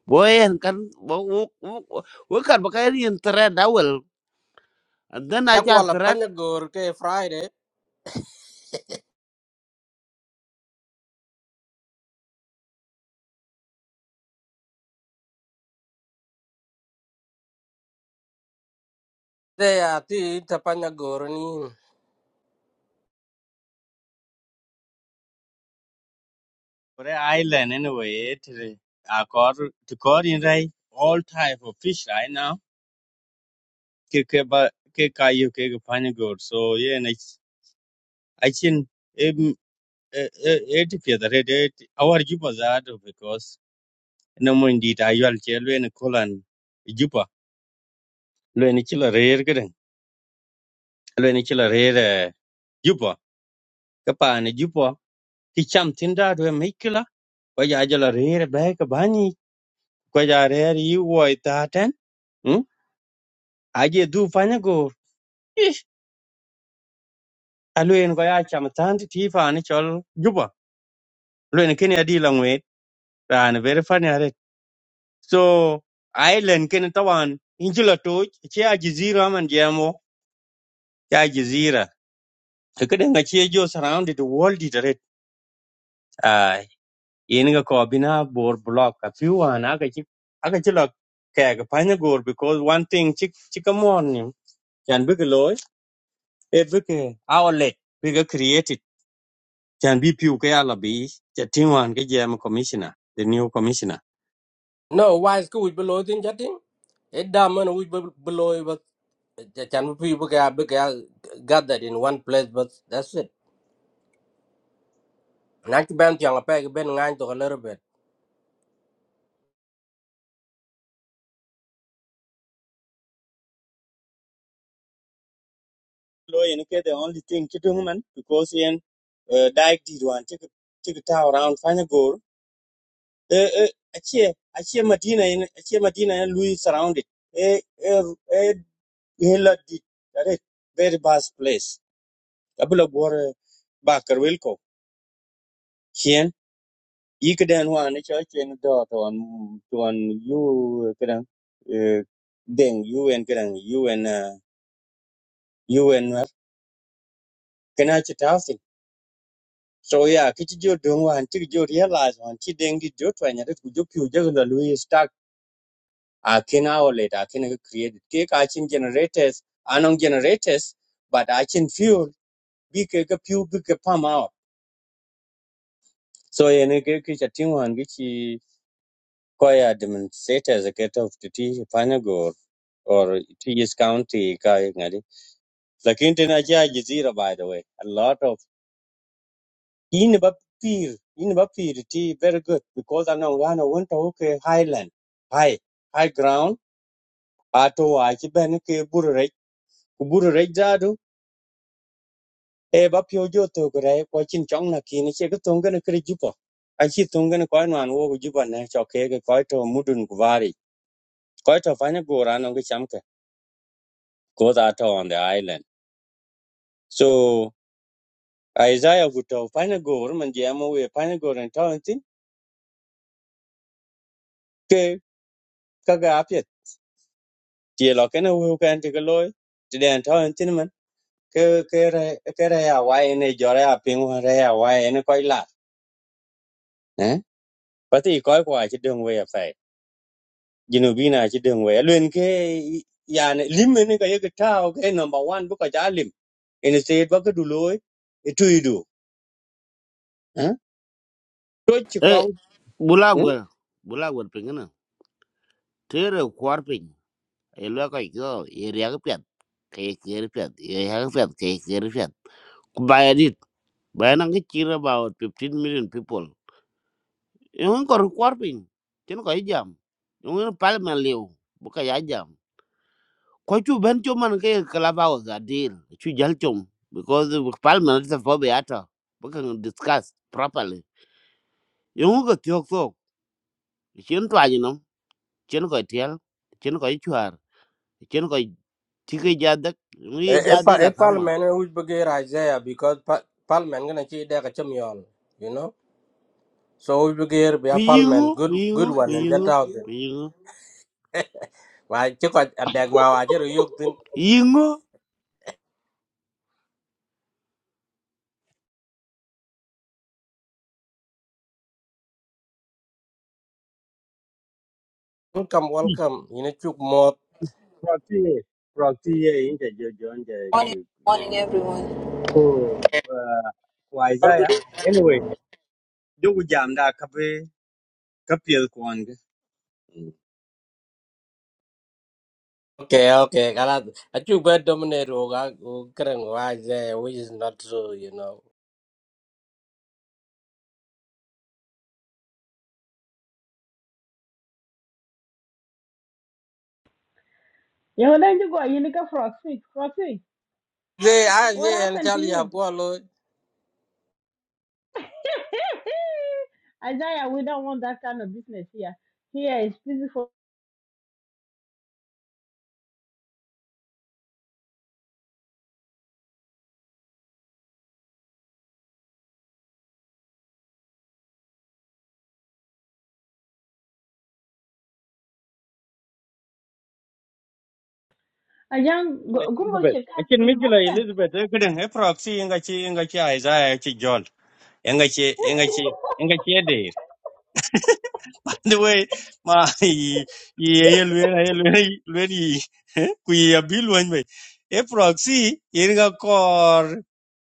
[SPEAKER 8] Bawa yang kan, bawa, bawa kan pakai ni yang red awal. And then aja
[SPEAKER 5] Jagwala
[SPEAKER 8] red,
[SPEAKER 5] Panyagur ke Friday. They are tea to Panyagur ni.
[SPEAKER 3] Kore island anyway it re- a kor to kor in rai all type of fish right now ke ke ba ke kayo ke ke pani god so yeah and i i chin em et pia da red it our juba that because no mo ndi ta yal che le ne kolan juba le ne chila rer gren le ne chila rer eh, juba ka pani juba ki cham tin da do me kila ko ja jala rer ba ka bani ko ja rer yi wo ta ten hm aje du pani god ih aluen ko ya cham tan ti fa ni chol juba le ne kini adi la And very funny, right? So island, can you tell me? In just a touch, it's a jazeera, man, jamo. It's a jazeera. Look at how much it was surrounded with walls, right? Ah, you know, Khabibna, Borbulaq, a few. Ah, now, aga, aga, chila, kaya, aga, panyagor, because one thing, chik, chikamorn, yung. Can you believe it? Eh, believe it. Our leg, we got created. Can you believe few kaya la bis? That's the team one. Can you jamo commissioner? The new commissioner.
[SPEAKER 5] No, why school below thing chatting? It diamond we below but can people gathered in one place but that's it. Nak bent yang apa ben ngan to a little bit.
[SPEAKER 3] lo yen the only thing ki dung man because yen uh, did one. wan ti ti ta around find a goal. e achie achie madina Medina, achie madina yen lui surrounded e e e hela did that is very bad place abula go bakar wilko kien ikden wan ni cho chen do to an to one. you kedan eh, deng you and kedan you and uh, you and uh, can I chat out. So yeah, kichi jo dong wan chi jo realize wan chi deng di jo twa nya ku jo pyu jo la lui stack a kena o le da kena create ke ka chin generators anong generators but I chin fuel bi ke ke pyu bi ke pam out. So yeah, ne ke kichi ting wan gi chi ko ya demonstrators ke to to ti fanya go or TS County ka ngadi. Lakini tena cha jizira by the way. A lot of in bapir in bapir ti very good because anong ano went to okay highland high high ground ato a ki ben ke burre ku burre jadu e bapio jo to gre ko chin chong na ki ni che ko tong gana kri jupo a chi tong gana ko nan wo gu jupa na cho ke ke ko to mudun ku vari ko to fanya go rano ge cham ke ko da to on the island so Isaiah guto fanya go man jamo we fanya go ran to tin ke kaga apia. chỉ lo cái nào hưu cái anh chỉ cái lối chỉ để anh thôi anh tin mình cái cái này cái này à vay này giờ này à pin hoa này à vay này coi lạt nè bắt thì coi qua chỉ đường về phải Genovina chỉ đường về luôn cái nhà này lim này cái cái tao cái number one bữa cái giá lim anh sẽ bắt cái đủ lối cái chui đủ hả tôi chỉ
[SPEAKER 8] eh,
[SPEAKER 3] con
[SPEAKER 8] bula
[SPEAKER 3] ừ?
[SPEAKER 8] gue, bula gue pengen. Tere kuar ping, elu aku itu, iri aku piat, kayak kiri piat, iri aku piat, kayak kiri piat. Bayar dit, bayar nang kecil about 15 million people. Yang kor kuar ping, jangan kau jam, yang paling meliu, bukan ya jam. ko chu ben cho man ke kalaba o za deal chu jal chom because the parliament is for be ata we can discuss properly yo ngu ko tyok so chen twa ni no chen ko tiel chen ko chuar chen ko tike jadak
[SPEAKER 5] e
[SPEAKER 8] ngi
[SPEAKER 5] e pa
[SPEAKER 8] jade
[SPEAKER 5] e
[SPEAKER 8] la kama
[SPEAKER 5] parliament we begir Isaiah because pa, parliament gonna chi de ka chamion you know so we begir be
[SPEAKER 8] ku
[SPEAKER 5] a parliament
[SPEAKER 8] yingu ku
[SPEAKER 5] good
[SPEAKER 8] yingu
[SPEAKER 5] good one
[SPEAKER 8] ku
[SPEAKER 5] and that
[SPEAKER 8] yingu
[SPEAKER 5] out there
[SPEAKER 8] ku yingu
[SPEAKER 5] why chi ko adeg ma wa chi yuk tin
[SPEAKER 8] yingu
[SPEAKER 5] welcome welcome you know chuk mo
[SPEAKER 3] Protie, protie inje jojo nje
[SPEAKER 9] Morning, morning, everyone.
[SPEAKER 3] ko
[SPEAKER 9] Or
[SPEAKER 3] waiza
[SPEAKER 9] good.
[SPEAKER 3] ya. Anyway, đâu có giảm jogo jam da kape kapiel kwan.
[SPEAKER 5] okay okay kala a chuk be dominate o ga kren wa Isaiah which is not true you know
[SPEAKER 1] You know, then you go. You need a frog. Frog.
[SPEAKER 5] they
[SPEAKER 1] What
[SPEAKER 5] Isaiah and
[SPEAKER 1] happened to
[SPEAKER 5] Charlie
[SPEAKER 1] you?
[SPEAKER 5] have go lo
[SPEAKER 1] Isaiah, we don't want that kind of business here. Here is peaceful. Ajahn, go go
[SPEAKER 3] Elizabeth.
[SPEAKER 1] check out
[SPEAKER 3] Akin
[SPEAKER 1] in the
[SPEAKER 3] Mikila
[SPEAKER 1] market.
[SPEAKER 3] Elizabeth, eh, kadang eh, proxy inga chi inga chi Isaiah chi John. Inga chi inga chi inga chi Edir. The way ma i i ye luen ye luen luen i ku i abi luen me. E proxy inga kor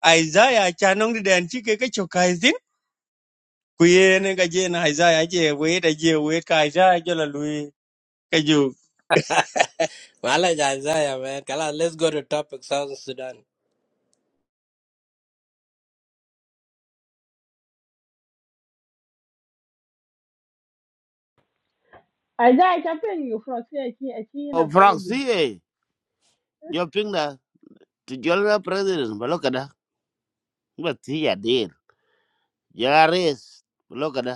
[SPEAKER 3] Isaiah chanong di den chi ke ke chokai zin. Ku ye ne ga je na Isaiah je we da je we ka Isaiah jola lui ka ju
[SPEAKER 5] wala Isaiah man kala let's go to topic South Sudan
[SPEAKER 1] Isaiah, chapin you from here, she she an
[SPEAKER 8] o
[SPEAKER 1] apology.
[SPEAKER 8] proxy e jo pinga ti jola president balokada ba ti ya dir ya res balokada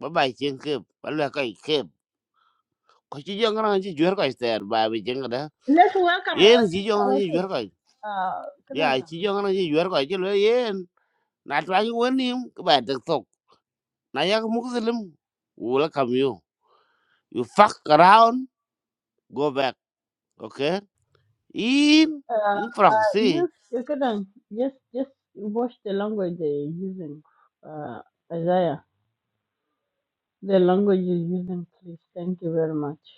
[SPEAKER 8] ba ba chen ke ba la kai ke có chỉ riêng cái ko ci jongana ci jwer ko ter ba cái, jeng da
[SPEAKER 1] Let's welcome
[SPEAKER 8] yen
[SPEAKER 1] our
[SPEAKER 8] ci
[SPEAKER 1] sister.
[SPEAKER 8] jongana
[SPEAKER 1] What's
[SPEAKER 8] ci
[SPEAKER 1] it?
[SPEAKER 8] jwer ko
[SPEAKER 1] Uh, kadang,
[SPEAKER 8] ya ci jongana ci jwer ko ci le yen na ta ni woni ko ba de tok na ya mu muslim wala kam yo you you fuck around go back okay in
[SPEAKER 1] uh,
[SPEAKER 8] in france
[SPEAKER 1] you, you kadang just just watch the language they're using. Uh, Isaiah, the language you're using, please. Thank you very much.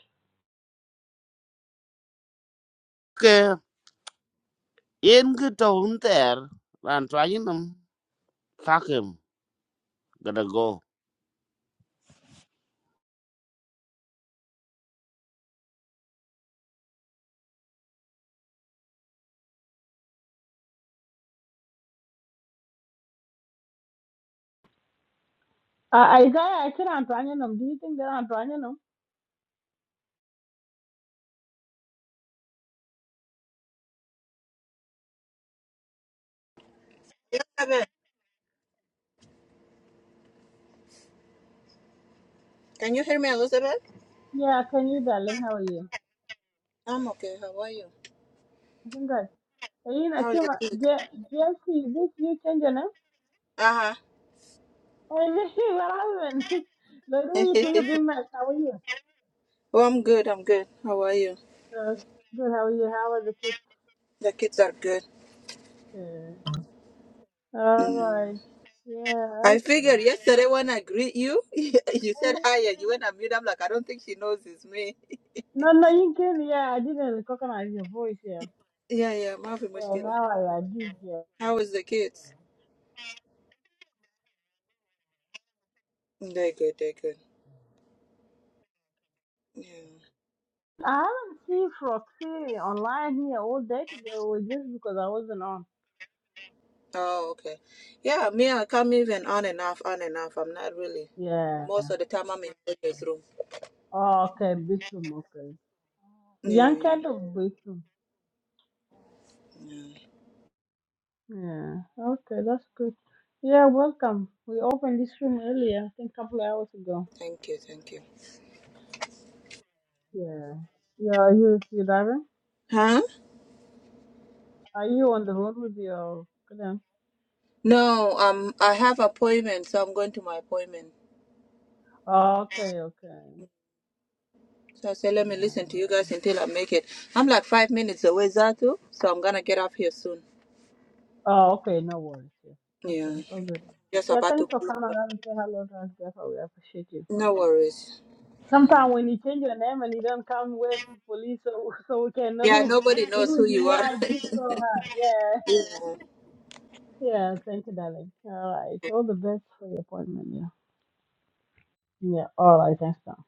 [SPEAKER 8] ke yên cái to un ter ran trai ni nam fuck him gotta go
[SPEAKER 1] Uh, Isaiah, I think I'm trying them. Do you think they're am
[SPEAKER 9] Elizabeth, can you hear me, Elizabeth?
[SPEAKER 1] Yeah, can you, darling? How are you?
[SPEAKER 9] I'm okay. How are you?
[SPEAKER 1] I think good. Hey, I
[SPEAKER 9] How is
[SPEAKER 1] came
[SPEAKER 9] the
[SPEAKER 1] up.
[SPEAKER 9] kids?
[SPEAKER 1] Jesse, this you change your name?
[SPEAKER 9] Uh
[SPEAKER 1] Hey, what happened? Like, what
[SPEAKER 9] huh.
[SPEAKER 1] do you think of being mad? How are you?
[SPEAKER 9] oh, I'm good. I'm good. How are you?
[SPEAKER 1] Uh, good, how are you? How are the kids?
[SPEAKER 9] The kids are good.
[SPEAKER 1] Uh, all
[SPEAKER 9] Mm.
[SPEAKER 1] right. Yeah,
[SPEAKER 9] I
[SPEAKER 1] okay.
[SPEAKER 9] figured yesterday when I greet you, you
[SPEAKER 1] Eh,
[SPEAKER 9] said hi and you went and mute. I'm like, I don't think she knows it's me.
[SPEAKER 1] No, no, you can. Yeah, I didn't recognize your voice here.
[SPEAKER 9] yeah, yeah. Mafi
[SPEAKER 1] Yeah,
[SPEAKER 9] Mushkila.
[SPEAKER 1] now I, I did, yeah.
[SPEAKER 9] How is the kids? They're good. They're good. Yeah.
[SPEAKER 1] I haven't seen Froxy online here all day today, or just because I wasn't on.
[SPEAKER 9] Oh, okay. Yeah, me, I come even on and off, on and off. I'm not really.
[SPEAKER 1] Yeah.
[SPEAKER 9] Most of the time, I'm in the room.
[SPEAKER 1] Oh, okay, bedroom, okay.
[SPEAKER 9] Yeah,
[SPEAKER 1] Young cat
[SPEAKER 9] yeah,
[SPEAKER 1] of bedroom,
[SPEAKER 9] yeah.
[SPEAKER 1] Yeah. Okay, that's good. Yeah, welcome. We opened this room earlier, I think a couple of hours ago.
[SPEAKER 9] Thank you, thank you.
[SPEAKER 1] Yeah. Yeah, are you you driving?
[SPEAKER 9] Huh?
[SPEAKER 1] Are you on the road with your client?
[SPEAKER 9] No, um, I have appointment, so I'm going to my appointment.
[SPEAKER 1] Oh, okay, okay.
[SPEAKER 9] So I said, let me listen to
[SPEAKER 1] Yeah.
[SPEAKER 9] you guys until I make it. I'm like five minutes away, Zatu, so I'm gonna get off here soon.
[SPEAKER 1] Oh, okay, no worries. Yeah. Okay,
[SPEAKER 9] Yeah,
[SPEAKER 1] all good.
[SPEAKER 9] just
[SPEAKER 1] Yeah,
[SPEAKER 9] about to.
[SPEAKER 1] thanks for
[SPEAKER 9] pull
[SPEAKER 1] coming
[SPEAKER 9] up.
[SPEAKER 1] around and say hello to us, Jeff. We appreciate you.
[SPEAKER 9] No worries. Mm.
[SPEAKER 1] Sometimes when you change your name and you don't come where to police so so we can know
[SPEAKER 9] Yeah,
[SPEAKER 1] who
[SPEAKER 9] nobody knows
[SPEAKER 1] who
[SPEAKER 9] who you
[SPEAKER 1] you
[SPEAKER 9] are.
[SPEAKER 1] are, it's so hard. Yeah.
[SPEAKER 9] Yeah.
[SPEAKER 1] Yeah, thank you, darling. All right. All the best for your appointment. Yeah. Yeah. All right. Thanks, now.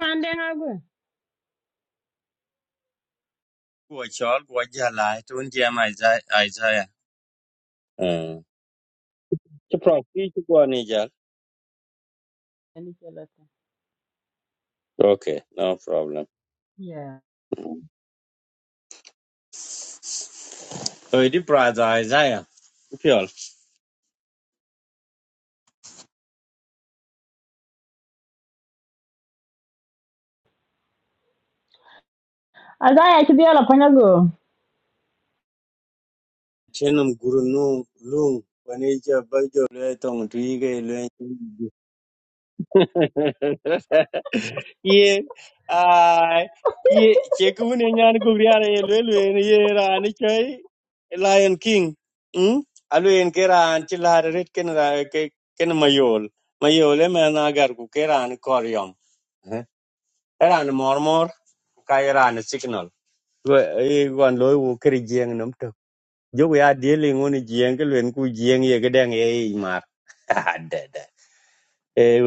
[SPEAKER 1] And then I'll go.
[SPEAKER 3] ku chol ku jala tun je ma Isaiah Isaiah. Mm. Chi proxy chi ko ni je.
[SPEAKER 1] And if you let me.
[SPEAKER 3] Okay, no problem.
[SPEAKER 1] Yeah.
[SPEAKER 3] So it is brother Isaiah. Sure.
[SPEAKER 1] As I actually all upon you go.
[SPEAKER 3] Chenum guru num lung panija bajo le tong tuige le yeah. Uh, yeah. Chekun enyan gugriara yelwelwe ye ran chai Lion King. Hmm. Alwen keran chilar red ken ra ke ken mayol. Mayol e man agar ku keran koryom. Eran mormor kairan signal. Vậy còn lối của cái riêng nó được. Dù cái đi liên ngôn riêng cái luyện của riêng gì cái đang ấy mà. À đẻ đẻ. Ê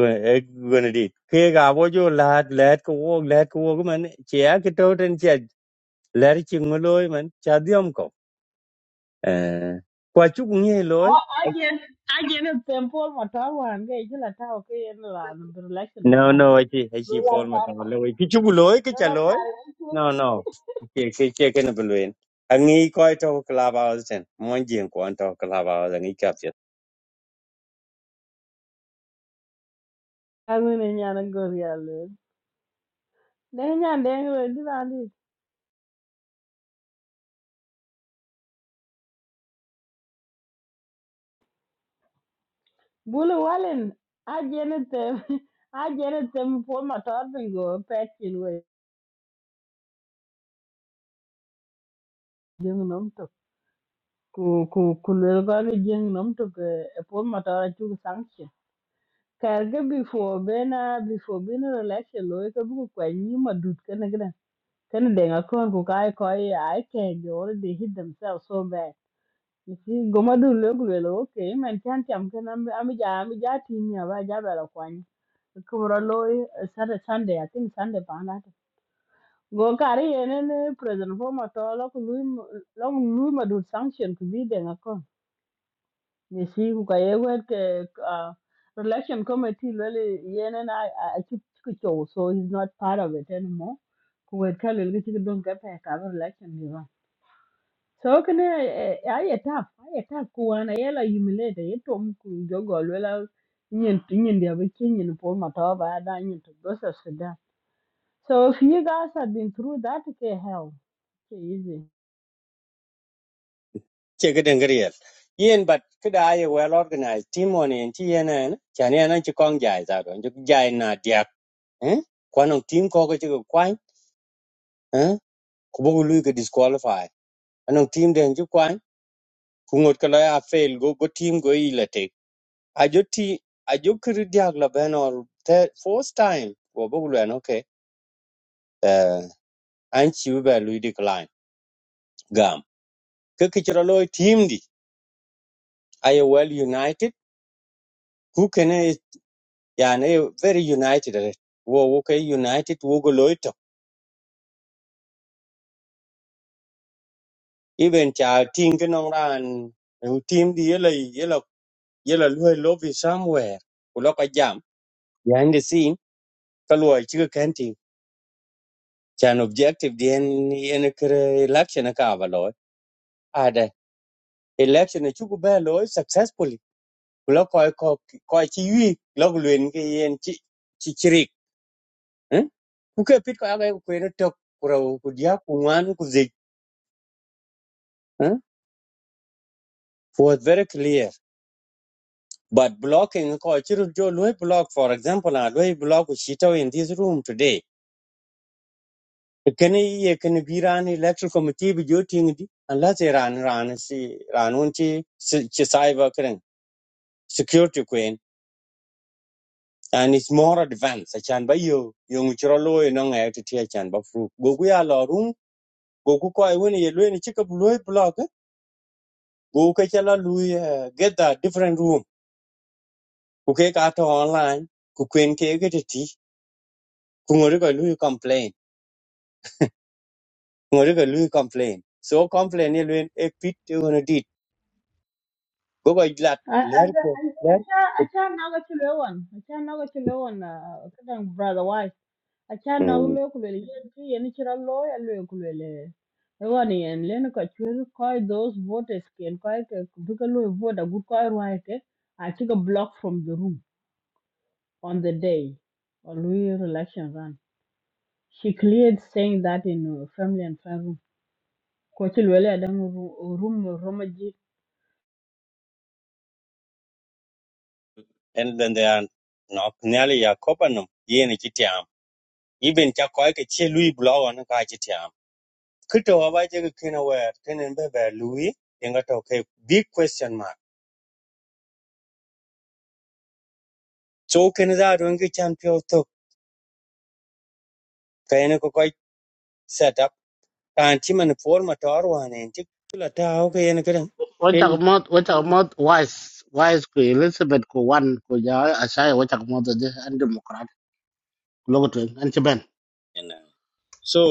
[SPEAKER 3] gần đi. Khi gặp vô chỗ lát lát cái vô lát cái vô cái mình chè cái trâu trên chè lát chừng mà lối mình chả đi ông cậu. À, Qua chúc nghe lối.
[SPEAKER 1] Oh, I get I get a temple motor one. Get you let out. Okay, and run. The election
[SPEAKER 3] No
[SPEAKER 1] run.
[SPEAKER 3] no chị hay chị phone mà thằng lối cái chút lối cái chả lối. No no. Cái cái cái cái nó bên luyện. Anh nghĩ coi trâu club hours trên. Mọi chuyện của anh trâu club hours anh nghĩ
[SPEAKER 1] Angu ne nyana gor ya lel. Ne nyan deng we di randi. Bulu walen. A jene tem. A jene tem pol motor bingo. Pechin know. ku ku ku le ga le jeng nom to ke e pon ma ta chu sanction kar ga before bena before bena election lo ke bu ko ni ma dut ke ne gra ken de ga kon ku kai ko ai ke they already hit themselves so bad you see go ma du le ku le lo ke man chan cham ke nam am ja am ja ti mi ba ja ba la kwani ku ro lo sare sunday i think sunday pa na go kari ene ne president fo ma to lo ku lu lo lu ma sanction ku bi de You see, ku ka ye wet ke uh, election committee really yen and I I took so he's not part of it anymore. Ku wet ka lel ki don ka pe ka election ni ba. So can I I a tough I a tough ku an I la humiliate ye tom ku jo go lela nyen nyen dia be kin nyen po ma ta ba da nyen to go sa So if you guys have been through that, okay, hell, okay, easy.
[SPEAKER 3] che ga den griel yen but could i well organized team on in tnn chan yan an chi kong jai za do ju jai na dia eh kwan on team ko ko chi ko kwan eh ku bu lu ga disqualify an on team den ju kwan ku ngot ka la fail go go team go i la te a ju ti a ju kri dia la ben or third fourth time go bu lu an okay eh an chi ba lu decline gam ke ki chro lo team di i well united yani eh, very united eh. wo wo ke united wo go loito even cha ting no ran eh, team di yela yela yela lo love is somewhere kulo ka jam behind the scene ka lo chi ka kanti chan objective di en en kre election ka ba lo ada election chu go ba lo successfully kulo ko ko ko e chi wi lo luen ke yen chi chi chirik eh ku ke pit ka ga ku ne tok ku ra ku dia ku ngan ku zik eh was very clear But blocking ko chiru jo lui block, for example, a lui block shito in this room today. Can ye can be ran electoral committee be jo ting di unless they ran ran si ran unchi si chi cyber kren security queen and it's more advanced. Achan ba yo yung chiro lui no ngay to tia chan ba fru. Go we are la room go ku ko when ye lui ni chika lui block eh, go ka chala lui eh, get the different room. Ku ke ka to online ku queen ke get ti ku ngori ko lui complain ngori ka lui complain so complain ye luen e pit te wono dit go go lat
[SPEAKER 1] I I
[SPEAKER 3] ler ko
[SPEAKER 1] I
[SPEAKER 3] ler ko
[SPEAKER 1] can can acha naga chilewan acha naga chilewan kadang brother wise acha naga
[SPEAKER 3] mm
[SPEAKER 1] le kulele yenti yeni chira lo ya le kulele ewani yen len ka chwer koi those voters ken koi ke bika vote a good koi rwa ke I took a block from the room on the day on Louis election run she cleared saying that in uh, family and friend room ko chilwele adang room room romaji
[SPEAKER 3] and then they are no nyali ya kopanum ye ne kitiam even cha ko ke che lui blow on ka kitiam kito wa ba je kina wa kenen be be lui inga to ke big question mark so ken za don ke champion to kayene ko ko set up kan ti man forma tor wa ne ti la ta o ke ne kan
[SPEAKER 10] Wachak mot, wachak mot wise, wise ku Elizabeth ku wan ku ja asai wachak mot aje an democrat. Logo tu an cheben.
[SPEAKER 3] so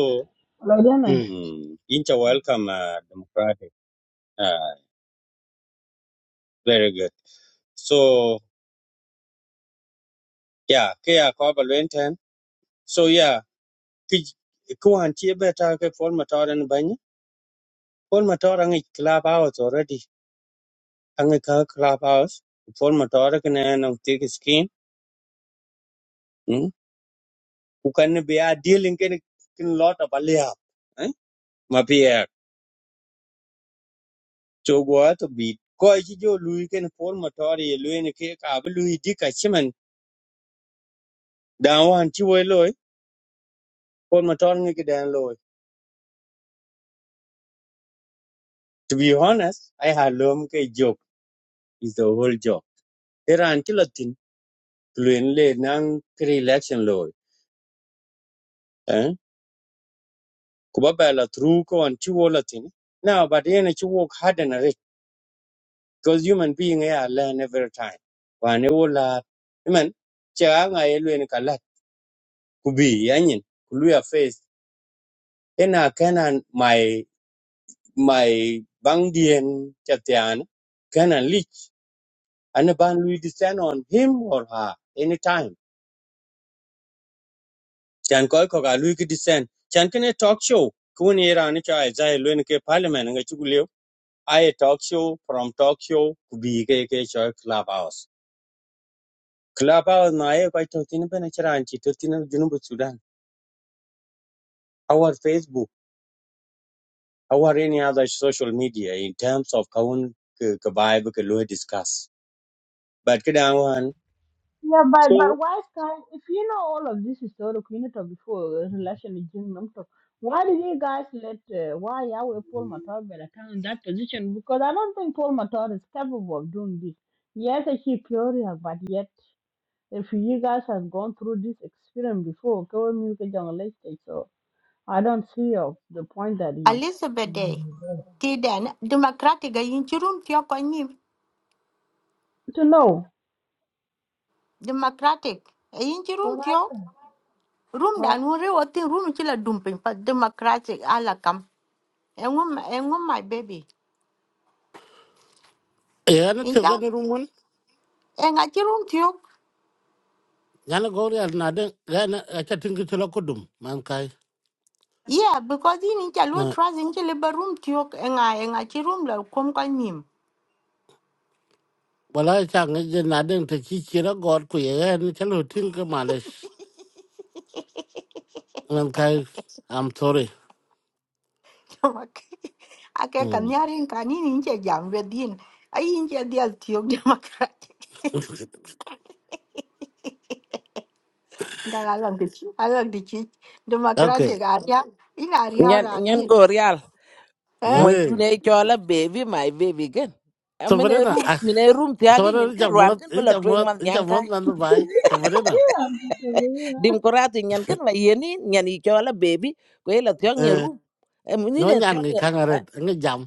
[SPEAKER 10] Hmm.
[SPEAKER 3] Mm. Inter welcome uh, democratic. Uh, very good. So yeah, kaya ko ba So yeah, ki ko han ti beta ke form matoran bany. Form matoran ngi club house already. Ang ka club house. Form matoran ne nang ti skin. Mm. Ku kan be a dealing ken ken lot of alia. Eh? Ma pia cho go to bi ko ji jo lui ken form matoran ye lui ne ke ka ba lui di ka chimen. Dan wan ti wo loy. Form matoran ngi ke dan loy. To be honest, I had lom ke joke is the whole job. Iran ki latin tuen le nang kri election law. Eh? Kuba ba la through ko an chi wo latin. Now, but yen chi work hard and rich because human being eh, learn every time. Wa ne wo la. Iman cha nga ye luen ka lat kubi yanyin kuluya face. Ena kanan my my bang dien chatian kanan lich and ban we descend on him or her anytime chan koy ko ga lui ki disen chan kene talk show kun era ni cha za luen ke parliament nga chu liu talk show from talk show ku bi ke ke cho clubhouse. Clubhouse na ye ko to tin ben chara an chi to sudan our facebook our any other social media in terms of kaun ke ke vibe ke lui discuss but ke dan wan
[SPEAKER 1] Yeah, but
[SPEAKER 3] so
[SPEAKER 1] but why Sky? If you know all of this historic unit of before uh, relation with Jim Namto, why did you guys let uh, why Yahweh Paul Matar Belatan in that position? Because I don't think Paul Matar is capable of doing this. Yes, a keep Peoria, but yet if you guys have gone through this experience before, go and make a journalist, so I don't see of the point that he
[SPEAKER 4] Elizabeth Day. Thì đến Democratic, ấy in chị room thiếu có
[SPEAKER 1] to know
[SPEAKER 4] Democratic. Ấy in chị
[SPEAKER 1] what happened.
[SPEAKER 4] Room
[SPEAKER 1] Uh,
[SPEAKER 4] dan wore wotin room chila dumping pa democratic ala kam. Engum engum my baby.
[SPEAKER 10] Ya na tiga
[SPEAKER 4] Incha
[SPEAKER 10] ni rumun.
[SPEAKER 4] enga chi room tiok.
[SPEAKER 10] Ya na gori al nadeng. Ya na acha tinggi tu laku dum. Man kai.
[SPEAKER 4] Yeah, because in incha lo trust incha liba room tiok enga enga chi room la kom ka nim.
[SPEAKER 10] Wala acha ngaji nadeng te chi kira gor ku ya ya ni chalo tinggi males. Man kai. I'm sorry.
[SPEAKER 4] Ake
[SPEAKER 10] Hmm.
[SPEAKER 4] kanyarin kanin incha jam wedin. Ai incha dial tiok democratic. Nga alang di chi alang di chi democratic
[SPEAKER 10] okay.
[SPEAKER 4] aria in aria
[SPEAKER 11] Nyan
[SPEAKER 4] ran
[SPEAKER 11] nyan
[SPEAKER 4] hi.
[SPEAKER 11] go real.
[SPEAKER 4] Eh?
[SPEAKER 11] Moin du
[SPEAKER 10] Hey.
[SPEAKER 11] ne chola baby my baby gen. Amene
[SPEAKER 10] Sabarina,
[SPEAKER 11] room
[SPEAKER 10] ah,
[SPEAKER 11] mine room tiagi
[SPEAKER 10] sabarina
[SPEAKER 11] nyen
[SPEAKER 10] ni
[SPEAKER 11] ke
[SPEAKER 10] jak
[SPEAKER 11] ruan
[SPEAKER 10] mot,
[SPEAKER 11] ken
[SPEAKER 10] ni
[SPEAKER 11] bela
[SPEAKER 10] jak
[SPEAKER 11] twing
[SPEAKER 10] mot,
[SPEAKER 11] man
[SPEAKER 10] ni jak
[SPEAKER 11] nyang
[SPEAKER 10] mot
[SPEAKER 11] kai.
[SPEAKER 10] nandu bai. Sabarina.
[SPEAKER 11] Dim koratu nyan ken la yeni nyan i chola baby ko ela tiang nyen room. Amini
[SPEAKER 10] no
[SPEAKER 11] de
[SPEAKER 10] nyan
[SPEAKER 11] tiang
[SPEAKER 10] ngi kangaret ngi jam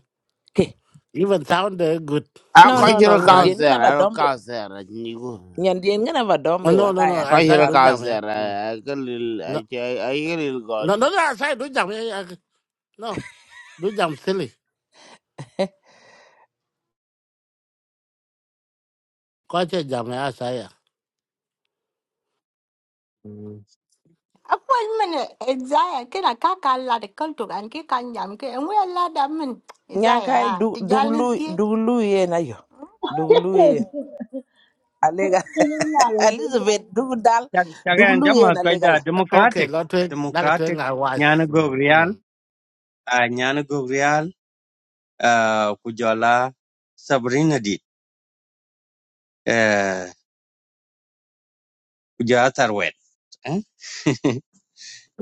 [SPEAKER 11] ke.
[SPEAKER 10] even sound uh, good
[SPEAKER 8] a
[SPEAKER 11] No
[SPEAKER 8] ko
[SPEAKER 11] no
[SPEAKER 8] ci
[SPEAKER 11] no
[SPEAKER 8] ro
[SPEAKER 11] nyan
[SPEAKER 8] ka
[SPEAKER 10] tonight
[SPEAKER 11] dien ngana
[SPEAKER 8] ter
[SPEAKER 11] ba
[SPEAKER 8] a ro
[SPEAKER 11] dombe.
[SPEAKER 8] ka ter ni go
[SPEAKER 11] Nyan dien ngana ba
[SPEAKER 10] oh,
[SPEAKER 11] dombe
[SPEAKER 10] no
[SPEAKER 11] wala
[SPEAKER 10] no no
[SPEAKER 11] ya
[SPEAKER 8] a ko
[SPEAKER 10] i
[SPEAKER 11] dim
[SPEAKER 8] ci
[SPEAKER 10] say
[SPEAKER 8] ro
[SPEAKER 10] do
[SPEAKER 11] koratu.
[SPEAKER 8] ka
[SPEAKER 10] jam ya
[SPEAKER 8] ter a
[SPEAKER 10] no
[SPEAKER 8] ko lil a
[SPEAKER 10] no
[SPEAKER 8] ko lil
[SPEAKER 10] no no no, i say do jam ya ya. no do jam silly ko che jam ya I say ya Mm.
[SPEAKER 4] Appointment min izaya kina kaka la de kaltu gan ki kan jam ki en we la da min
[SPEAKER 11] Nyang kai
[SPEAKER 4] izaya
[SPEAKER 11] du
[SPEAKER 4] ti
[SPEAKER 11] du
[SPEAKER 4] jalni
[SPEAKER 11] lu
[SPEAKER 4] ki
[SPEAKER 11] du lu ye na yo. Du lu ye. Alega Elizabeth du dal du
[SPEAKER 3] chaga an
[SPEAKER 11] lu
[SPEAKER 3] jama
[SPEAKER 11] ye
[SPEAKER 3] ka
[SPEAKER 11] na
[SPEAKER 3] da
[SPEAKER 10] okay
[SPEAKER 3] democratic
[SPEAKER 10] lo twe na twe
[SPEAKER 3] democratic
[SPEAKER 10] nga wise
[SPEAKER 3] nyana go
[SPEAKER 10] Mm, mm.
[SPEAKER 3] real a nyana uh, kujala Sabrina did uh, kuja tarwet eh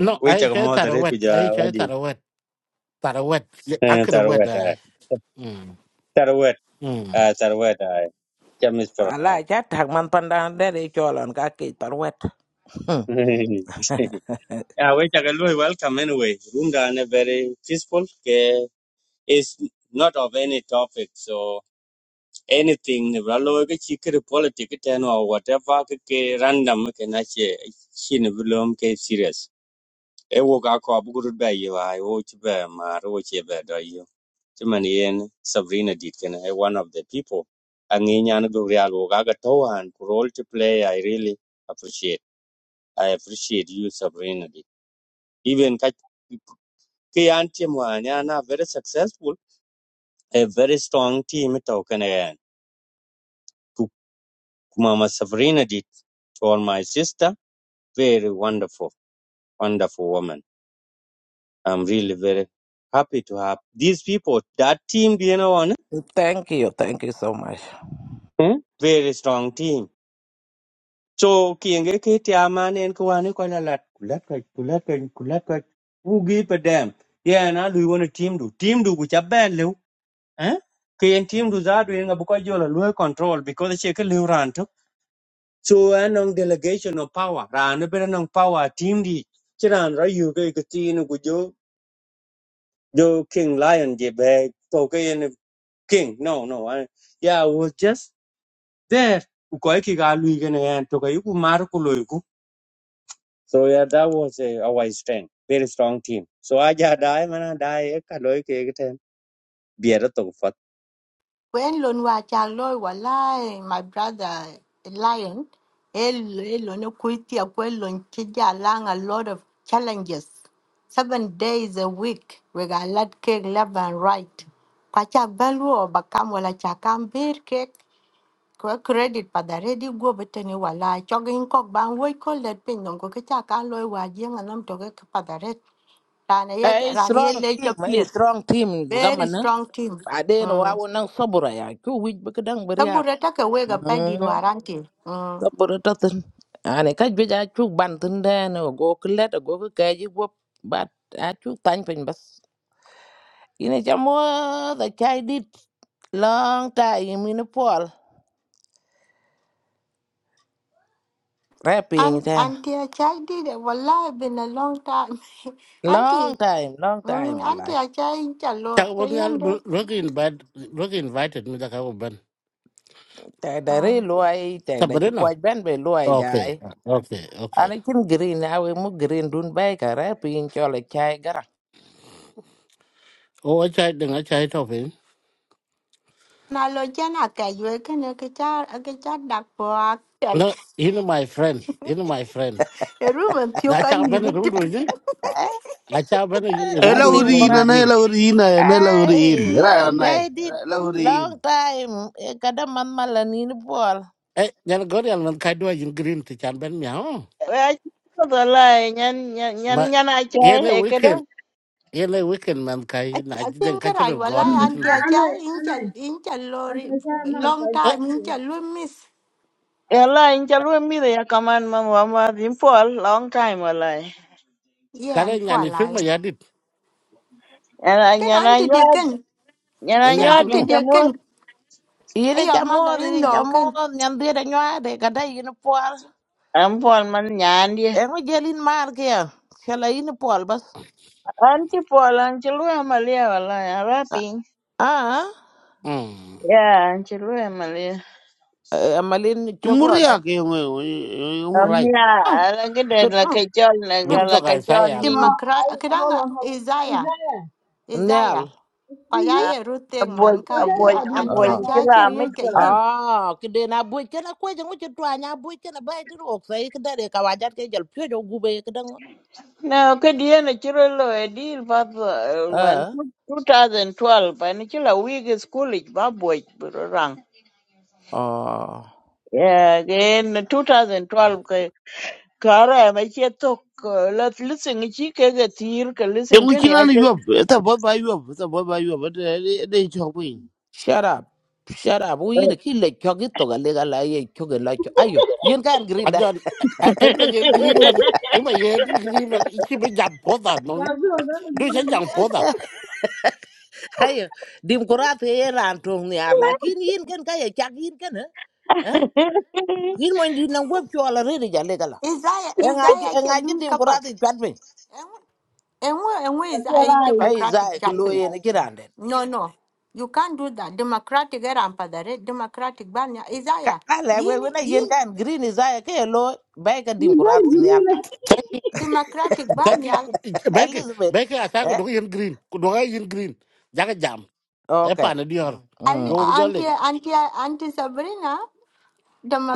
[SPEAKER 10] no
[SPEAKER 3] we
[SPEAKER 10] i
[SPEAKER 3] chak
[SPEAKER 10] che
[SPEAKER 3] mo
[SPEAKER 10] tar
[SPEAKER 3] tare
[SPEAKER 10] wet i
[SPEAKER 3] kuja
[SPEAKER 10] che
[SPEAKER 3] wadi
[SPEAKER 10] tar wet tar wet Ye-
[SPEAKER 3] eh,
[SPEAKER 10] akre wet
[SPEAKER 3] tarwet
[SPEAKER 10] ai
[SPEAKER 3] ai
[SPEAKER 10] mm
[SPEAKER 3] tarwet
[SPEAKER 10] mm
[SPEAKER 3] ah tarwet ai jam is for now
[SPEAKER 11] Ala cha tak man pandan dere cholon ka ki tarwet. Hmm.
[SPEAKER 3] ah we chak lu welcome anyway room da ne very peaceful ke is not of any topic so anything ne bralo ke chikre politic ten or whatever ke ke random ke na che chin blom ke serious e wo ga ko bu gud ba ye wa wo chi ba ma ro chi ba do yu ti man yen sabrina did. ken e one of the people angi nyan go real wo ga ga to han ku role to play i really appreciate i appreciate you sabrina dit even ka ki an team wa nya na very successful a very strong team to ken e ku ku mama sabrina did. for my sister very wonderful wonderful woman i'm really very happy to have these people that team you know
[SPEAKER 11] Thank you, thank you so much.
[SPEAKER 3] Hmm? Very strong team. So kienge ke tiaman en ko ane ko la lat kulat ko kulat ko kulat ko ugi pa dam. Yeah na lu wona team du team du ku chaben lu. Eh? Ke en team du za du en ngabu ko jola lu control because che ke lu ran to. So anong delegation of power. Ran be anong power team di. Chiran ra yu ke ke tin ku jo jo king lion je be to ke en king. No no. I, yeah, I was just there. Ku ko ki ga lu ke ne en to ke ku mar ku lu So yeah, that was uh, our strength, very strong team. So I just die, man, I die. I can look at it. Be a to fat.
[SPEAKER 4] when lon wa cha loy wallahi my brother lion el el no kuiti akwe lon ki jalang a lot of challenges seven days a week we got lot cake left and right kwacha belu obakam wala cha có credit pa da ready go beten wala cho gin kok ban wo ko let pin non ko cha ka lo wa jing anam to ke pa da red ran ye
[SPEAKER 11] A
[SPEAKER 4] ran ye
[SPEAKER 11] strong
[SPEAKER 4] le
[SPEAKER 11] team,
[SPEAKER 4] ka
[SPEAKER 11] a
[SPEAKER 4] pier
[SPEAKER 11] strong team
[SPEAKER 4] very
[SPEAKER 11] zaman.
[SPEAKER 4] strong team
[SPEAKER 11] Aden wa
[SPEAKER 4] mm
[SPEAKER 11] wonang sobura ya. Ku wij bekedang beria.
[SPEAKER 4] sabura ta ka we ga pa di
[SPEAKER 11] Hmm.
[SPEAKER 4] warante mm
[SPEAKER 11] Sobura tatin. Ane kaj beja chu bantin den go klet go ke kaji wop but a chu tan pin bas. Ine chamo the chai dit long time in Nepal.
[SPEAKER 4] an
[SPEAKER 11] Rapping then.
[SPEAKER 4] anti a chai di de wala been a long time anti
[SPEAKER 11] Long time, long
[SPEAKER 4] mm
[SPEAKER 11] time.
[SPEAKER 4] anti a chai in cha lor
[SPEAKER 10] ta
[SPEAKER 4] te
[SPEAKER 10] won ya
[SPEAKER 4] yende
[SPEAKER 10] look invited look invited me da ka ben
[SPEAKER 11] tɛg da rei
[SPEAKER 4] mm
[SPEAKER 11] luai tɛg da ci
[SPEAKER 10] sabrina
[SPEAKER 11] puac bɛn bɛ luai jai
[SPEAKER 10] okay okay okay
[SPEAKER 11] ani cin green awe mu green dun pin cho rɛ chai cɔl cai garaŋ
[SPEAKER 10] o chai dinga chai topin
[SPEAKER 4] na lo jana ka yue ke ne ke cha ke cha dak po ak tek
[SPEAKER 10] No, you know my friend, you know my friend.
[SPEAKER 4] e ru man thio
[SPEAKER 10] Na
[SPEAKER 4] ka
[SPEAKER 10] cha bana
[SPEAKER 4] ni
[SPEAKER 10] rundu ni, a cha bana rundu dwa
[SPEAKER 8] Elaurin,
[SPEAKER 11] ra
[SPEAKER 10] in
[SPEAKER 8] ana
[SPEAKER 11] thế
[SPEAKER 10] green.
[SPEAKER 8] elaurin, ana elaurin.
[SPEAKER 11] ai à,
[SPEAKER 8] Era
[SPEAKER 11] chai
[SPEAKER 8] anai,
[SPEAKER 11] đi
[SPEAKER 8] era elaurin.
[SPEAKER 11] long time kada man mala nini puɔl
[SPEAKER 10] Eh, nyal gori al man kai dwa in green ti chan ben miao.
[SPEAKER 12] Ay, wallahi nyan nyan nyan
[SPEAKER 10] Ma
[SPEAKER 12] nyan ay chay
[SPEAKER 10] yene
[SPEAKER 12] he kada.
[SPEAKER 10] weekend, yene weekend man kai
[SPEAKER 4] I,
[SPEAKER 10] na
[SPEAKER 4] I
[SPEAKER 10] den
[SPEAKER 4] think that I
[SPEAKER 10] kachiro god
[SPEAKER 4] wala
[SPEAKER 1] Mm-hmm.
[SPEAKER 4] anti
[SPEAKER 1] I,
[SPEAKER 10] kachiro.
[SPEAKER 1] I know,
[SPEAKER 4] aja
[SPEAKER 1] I
[SPEAKER 4] incha
[SPEAKER 1] know.
[SPEAKER 4] incha
[SPEAKER 1] I'm
[SPEAKER 4] lori
[SPEAKER 1] gonna try him out, so
[SPEAKER 4] long
[SPEAKER 1] I
[SPEAKER 10] Eh,
[SPEAKER 4] time
[SPEAKER 1] thank you.
[SPEAKER 4] incha lu miss
[SPEAKER 12] Yalla in chalu mi de ya kaman ma mà mà din pol long time wallahi.
[SPEAKER 4] yeah
[SPEAKER 10] kare
[SPEAKER 4] and poor
[SPEAKER 10] nyani tri ma
[SPEAKER 4] life.
[SPEAKER 10] yadit.
[SPEAKER 12] Yana
[SPEAKER 4] Can
[SPEAKER 12] nyana
[SPEAKER 4] auntie dear
[SPEAKER 12] nyad
[SPEAKER 4] can
[SPEAKER 12] nyana
[SPEAKER 4] can
[SPEAKER 10] Nyan to
[SPEAKER 12] nyad in
[SPEAKER 4] auntie
[SPEAKER 10] no.
[SPEAKER 4] dear
[SPEAKER 12] chamu
[SPEAKER 4] can
[SPEAKER 11] yini
[SPEAKER 4] Hey,
[SPEAKER 11] ca
[SPEAKER 4] your mother
[SPEAKER 11] moɔth
[SPEAKER 4] in
[SPEAKER 11] yini ca
[SPEAKER 4] law can
[SPEAKER 11] moɔth nyan dhiet anyuaade kada yini puɔl
[SPEAKER 12] am pol man nyan di.
[SPEAKER 11] eŋo jelin maar kia cala yini puɔl bas
[SPEAKER 12] An chi pol an chalu amalia wallahi ara ping.
[SPEAKER 11] aa
[SPEAKER 10] Hmm.
[SPEAKER 12] Ya an chalu
[SPEAKER 11] amalin cogone
[SPEAKER 8] Tumuria ke yung
[SPEAKER 12] là
[SPEAKER 8] yung
[SPEAKER 12] cái
[SPEAKER 8] right.
[SPEAKER 4] mm
[SPEAKER 12] ya là cái la
[SPEAKER 4] mm
[SPEAKER 12] kachol la
[SPEAKER 10] Bin
[SPEAKER 4] mm
[SPEAKER 12] la
[SPEAKER 10] to kai sai
[SPEAKER 12] kachol
[SPEAKER 10] ya
[SPEAKER 12] ni.
[SPEAKER 10] ko.
[SPEAKER 1] Uh,
[SPEAKER 4] democrat
[SPEAKER 1] I, hold
[SPEAKER 4] kadanga
[SPEAKER 1] on, hold on.
[SPEAKER 4] Isaiah
[SPEAKER 1] Isaiah,
[SPEAKER 11] nyal
[SPEAKER 4] Isaiah
[SPEAKER 1] it's you?
[SPEAKER 12] À,
[SPEAKER 4] kaya ruteng
[SPEAKER 12] buổi
[SPEAKER 4] man
[SPEAKER 1] So
[SPEAKER 4] ka
[SPEAKER 1] that
[SPEAKER 12] buổi
[SPEAKER 1] dog is
[SPEAKER 4] anti
[SPEAKER 12] buổi
[SPEAKER 1] on
[SPEAKER 12] chơi
[SPEAKER 4] aja
[SPEAKER 1] fire,
[SPEAKER 12] là mấy
[SPEAKER 1] so
[SPEAKER 4] cheri ka
[SPEAKER 12] chila là
[SPEAKER 4] yin
[SPEAKER 11] Ah, kide na buy kena kwe jangu chitwa nya buy kena bay tiru oksai kida de kawajat ke jal pyo jogu be kida ngo.
[SPEAKER 12] No, kadiya na chiro lo edil bath one
[SPEAKER 11] Eh?
[SPEAKER 12] two thousand twelve and chila wig school ich baboy rang.
[SPEAKER 11] Oh,
[SPEAKER 12] Yeah, again two thousand twelve ke kara ma chetok let listen e chi ke ke tir ke listen
[SPEAKER 8] Yung
[SPEAKER 12] ke ni
[SPEAKER 8] kina ni yob, ita ba ba yob, ita ba ba yob, ita ita ito ko yin.
[SPEAKER 11] shut up. Shut up. Uy yini ki le chogi toga lega la ye chogi la chogi. Ayo, yin kan grinda.
[SPEAKER 10] Ajon eh ma yen green man, eh ma yen green man, ichi be jam poda no.
[SPEAKER 1] yeah, so that was
[SPEAKER 10] Du sa jam
[SPEAKER 1] good.
[SPEAKER 10] poda.
[SPEAKER 11] Ayo, dim kurat ye ran tong ni arla. Kin yin kan kaya chak yin kan eh? Eh?
[SPEAKER 12] ache.
[SPEAKER 11] Yin mo indi nang web chwa la riri jal lega la.
[SPEAKER 4] Isaiah
[SPEAKER 11] Engaji,
[SPEAKER 4] Isaiah
[SPEAKER 11] engaji
[SPEAKER 4] cheri
[SPEAKER 11] dim
[SPEAKER 4] kapak
[SPEAKER 11] kurat ye kwat bin.
[SPEAKER 4] enwe enwe
[SPEAKER 1] But you're
[SPEAKER 4] Isaiah
[SPEAKER 1] right,
[SPEAKER 11] Ay,
[SPEAKER 4] democratic
[SPEAKER 11] zay, kilo
[SPEAKER 4] chatting
[SPEAKER 11] ye ni
[SPEAKER 1] you
[SPEAKER 11] kirande.
[SPEAKER 4] No, no. You can't do that. Democratic era ampadare, democratic banya.
[SPEAKER 11] Ka-
[SPEAKER 4] Isaiah,
[SPEAKER 11] na lɛk
[SPEAKER 4] yin
[SPEAKER 11] wek wen ayen
[SPEAKER 4] yin
[SPEAKER 11] kan green isaya ke ye lo bai ka
[SPEAKER 1] got
[SPEAKER 11] dimkurat nial
[SPEAKER 1] green.
[SPEAKER 4] democratic
[SPEAKER 10] thank you
[SPEAKER 4] banya
[SPEAKER 10] beke
[SPEAKER 11] elizabeth
[SPEAKER 10] beke asa ko
[SPEAKER 11] eh?
[SPEAKER 10] dog yen green ko dog yen green jaga jam e
[SPEAKER 11] okay
[SPEAKER 10] pa na dior
[SPEAKER 4] ali
[SPEAKER 11] mm.
[SPEAKER 10] jo bu jole
[SPEAKER 4] anti anti anti Sabrina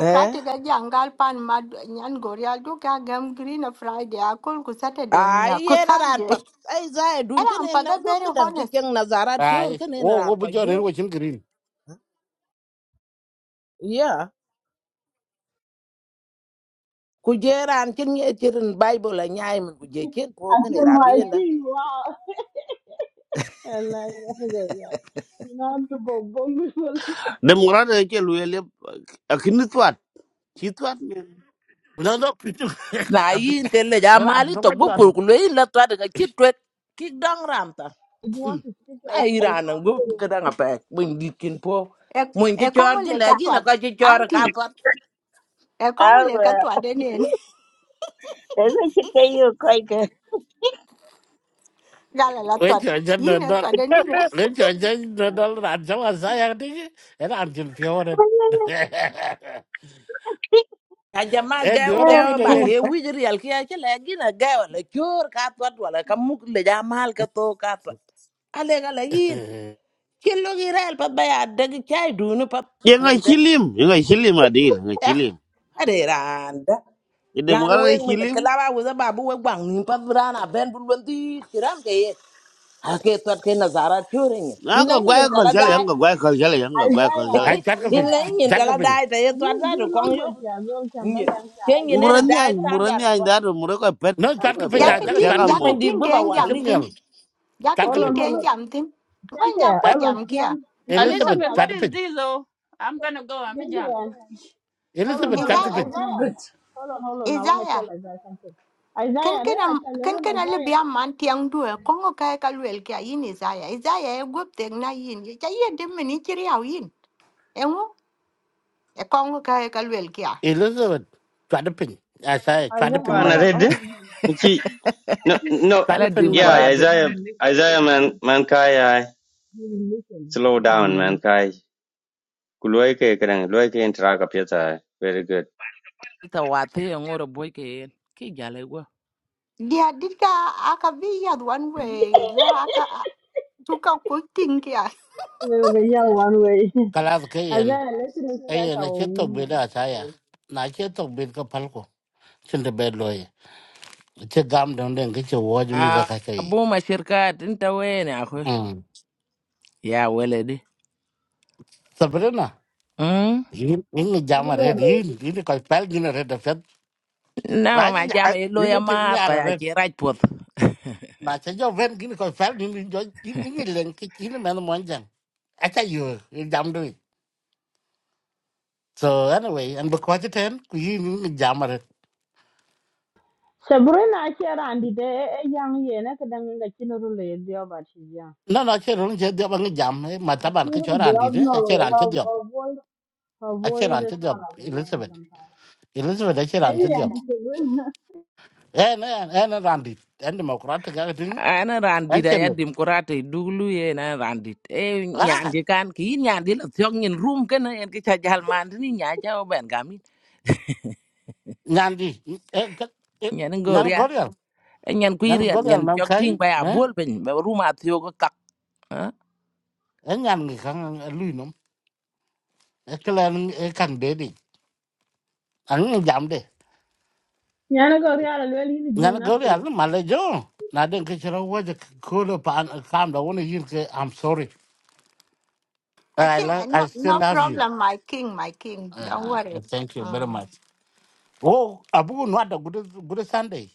[SPEAKER 11] eh?
[SPEAKER 4] aja angal pan mad nyan gorial do ka gam green a Friday akol ku Saturday ni
[SPEAKER 11] ai
[SPEAKER 4] ku
[SPEAKER 11] yen aran
[SPEAKER 4] Sunday.
[SPEAKER 11] pat ai zaya dun
[SPEAKER 4] Era
[SPEAKER 11] ken en nam
[SPEAKER 4] ampada
[SPEAKER 11] gop
[SPEAKER 4] very
[SPEAKER 11] kedan ke
[SPEAKER 4] honest.
[SPEAKER 11] ceng nazarat jor
[SPEAKER 10] ay
[SPEAKER 11] ken en
[SPEAKER 10] o go
[SPEAKER 11] aran ko
[SPEAKER 10] bu jore
[SPEAKER 11] jor
[SPEAKER 10] wo chen green
[SPEAKER 11] yeah ku je ran cin ye cirin bible a nyaay min ku je cin
[SPEAKER 1] I
[SPEAKER 11] po ken
[SPEAKER 1] feel
[SPEAKER 11] iran
[SPEAKER 1] my
[SPEAKER 11] bi
[SPEAKER 1] thing, wow. And like, I go, yeah. You know, I'm the bomb, bomb, bomb.
[SPEAKER 8] Demorada ke luele akinit wat, kitwat ne.
[SPEAKER 10] no no pitu
[SPEAKER 11] na yin ke le ja
[SPEAKER 10] ra
[SPEAKER 11] mali
[SPEAKER 10] do
[SPEAKER 11] to
[SPEAKER 10] ko
[SPEAKER 11] bu
[SPEAKER 10] jod
[SPEAKER 11] pur ku le la to daga ki to ki dang ram ta
[SPEAKER 1] If you
[SPEAKER 11] Mm.
[SPEAKER 1] want to speak,
[SPEAKER 11] na
[SPEAKER 1] I should be
[SPEAKER 11] iran ngu
[SPEAKER 1] fast.
[SPEAKER 11] ka dang pa mun dit kin po
[SPEAKER 4] E
[SPEAKER 11] mun ki
[SPEAKER 4] e
[SPEAKER 11] chor
[SPEAKER 4] kongo
[SPEAKER 11] di
[SPEAKER 4] le
[SPEAKER 11] le gi na
[SPEAKER 4] katwad.
[SPEAKER 11] ka ki chor ka
[SPEAKER 4] Anti
[SPEAKER 11] to
[SPEAKER 4] e kongo le
[SPEAKER 12] Awa,
[SPEAKER 4] katwad enen.
[SPEAKER 12] esa chica yo koi
[SPEAKER 4] Gala la
[SPEAKER 10] we
[SPEAKER 4] twad.
[SPEAKER 10] che jan no
[SPEAKER 4] Yin e
[SPEAKER 10] do
[SPEAKER 4] twad enen.
[SPEAKER 10] le che jan no do ra ja wa sa ya ti era an chen fiore
[SPEAKER 11] ka jama
[SPEAKER 10] e
[SPEAKER 11] ga
[SPEAKER 10] dior
[SPEAKER 11] ga
[SPEAKER 10] fu de
[SPEAKER 11] ba
[SPEAKER 10] ye
[SPEAKER 11] ke wi ri al ki ki le gi na ga le chor ka to wala ka mu le ja mal ka to ka to ale ga le yin ki lo gi rel pa ba ya daga chai du nu pa pin
[SPEAKER 8] Yung
[SPEAKER 11] nom
[SPEAKER 8] ay
[SPEAKER 11] de
[SPEAKER 8] kilim, yung ay kilim adil, yung ay
[SPEAKER 11] eh
[SPEAKER 8] kilim.
[SPEAKER 11] ade ran đi ăn
[SPEAKER 8] Demorada ay
[SPEAKER 11] uống mình kết
[SPEAKER 8] kilim.
[SPEAKER 11] làm với bà bố với bang niệm thật là na bên buồn buồn đi thì làm cái cái thuật cái nazar cho rồi nhỉ
[SPEAKER 8] Na
[SPEAKER 11] in
[SPEAKER 8] ka
[SPEAKER 11] này nhìn
[SPEAKER 8] gwaya
[SPEAKER 11] tao
[SPEAKER 8] kal jale, yung
[SPEAKER 11] đã
[SPEAKER 8] ka gwaya kal jale, yung ka gwaya kal
[SPEAKER 1] Isaiah,
[SPEAKER 10] ay
[SPEAKER 8] jale.
[SPEAKER 10] chat ka pin
[SPEAKER 11] in
[SPEAKER 1] Isaiah,
[SPEAKER 11] này nhìn
[SPEAKER 10] chat ka
[SPEAKER 11] tao
[SPEAKER 10] pin
[SPEAKER 11] đã tại thuật
[SPEAKER 1] use
[SPEAKER 11] ra được
[SPEAKER 1] good
[SPEAKER 11] con nhóc
[SPEAKER 1] language, yeah, well,
[SPEAKER 11] nhỉ
[SPEAKER 1] Chamberlain,
[SPEAKER 11] cái nhìn này nó
[SPEAKER 1] Isaiah.
[SPEAKER 8] Murani
[SPEAKER 11] đã
[SPEAKER 8] ay,
[SPEAKER 11] được anh
[SPEAKER 8] murani
[SPEAKER 11] đã
[SPEAKER 8] ay
[SPEAKER 11] thuật
[SPEAKER 8] daro, murako pet,
[SPEAKER 10] no chat
[SPEAKER 8] ko
[SPEAKER 11] không
[SPEAKER 10] ka pin ja
[SPEAKER 8] pet,
[SPEAKER 11] chả
[SPEAKER 10] jaga
[SPEAKER 4] Jakatin
[SPEAKER 1] Excuse
[SPEAKER 10] chat
[SPEAKER 8] tiaka
[SPEAKER 1] me.
[SPEAKER 10] pin
[SPEAKER 11] mình
[SPEAKER 8] mo.
[SPEAKER 11] đi
[SPEAKER 4] jakatin
[SPEAKER 11] bộ
[SPEAKER 4] den
[SPEAKER 10] a
[SPEAKER 11] vào
[SPEAKER 10] chim
[SPEAKER 11] đi
[SPEAKER 10] nyal
[SPEAKER 4] jam Dạ
[SPEAKER 10] chat
[SPEAKER 4] cái
[SPEAKER 10] ka
[SPEAKER 1] Hold
[SPEAKER 4] Jacketing
[SPEAKER 1] on,
[SPEAKER 10] pin
[SPEAKER 1] hold
[SPEAKER 4] ten
[SPEAKER 1] on.
[SPEAKER 4] giảm tin. Ngon
[SPEAKER 1] Chante,
[SPEAKER 4] ja ko
[SPEAKER 1] hold on,
[SPEAKER 4] jam kia.
[SPEAKER 1] Nyan, Nyan, go to
[SPEAKER 10] elizabeth
[SPEAKER 7] Elizabeth,
[SPEAKER 10] chat
[SPEAKER 7] what is
[SPEAKER 10] pin
[SPEAKER 7] this? Oh, I'm gonna go. I'm a
[SPEAKER 1] Chante,
[SPEAKER 7] jal.
[SPEAKER 1] hold on,
[SPEAKER 7] This
[SPEAKER 10] elizabeth
[SPEAKER 1] hold on,
[SPEAKER 7] language
[SPEAKER 4] Isaiah,
[SPEAKER 10] chat
[SPEAKER 7] is not
[SPEAKER 1] Isaiah.
[SPEAKER 7] good.
[SPEAKER 1] Hold on, hold on, I want to
[SPEAKER 4] Isaiah.
[SPEAKER 1] tell Isaiah something.
[SPEAKER 4] Ken
[SPEAKER 1] Isaiah,
[SPEAKER 4] ken
[SPEAKER 1] eh? I
[SPEAKER 4] am
[SPEAKER 1] tell
[SPEAKER 4] ken
[SPEAKER 1] you,
[SPEAKER 4] ken ale bia
[SPEAKER 1] Isaiah.
[SPEAKER 4] man tiang du e kongo ka ka luel kia yin Isaiah. Isaiah e gup tek na yin. Ja ye de meni chiri au yin. Engo e kongo ka ka luel kia.
[SPEAKER 10] Elizabeth, chwada piny. Asaya, chwada
[SPEAKER 1] Isaiah,
[SPEAKER 10] piny
[SPEAKER 3] Ban
[SPEAKER 1] hold
[SPEAKER 10] man.
[SPEAKER 1] on,
[SPEAKER 3] red.
[SPEAKER 1] hold on, hold on.
[SPEAKER 3] Iki
[SPEAKER 1] I
[SPEAKER 3] no
[SPEAKER 1] keep,
[SPEAKER 3] no.
[SPEAKER 1] I
[SPEAKER 10] Chwada
[SPEAKER 11] là
[SPEAKER 10] piny
[SPEAKER 11] đêm
[SPEAKER 1] keep
[SPEAKER 11] cờ
[SPEAKER 3] Yeah,
[SPEAKER 10] man.
[SPEAKER 1] trying to
[SPEAKER 11] đó
[SPEAKER 3] Isaiah
[SPEAKER 1] you will
[SPEAKER 3] Isaiah man man kai I
[SPEAKER 1] you will listen.
[SPEAKER 3] slow down man
[SPEAKER 1] Hmm.
[SPEAKER 3] kai. Kuloi ke kerang, loi ke interact apyata. Very good.
[SPEAKER 11] tao qua thấy anh ngồi rồi bố cái cái gì là của
[SPEAKER 4] Dia dika akabi yad one way la aka tuka ko ting kia.
[SPEAKER 1] They will be yell one way.
[SPEAKER 10] Kalas ka yen.
[SPEAKER 1] Isaiah, let's respect
[SPEAKER 10] Ayen,
[SPEAKER 1] our
[SPEAKER 10] ache tok beda
[SPEAKER 1] women.
[SPEAKER 10] asaya. Na ache tok beda ka palko. Chinda bed loye. Ache gam down den kiche waj miza
[SPEAKER 11] à
[SPEAKER 10] kaka yi.
[SPEAKER 11] bố mà chia cắt nên tao vậy nha con
[SPEAKER 10] Mm.
[SPEAKER 11] yeah well đi
[SPEAKER 10] Sabrina,
[SPEAKER 11] em
[SPEAKER 10] yin yin jama red, yin yin koi pel gina red da fet.
[SPEAKER 11] làm
[SPEAKER 10] Raja
[SPEAKER 11] mà
[SPEAKER 10] ja,
[SPEAKER 11] chỉ lo
[SPEAKER 10] yin
[SPEAKER 11] em
[SPEAKER 10] ting
[SPEAKER 11] mát coi
[SPEAKER 10] nyara red.
[SPEAKER 11] cái right foot
[SPEAKER 10] Na cha jo ven gina koi pel yin jo yin yin len kich yin man monjang. Acha yu, yin jam doi. So anyway, and because it end, yin yin jama
[SPEAKER 1] Sabrina, I care, Andy, eh, young, yeah, and I can, I can, I can,
[SPEAKER 10] nó No, no, achiel orang che diop ang jam mataban
[SPEAKER 1] You
[SPEAKER 10] ke
[SPEAKER 1] Beautiful
[SPEAKER 10] choran di
[SPEAKER 1] girls
[SPEAKER 10] ne achiel
[SPEAKER 1] know
[SPEAKER 10] ran che
[SPEAKER 1] her,
[SPEAKER 10] diop
[SPEAKER 1] her voice. Her
[SPEAKER 10] achiel
[SPEAKER 1] voice
[SPEAKER 10] ran
[SPEAKER 1] is
[SPEAKER 10] che diop
[SPEAKER 1] sound like a man
[SPEAKER 10] Elizabeth
[SPEAKER 1] sometimes.
[SPEAKER 10] Elizabeth achiel ran che
[SPEAKER 1] Hey, and
[SPEAKER 10] diop
[SPEAKER 1] this is good.
[SPEAKER 10] en en en ran di en demokrat ga ga ting
[SPEAKER 11] ana randit
[SPEAKER 10] en che
[SPEAKER 11] aya
[SPEAKER 10] met
[SPEAKER 11] democrate dulu ye na randit e
[SPEAKER 10] ah
[SPEAKER 11] nyandi kan ki nyandi la thok nyin rum ken en ki cha jal man ni nya ja o ben gami
[SPEAKER 10] nyan di
[SPEAKER 11] nyen
[SPEAKER 10] nyan
[SPEAKER 11] ngoria
[SPEAKER 10] gorial
[SPEAKER 11] nyen ku
[SPEAKER 10] nyan
[SPEAKER 11] iriel
[SPEAKER 10] gorial
[SPEAKER 11] nyen
[SPEAKER 10] nam
[SPEAKER 11] chok ting
[SPEAKER 10] kai
[SPEAKER 11] ba
[SPEAKER 10] eh
[SPEAKER 11] abol ben ba rum a thio ko kak ha
[SPEAKER 10] en nyan ngi kan lui nom e klan e kan de di ang jam de
[SPEAKER 1] Yana go real al well in the
[SPEAKER 10] nyan gorial
[SPEAKER 1] nasally.
[SPEAKER 10] ma le jo na cái ke chero wo de cô lo pa kam da woni hir cái i'm sorry i
[SPEAKER 4] Achin
[SPEAKER 10] love, i
[SPEAKER 4] no
[SPEAKER 10] still
[SPEAKER 4] no
[SPEAKER 10] love you
[SPEAKER 4] problem my king my king. Don't
[SPEAKER 10] Yeah,
[SPEAKER 4] worry.
[SPEAKER 10] and thank you very
[SPEAKER 4] Um.
[SPEAKER 10] much. Oh, abu nuada good good Sunday.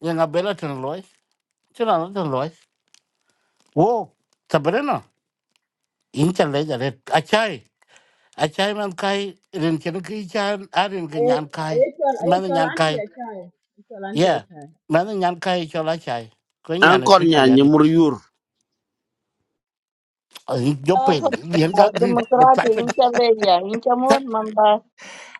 [SPEAKER 10] Yang abela ten loy, chuna no ten loy. Oh, sabrena. Incha leja red. Achai, achai man kai rin chen ki chan arin ki
[SPEAKER 1] I
[SPEAKER 10] nyan
[SPEAKER 1] I
[SPEAKER 10] kai.
[SPEAKER 1] tell I
[SPEAKER 10] Man
[SPEAKER 1] tell
[SPEAKER 10] nyan
[SPEAKER 1] auntie
[SPEAKER 10] kai.
[SPEAKER 1] a child. I tell auntie a
[SPEAKER 10] Yeah,
[SPEAKER 1] child.
[SPEAKER 10] man nyan kai chola chai. Ko nyan
[SPEAKER 8] Angkor
[SPEAKER 10] tu ma
[SPEAKER 8] nya ni
[SPEAKER 10] yadi.
[SPEAKER 8] mur yur.
[SPEAKER 10] Jopel yen ga green but
[SPEAKER 12] demokrati
[SPEAKER 10] chat pin.
[SPEAKER 12] incha leya incha mot mamba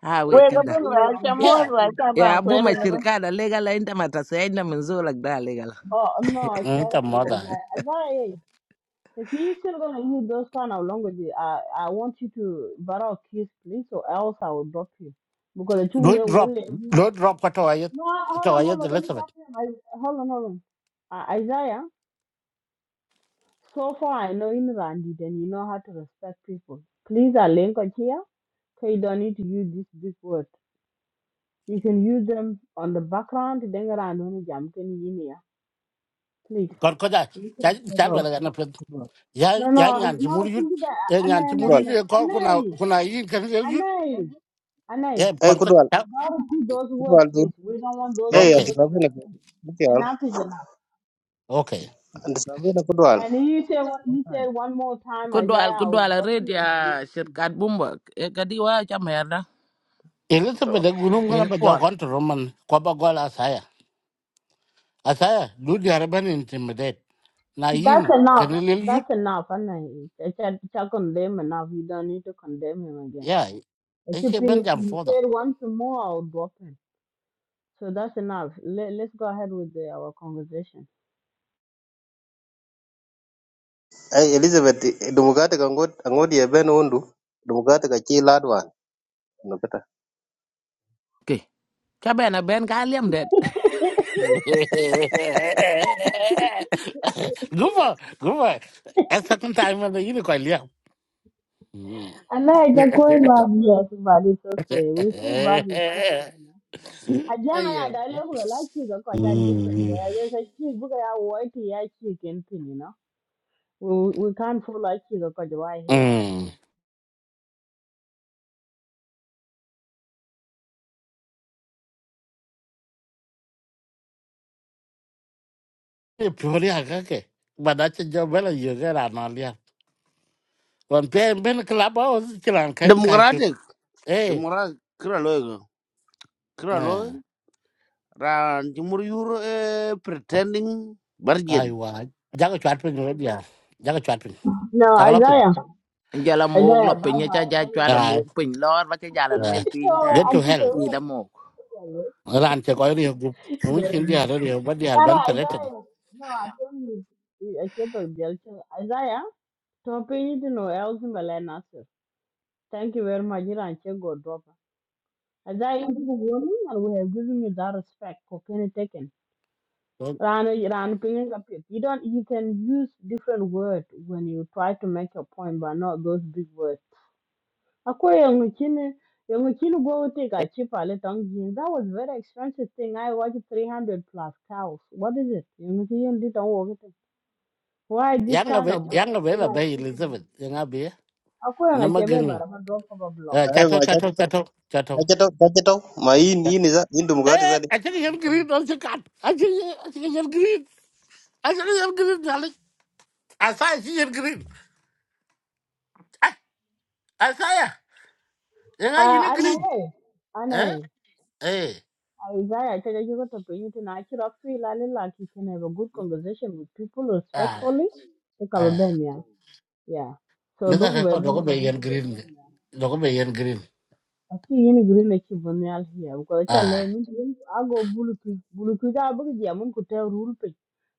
[SPEAKER 11] ha we
[SPEAKER 12] wega
[SPEAKER 1] Coming
[SPEAKER 11] kada
[SPEAKER 12] bin
[SPEAKER 1] for
[SPEAKER 12] wa
[SPEAKER 1] you.
[SPEAKER 12] incha
[SPEAKER 1] I'm
[SPEAKER 12] mot
[SPEAKER 10] Yeah.
[SPEAKER 1] dropping
[SPEAKER 12] wa
[SPEAKER 1] you.
[SPEAKER 12] incha ban
[SPEAKER 11] ya bu ma
[SPEAKER 12] kwero ne bin
[SPEAKER 11] shirka da legal la inda mata sai inda mun zo lag da legal
[SPEAKER 1] Oh no, it's
[SPEAKER 10] Mm
[SPEAKER 1] better
[SPEAKER 10] ta
[SPEAKER 1] for me.
[SPEAKER 10] moda.
[SPEAKER 1] I I if you still gonna use those kind of languages, I I want you to borrow kiss please, or else I will drop you. Because the two
[SPEAKER 10] Loy
[SPEAKER 1] will will-
[SPEAKER 10] drop, loy drop ka to ayet.
[SPEAKER 1] No,
[SPEAKER 10] To
[SPEAKER 1] hold on,
[SPEAKER 10] ayet
[SPEAKER 1] hold
[SPEAKER 10] the
[SPEAKER 1] on. Let me
[SPEAKER 10] rest of it.
[SPEAKER 1] talk to him. I, hold on, hold on. Uh, Isaiah. So far, I know in Randi, then you know how to respect people. Please, I link on here, so you don't need to use this big word. You can use them on the background. Then around when jam can you hear? Please.
[SPEAKER 10] Kon ko da.
[SPEAKER 1] You can
[SPEAKER 10] Chal
[SPEAKER 1] check
[SPEAKER 10] chal
[SPEAKER 1] out.
[SPEAKER 10] wala na
[SPEAKER 13] Kudwal,
[SPEAKER 10] ya
[SPEAKER 1] No,
[SPEAKER 10] ya
[SPEAKER 1] no,
[SPEAKER 10] nyan ci
[SPEAKER 1] no. I
[SPEAKER 10] muri yut
[SPEAKER 1] think that
[SPEAKER 10] ya
[SPEAKER 1] uh, Anay,
[SPEAKER 10] nyan ci
[SPEAKER 13] kudwal,
[SPEAKER 10] muri
[SPEAKER 1] Anay,
[SPEAKER 10] ye ko kuna kuna yin kan ye yut
[SPEAKER 1] Anay, Anay, Anay.
[SPEAKER 10] e
[SPEAKER 13] eh
[SPEAKER 10] kon ko
[SPEAKER 13] kudwal,
[SPEAKER 10] ta
[SPEAKER 1] Don't do those words,
[SPEAKER 13] kudwal dun,
[SPEAKER 1] please. We don't want those
[SPEAKER 13] eh
[SPEAKER 1] words.
[SPEAKER 13] anti
[SPEAKER 10] okay
[SPEAKER 1] Look at me.
[SPEAKER 13] novela kudwal,
[SPEAKER 1] Enough is enough.
[SPEAKER 10] okay
[SPEAKER 13] anti novela kudwal.
[SPEAKER 1] And you say you said one more time,
[SPEAKER 11] ku dwal
[SPEAKER 1] Isaiah.
[SPEAKER 11] ku
[SPEAKER 1] I will
[SPEAKER 11] dwal
[SPEAKER 1] block
[SPEAKER 11] red
[SPEAKER 1] you. and
[SPEAKER 11] ya
[SPEAKER 1] block you.
[SPEAKER 11] shirka bumba e kadi wa cha merda
[SPEAKER 10] elizabeth da guru ngana
[SPEAKER 11] in
[SPEAKER 10] ba jo
[SPEAKER 11] pol
[SPEAKER 10] kontrol man ko ba gol asaya asaya du di arban intimidate na
[SPEAKER 1] That's
[SPEAKER 10] yin kan
[SPEAKER 1] enough.
[SPEAKER 10] le yut
[SPEAKER 1] That's enough. And I I can I can condemn enough. You don't need to condemn him again.
[SPEAKER 10] ya
[SPEAKER 1] If
[SPEAKER 10] e
[SPEAKER 1] you
[SPEAKER 10] ke ban
[SPEAKER 1] pin- if
[SPEAKER 10] jam
[SPEAKER 1] you
[SPEAKER 10] foda
[SPEAKER 1] said once more, I'll drop him. So that's enough. Let, let's go ahead with the, our conversation.
[SPEAKER 13] Eh Elizabeth, dumugate ka ngot, ngot ye ben undu, dumugate ka chi ladwan, no kata.
[SPEAKER 11] ke cha ben ben ka lem det
[SPEAKER 10] gufa gufa a second time man yin ko liya
[SPEAKER 1] And I like the going love, yes, but it's okay. We still back with sisters, you know. I jam I had
[SPEAKER 10] ayo
[SPEAKER 1] a level like chick because I different there. There's a chick because I white yeah chick and pin, you know. We we can't follow a chick because why here?
[SPEAKER 10] mm e pioria kake badache jo bela yoga la nalia wan pe ben klaba o chilan kan ka chu e
[SPEAKER 8] Demora kira loy go. Kira loy ran jumur yuro eh, pretending
[SPEAKER 10] ai
[SPEAKER 8] bargain.
[SPEAKER 10] wa jaga chat pin ro dia jaga chat pin
[SPEAKER 1] No,
[SPEAKER 10] jaga lopin
[SPEAKER 1] Isaiah.
[SPEAKER 11] ย่าละหมกร
[SPEAKER 1] Isaiah,
[SPEAKER 11] ถปิ้ง
[SPEAKER 1] bye
[SPEAKER 11] ย่าจะย่าจ
[SPEAKER 1] bye.
[SPEAKER 11] อดรถหม
[SPEAKER 10] ai
[SPEAKER 11] กปิ้งร้อนว่าจะย่าละลุยปิ้งแทน
[SPEAKER 1] No,
[SPEAKER 10] get
[SPEAKER 11] นี่
[SPEAKER 10] to
[SPEAKER 1] antes
[SPEAKER 10] hell
[SPEAKER 1] de
[SPEAKER 11] ตีด้หมก
[SPEAKER 10] ran che ko ri gu un chin dia
[SPEAKER 1] Gracias.
[SPEAKER 10] ro ri ba dia ban
[SPEAKER 1] Para
[SPEAKER 10] treten
[SPEAKER 1] Isaiah, no, aquele, aquele do dele, Isaiah, tô pedindo no Elsin Belé Nasser. Thank you very much, Iran, che go drop. Isaiah, you go warning and we have given you that respect, cocaine taken. Rana, Rana, pingin up here. You don't, you can use different words when you try to make your point, but not those big words. Akwai yang chin yang chin go take a chip a little jing. That was very expensive thing. I watched three hundred plus cows. What is it? Yang chin did not work it. Why this
[SPEAKER 10] yanga
[SPEAKER 1] kind
[SPEAKER 10] be
[SPEAKER 1] of
[SPEAKER 10] yanga be la be
[SPEAKER 1] thing?
[SPEAKER 10] elizabeth yanga be
[SPEAKER 1] Akwai
[SPEAKER 10] na
[SPEAKER 1] yang chebe
[SPEAKER 10] magan
[SPEAKER 1] bara drop of a block.
[SPEAKER 13] Eh
[SPEAKER 10] chato
[SPEAKER 13] ma
[SPEAKER 10] chato
[SPEAKER 13] chachi to,
[SPEAKER 10] chato chato
[SPEAKER 13] chachi to, chachi to, ma in in za, in dumugate
[SPEAKER 10] eh
[SPEAKER 13] za.
[SPEAKER 10] achiri yan green on chikat achiri achiri yan green achiri yan green Asaya si yen green. Ah, asaya. Yang ayu ni
[SPEAKER 1] Ah,
[SPEAKER 10] green.
[SPEAKER 1] anai,
[SPEAKER 10] Eh?
[SPEAKER 1] anai.
[SPEAKER 10] Eh.
[SPEAKER 1] Isaiah, I tell you, you got to bring it in. I should feel a little like you can have a good conversation with people
[SPEAKER 10] Ah.
[SPEAKER 1] respectfully. Look, I'll be
[SPEAKER 10] Ah.
[SPEAKER 1] back, Yeah. Yeah. So, look,
[SPEAKER 10] Minta
[SPEAKER 1] we're
[SPEAKER 10] kakak
[SPEAKER 1] back,
[SPEAKER 10] doko
[SPEAKER 1] look,
[SPEAKER 10] be yen
[SPEAKER 1] we're
[SPEAKER 10] green. ke?
[SPEAKER 1] back.
[SPEAKER 10] Doko be yen green.
[SPEAKER 1] Aku yini green na ki bun yal hiya ko cha
[SPEAKER 10] Ah.
[SPEAKER 1] le min tin ago bulu ki bulu ki da bu ji amun ku rule pe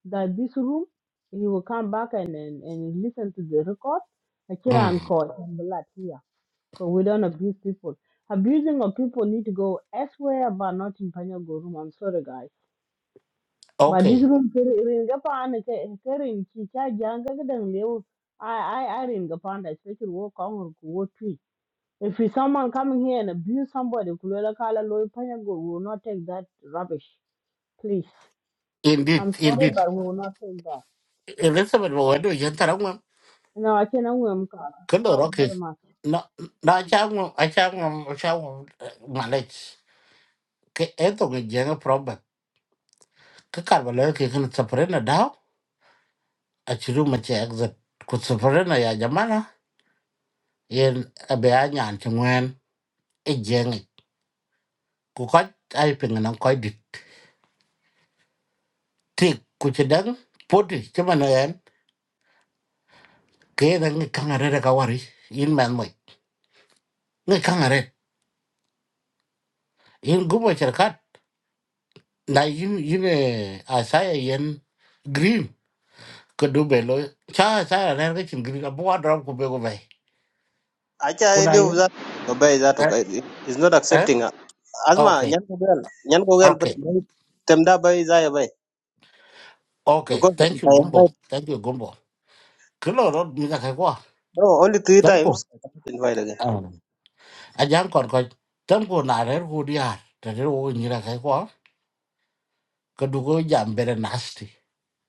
[SPEAKER 1] that this room he will come back and and, and listen to the record a kira an
[SPEAKER 10] Hmm.
[SPEAKER 1] ko and blood here because we don't abuse people abusing of people need to go elsewhere but not in panyago room i'm sorry guys but this
[SPEAKER 10] Okay.
[SPEAKER 1] room rin ga pa an ke ke in ki cha janga ga dan lewo i i i rin ga pa an especially wo kong ko wo twi if it's someone coming here and abuse somebody, Kulwela Kala Loyi Panyago, we will not take that rubbish. Please.
[SPEAKER 10] Indeed.
[SPEAKER 1] I'm sorry,
[SPEAKER 10] Indeed.
[SPEAKER 1] but we will not take that.
[SPEAKER 10] Elizabeth bawa tu yen tarang mam.
[SPEAKER 1] No, I cannot
[SPEAKER 10] Kendo
[SPEAKER 1] Thank you
[SPEAKER 10] roke.
[SPEAKER 1] very much.
[SPEAKER 10] Na na acha ngam acha ngam acha ngam malaj. Ke eto ke jenga problem. Ke karbala ke kan separate dah. Achiru macam exit. Kut separate ya jamana. Yen abe anyan cengwen. ku koc ai piŋ naŋ koc dit tik ku ci dɛŋ poti ci man ɛɛn kee na ŋi kaŋa rɛd ka wari yin mɛn mɔc ŋi kaŋa rɛd yin gubo cer kat na yin yin asaya yen green ke du be lo cha asaya rɛd ke cin green abu wa drop ku be ku bɛi ku
[SPEAKER 13] Acha
[SPEAKER 10] na
[SPEAKER 13] ile
[SPEAKER 10] yin
[SPEAKER 13] za, babai za to
[SPEAKER 10] eh
[SPEAKER 13] kai, is not
[SPEAKER 10] eh
[SPEAKER 13] accepting. Asma,
[SPEAKER 10] okay
[SPEAKER 13] nyan kudwal, nyan kudwal, but
[SPEAKER 10] okay
[SPEAKER 13] temda bai za ya bai,
[SPEAKER 10] okay
[SPEAKER 13] because
[SPEAKER 10] thank
[SPEAKER 13] if
[SPEAKER 10] you
[SPEAKER 13] I
[SPEAKER 10] gumbo
[SPEAKER 13] invite,
[SPEAKER 10] thank you gumbo ke lo rot mi ka kai kwa
[SPEAKER 13] no, only three
[SPEAKER 10] tam ko
[SPEAKER 13] times, I cannot invite again.
[SPEAKER 10] a jang kon koc tam ko na rɛd ku diar ta rɛd ku nyi ra kai kadugo jam bere nasty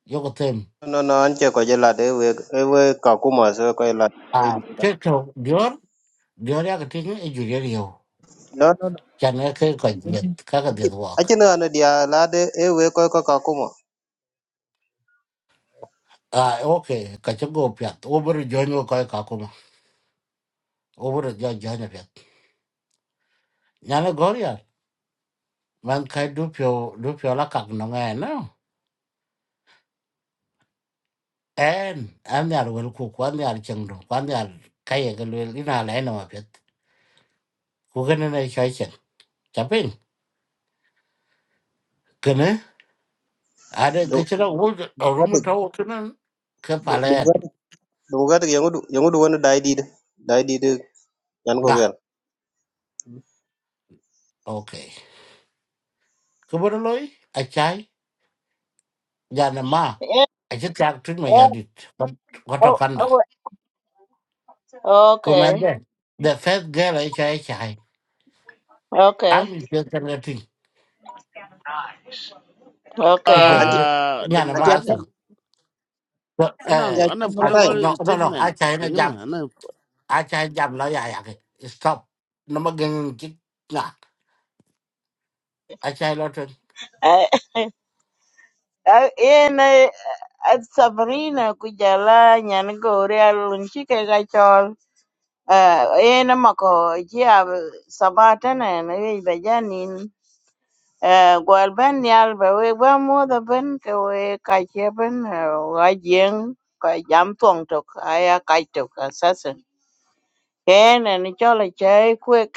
[SPEAKER 10] yoko tem
[SPEAKER 13] nó nó anh chưa No, no, anche ko jela de we we ka kuma so ko jela.
[SPEAKER 10] a keto dior dior ya keting e jurier yo
[SPEAKER 13] No, no, no.
[SPEAKER 10] chane ke ka jet ka ka det wak
[SPEAKER 13] Achi no ano dia la de e we ko ko ka kuma.
[SPEAKER 10] a oke ka chego piat over jonyo ka ka kuma over jo jonyo piat nyane goria man kai du pyo du pyo la kak no nga no en an yar wel ku kwan yar chengdo kwan yar kai ga wel ina la ina ma piat ku gane na chai chen chapin kene ada ke
[SPEAKER 13] Dum
[SPEAKER 10] chira wo rumu
[SPEAKER 13] gadi,
[SPEAKER 10] tawo kene ke
[SPEAKER 13] dum
[SPEAKER 10] palen
[SPEAKER 13] gadi, dum gadi yangu du yangu du wani dai di de, dai di de yan ko Anh
[SPEAKER 10] okay ko bor loy a chai jana ma
[SPEAKER 12] eh
[SPEAKER 10] a chit tak trin ma
[SPEAKER 12] eh
[SPEAKER 10] yadit ko to
[SPEAKER 12] oh
[SPEAKER 10] kanda
[SPEAKER 12] oh
[SPEAKER 10] ko man
[SPEAKER 12] okay
[SPEAKER 10] de the first girl a chai chai
[SPEAKER 12] okay
[SPEAKER 10] i'm in the thing in
[SPEAKER 12] okay
[SPEAKER 13] Anti
[SPEAKER 10] the
[SPEAKER 8] Ah
[SPEAKER 10] jana
[SPEAKER 13] anh
[SPEAKER 10] ma
[SPEAKER 8] democratic.
[SPEAKER 10] asam so eh
[SPEAKER 8] Anang anang
[SPEAKER 10] I-
[SPEAKER 8] political
[SPEAKER 10] no no no a
[SPEAKER 8] statement.
[SPEAKER 10] chai na jam
[SPEAKER 8] Pengena anang.
[SPEAKER 10] a chai jam lo ya ya ke stop no ma gen chit na a chai lo trin
[SPEAKER 12] ai ai ene at sabrina kujala nyan gore alun chike ga chol eh ene mako ji ab sabata ne ne be janin gwal ban nyal ba we ba modho ben ke we kache ben eh, wa jeng ka jam tuong tok aya kaj tok assassin ken en chola chai kwek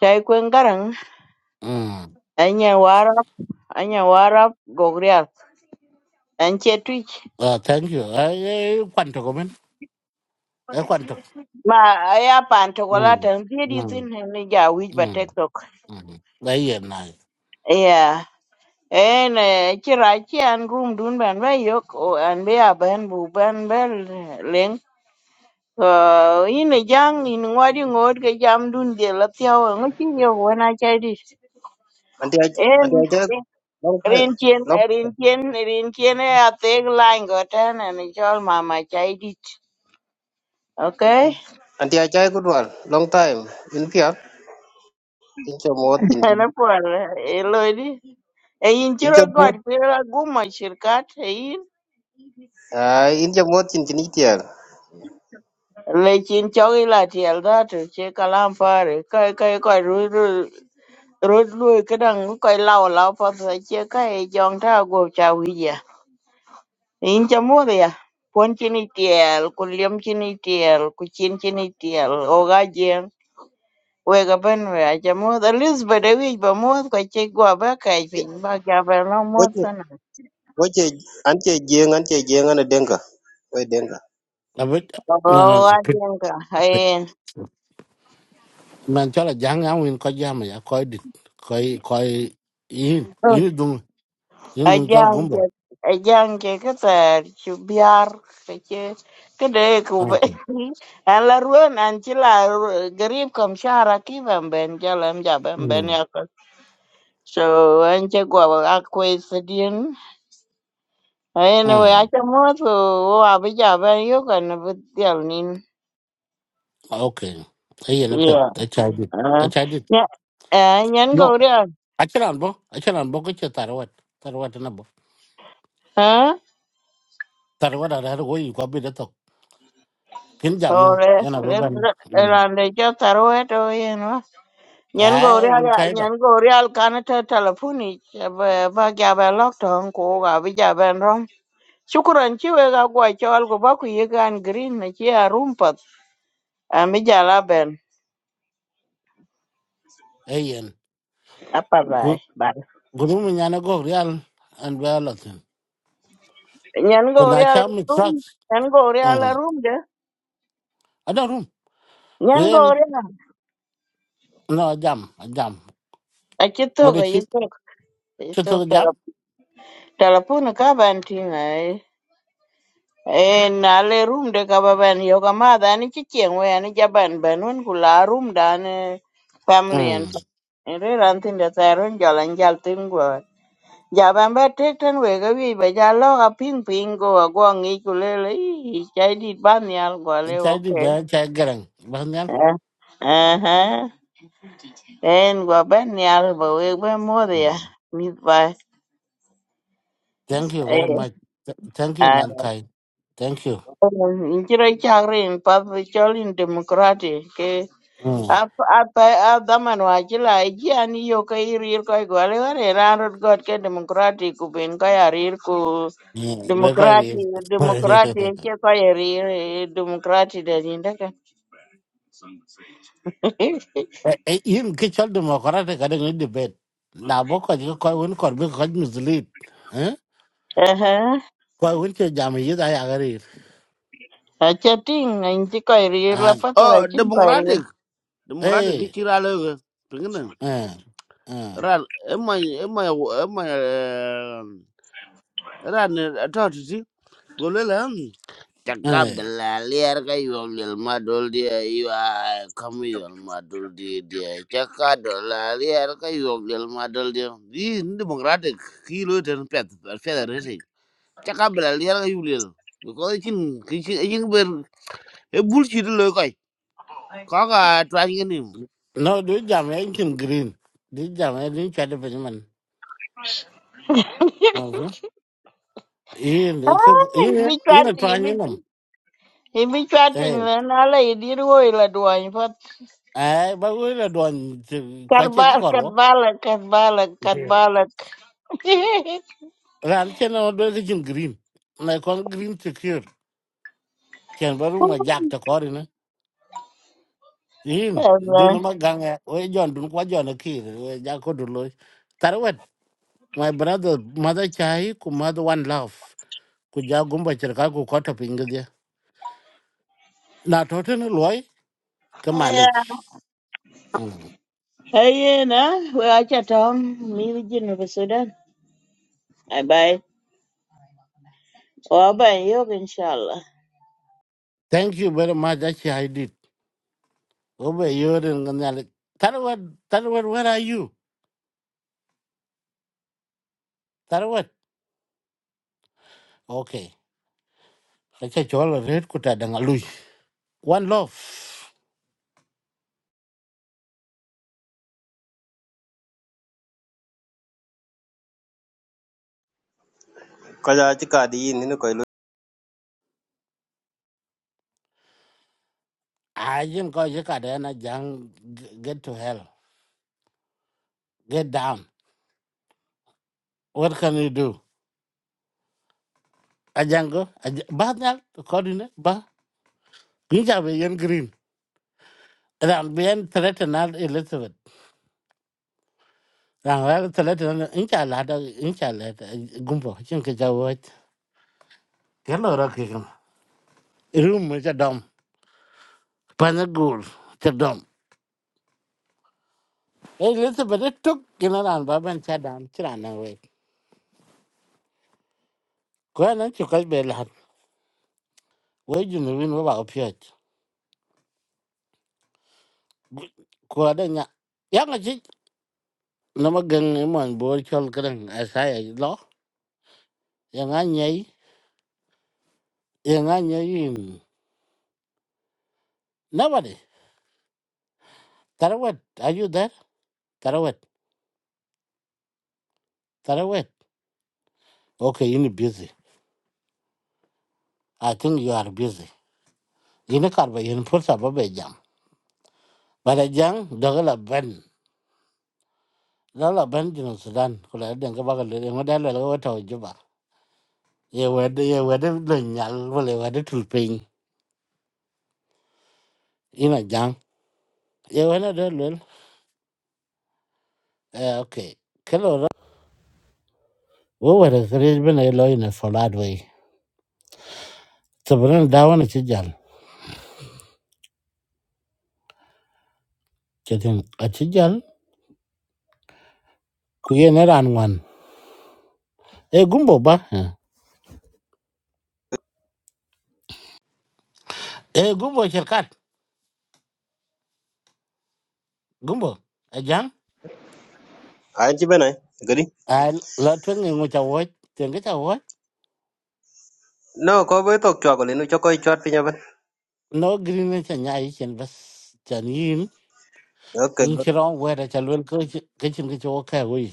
[SPEAKER 12] chai kwen garang
[SPEAKER 10] mm
[SPEAKER 12] anya warap anya warap gogrial an che twich
[SPEAKER 10] uh, thank you ai quan trọng của mình ai quan trọng
[SPEAKER 12] ma aya pan to
[SPEAKER 10] ừ
[SPEAKER 12] kola tan
[SPEAKER 10] ừ
[SPEAKER 12] thiedi thin ni ja wij ba
[SPEAKER 10] ừ
[SPEAKER 12] tek tok
[SPEAKER 10] ừ đấy là này
[SPEAKER 12] yeah en eh, ci rac ci an rum dun ben be yok o an be a ben bu ben be Uh, in a young in ngodi ngod ke jam dun de la tiaw ngo chi yo wona chai di
[SPEAKER 13] aja, anti
[SPEAKER 12] en
[SPEAKER 13] aja long time. anh aja, anti aja long time,
[SPEAKER 12] rin chien
[SPEAKER 13] long
[SPEAKER 12] rin
[SPEAKER 13] time.
[SPEAKER 12] chien rin chien e a te glain go tan an chol mama chai di okay
[SPEAKER 13] anh Anti aja ko dual long time. In pia, in cho một, in
[SPEAKER 12] na por e lo di e in
[SPEAKER 13] in
[SPEAKER 12] chiro
[SPEAKER 13] cho
[SPEAKER 12] god
[SPEAKER 13] một,
[SPEAKER 12] pira gumo shirkat e in
[SPEAKER 13] à in chomot in chinitia.
[SPEAKER 12] le chin chaw ila tiel da to che kalam pare kai kai kai ru ru ru lu ke dang kai lao lao pa che kai jong ta go cha wi Inja muda ya. Pon cini tiel, ku liam cini tiel, ku cin cini tiel, o ga jeng. Wega ben we aja muda. Elizabeth ewi ba muda kwa che gwa ba kai pin. Ba ja ba no muda sana.
[SPEAKER 13] Wace an ce jeng an ce jeng ana denga. Wai denga.
[SPEAKER 10] là biết
[SPEAKER 12] O
[SPEAKER 10] no no
[SPEAKER 12] ga
[SPEAKER 10] no
[SPEAKER 12] jeng ka.
[SPEAKER 10] mình
[SPEAKER 12] Ayen.
[SPEAKER 10] man chola jang yang win ko jam ya coi dit ko ko yin yin đúng yin dung chol
[SPEAKER 12] Ajang je.
[SPEAKER 10] gumbo
[SPEAKER 12] Ajang je ka tar. Chu biar. Ka che. Ka de ku
[SPEAKER 10] ok
[SPEAKER 12] ruan an garib kam shara ki ben ben jalam ja ben ben
[SPEAKER 10] mm
[SPEAKER 12] ya So an gua gwa ba akwai Anyway,
[SPEAKER 10] ah
[SPEAKER 12] achamuot ko wo abichaber yukan abitial nin.
[SPEAKER 10] okay ay na pet
[SPEAKER 12] Yeah.
[SPEAKER 10] a chai dit a
[SPEAKER 12] Uh,
[SPEAKER 10] chai dit
[SPEAKER 12] nya, uh, nyan ko
[SPEAKER 10] no
[SPEAKER 12] real.
[SPEAKER 10] a chalan bo a chalan bo ko che tarwat tarwat na bo
[SPEAKER 12] Huh?
[SPEAKER 10] tarwat ara ro yi ko bi da to kin jam
[SPEAKER 12] So
[SPEAKER 10] men
[SPEAKER 12] le,
[SPEAKER 10] yana bo
[SPEAKER 12] le,
[SPEAKER 10] ban
[SPEAKER 12] rande cho taro eto yen wa. Nyan ko
[SPEAKER 10] ay
[SPEAKER 12] real,
[SPEAKER 10] won kai ba
[SPEAKER 12] nyan ko real kanata telefoni. Ba, ba kya ba lok tong ko ga abichaber rong. Shukran chiwe ga gwa chol ko ba ku yegan green na chi a rumpat. Amijala ben.
[SPEAKER 10] ay yen
[SPEAKER 12] Apa
[SPEAKER 10] ku
[SPEAKER 12] bai. Bai.
[SPEAKER 10] guru nhà nó có real and balatin
[SPEAKER 12] Nyan
[SPEAKER 10] còn
[SPEAKER 12] ko
[SPEAKER 10] na
[SPEAKER 12] real
[SPEAKER 10] cha mình
[SPEAKER 12] room.
[SPEAKER 10] trust
[SPEAKER 12] Nyan ko real
[SPEAKER 10] mm
[SPEAKER 12] room de.
[SPEAKER 10] ada rum ku
[SPEAKER 12] Nyan
[SPEAKER 10] yen
[SPEAKER 12] gore na.
[SPEAKER 10] no jam jam
[SPEAKER 12] A chitok,
[SPEAKER 10] What
[SPEAKER 12] a
[SPEAKER 10] chip
[SPEAKER 12] chitok. A
[SPEAKER 10] to
[SPEAKER 12] chitok
[SPEAKER 10] the jam?
[SPEAKER 12] talapuna ka ban tinga eh. Eh, na le room de ka ba ban yo ka ma da ni chi chieng we ani ja ban ban un ku la room da ne family and
[SPEAKER 10] Mm.
[SPEAKER 12] re ran tin da ta ron ja lan jal tin go. Ja ban ba tek tan we ga wi ba ja lo ka ping ping go a go ngi ku le le i chai di ban yal go le
[SPEAKER 10] Chai di
[SPEAKER 12] okay.
[SPEAKER 10] da chai garang. Bahan yan.
[SPEAKER 12] Eh. Eh. eh. En go ban yal ba we ba mo de
[SPEAKER 10] Mm. Thank you very
[SPEAKER 12] Eh,
[SPEAKER 10] much. Th- Thank you mankind. Thank you.
[SPEAKER 12] Inchira chakri in path chol in democratic ke
[SPEAKER 10] Mm.
[SPEAKER 12] apa apa daman wajila iji ani yo ka irir ko igwale ware ranrod god ke democratic ubin ko yarir ku
[SPEAKER 10] Yeah, we kai
[SPEAKER 12] democratic
[SPEAKER 10] ri.
[SPEAKER 12] democratic ke ko yarir eh, democratic da jinda ka
[SPEAKER 10] Eh, yin ki chal democratic ka deng debate. Na bo ko ji ko un ko bi ko mislead. Eh?
[SPEAKER 12] aha
[SPEAKER 10] Ko un che jam yi da ya gari.
[SPEAKER 12] acha ting inchi ko irir la
[SPEAKER 10] Ah,
[SPEAKER 8] Oh
[SPEAKER 12] patara chin ko irir
[SPEAKER 8] democratic. Democratic
[SPEAKER 10] eh.
[SPEAKER 8] kira loy go. Pengena.
[SPEAKER 10] Eh. Eh.
[SPEAKER 8] Ran emai emai emai ran eh, atau tu si. golel ham. cakap
[SPEAKER 10] Eh.
[SPEAKER 8] bela liar ka yom lil madol dia iya kamu yom madol dia dia cakap bela liar ka yom lil madol dia di demokratik kilo dan pet pet resi cakap bela liar ka yom lil because ikin ikin ikin ber e bullshit lo kai kaga tuan ini
[SPEAKER 10] No, do jam eh, in green. Do jam eh, do chai de man. in
[SPEAKER 12] ah
[SPEAKER 10] in
[SPEAKER 12] ibi
[SPEAKER 10] in
[SPEAKER 12] chat
[SPEAKER 10] a
[SPEAKER 12] ibi
[SPEAKER 10] training them.
[SPEAKER 12] ibi chat
[SPEAKER 10] Eh,
[SPEAKER 12] pin la na la idir wo ila
[SPEAKER 10] eh, but we are doing quite a
[SPEAKER 12] Karbala,
[SPEAKER 10] corvo.
[SPEAKER 12] Karbala, Karbala, Karbala.
[SPEAKER 10] Ran chen nó đôi the jin green. Na con green secure. Chen baru ma jack to corina. In do no
[SPEAKER 12] Allah.
[SPEAKER 10] maganga. We John dun kwa John a kid. We jack o dulo. Tarwet. My brother, mother chai, cô mother one love. Ku ja gumba cherka ku kota pinga dia. Na toten loy
[SPEAKER 12] Yeah.
[SPEAKER 10] kamalech.
[SPEAKER 12] Hey, na, we are chatting. Me, the Jinn of Sudan. Bye bye. Oh, bye, you, inshallah.
[SPEAKER 10] Thank you very much. That's how I did. Obe yorin nganyali. Tarwat, tarwat, where are you? Tarwat. Okay. Kacha chola red kuta dangalui. One love.
[SPEAKER 13] Kaja ci ka di yin ni koy lu.
[SPEAKER 10] Ajin ko jika dana jang g- get to hell. Get down. What can you do? Ajango. Aj- ba nyal. Kodine. Ba. Inja be yen green. Ram be yen threaten al Elizabeth. Ram be yen threaten al inja lada. Inja lada. Gumbo. Chin kacha wat. Hello rakikam. Room cha dom. Panagul. Cha dom. Elizabeth it took general Baban Chadam Chirana way. Kwan and Chukas Belan, where you know win about Piot. Quadanya. Young a chit, no more gang him on board Cholgren as I law. Young Anya, young Anya in. Nobody. Tarawet, are you there? Tarawet, Tarawet. Okay, you're busy. I think you are busy. You know, Carver, you put up a bed jam. But a young Dogala Ben. Lala Ben, you know, Sudan, who I didn't go back a little, and what I love to Juba. ye wede ye wede lo nyal wala wede tul piny ina jang ye wede de lwel eh okay kelo ra wo wede kreej bena ye lo ina folad wey sabran dawan a chijal chetin a chijal kuye ne ran wan e gumbo ba e gumbo cherkat gumbo a jang
[SPEAKER 13] An ci benai gari.
[SPEAKER 10] a la twen ngi cha wo ten ga cha wo
[SPEAKER 13] No ko bai tok chwa ko linu cho koy chwat pinya ban.
[SPEAKER 10] no green ne cha nyai chen bas chan yin
[SPEAKER 13] Okay
[SPEAKER 10] in
[SPEAKER 13] lot
[SPEAKER 10] chiro wede cha lwel ko ke chin ke cho ka wey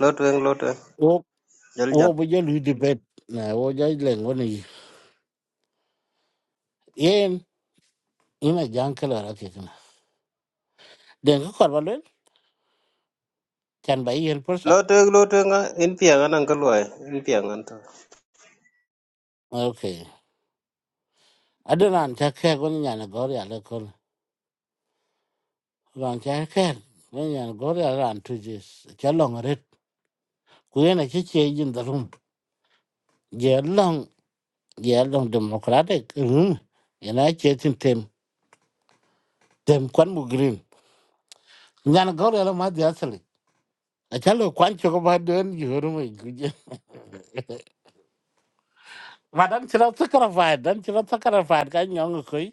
[SPEAKER 13] lot weng lot weng.
[SPEAKER 10] wo
[SPEAKER 13] Jal ja.
[SPEAKER 10] wo bo ye lu debate na wo jai leng wo yen ina jan kala rake kana den ka korba lel chan bai yel pursa
[SPEAKER 13] Lot weng lot weng ah, in piang an an ka luai in piang an an to.
[SPEAKER 10] okay adonan ta ke gon nyana gor ya le kon ran ta ke gon nyana gor ya ran tu jis cha long ret ku yana che che jin darum je long je long democratic rum yana che tin tem tem kwan mu green nyana gor ya ma dia sali a cha lo kwan cho ko ba den yoru mai guje ma dan chira sakara fa dan chira sakara fa ka nyong koi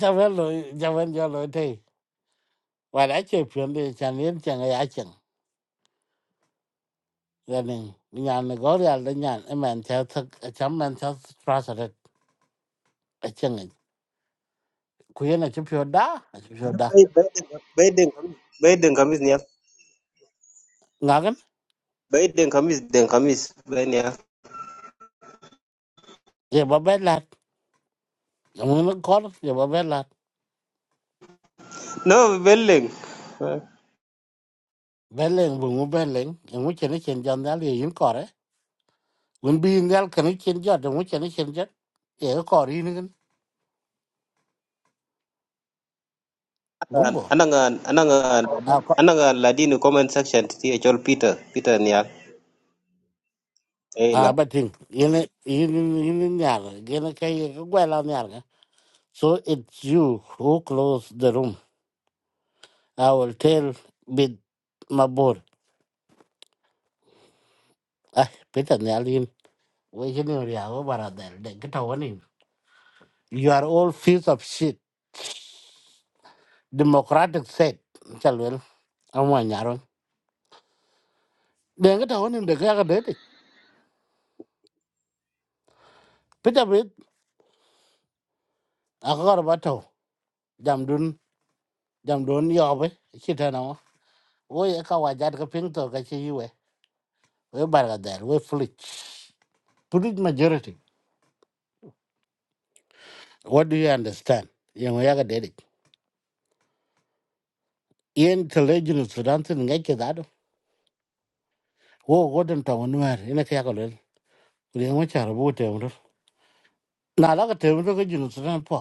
[SPEAKER 10] cha vel lo cha vel jo lo và đã chơi phiền đi chẳng nên chẳng ai chẳng gia đình nhà này có ra là nhà em mình theo thực chấm mình theo tra sợ đấy ở chẳng ấy là chụp phiền đã chụp phiền đã
[SPEAKER 13] Bai bai denga- bai denga mi- bai denga mis niya.
[SPEAKER 10] ngã cái
[SPEAKER 13] Bai denga mis denga mis bai niya.
[SPEAKER 10] giờ bà bé lạt ông nó có đó, giờ bà bé lạt
[SPEAKER 13] No belling.
[SPEAKER 10] bé lên vùng ông bé lên ông ấy chơi nó chơi cho nó liền yếm cỏ đấy vẫn bi nó cái nó chơi cho ông ấy chơi nó chơi cho giờ cỏ đi nữa cái gúng bộ
[SPEAKER 13] anangan anangan
[SPEAKER 10] à có
[SPEAKER 13] anangan ladino comment section ti e chol Peter Peter niya.
[SPEAKER 10] à bà thình yên yên yên nhà rồi cái nó cái cái quay lao nhà rồi so it's you who close the room I will tell bit my boy. Ah, Peter Nyalin, we can read over there. They get away. You are all piece of shit. Democratic said, Chalwell, I'm one yaron. They get away, they get away. Peter Bit, I got about to. Jamdun, Jamdun, Yobe, Chitano. We a kawajat ka ping to ka chi yue. We barga there, we flit. Pulit majority. What do you understand? Yang yaga did it. Ian Kalejin Sudan, ngay kida wo godan ta wani mer ina kaya kalol kuri yan wacha rabu te mur na la ka te mur ka jinu sudan po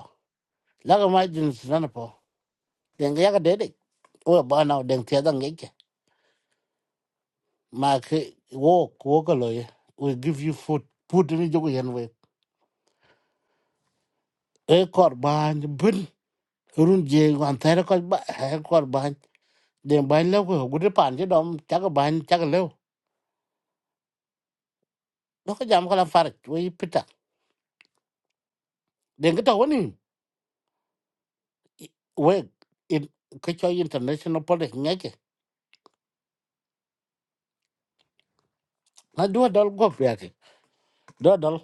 [SPEAKER 10] la ka ma jinu sudan po den ga ya ka dede o ba na den te dan ga ke ma ke wo ko ka lo ye we give you food food ni jogo yan we e kor ba ni bun run je wan ta ra ko ba e kor ba den ba la ko gude pan je dom ta ka ba ta ka le do ka jam ka la far we pita den ga ta wani we in ka cho international po de nge na dua dal go pya ke dua dal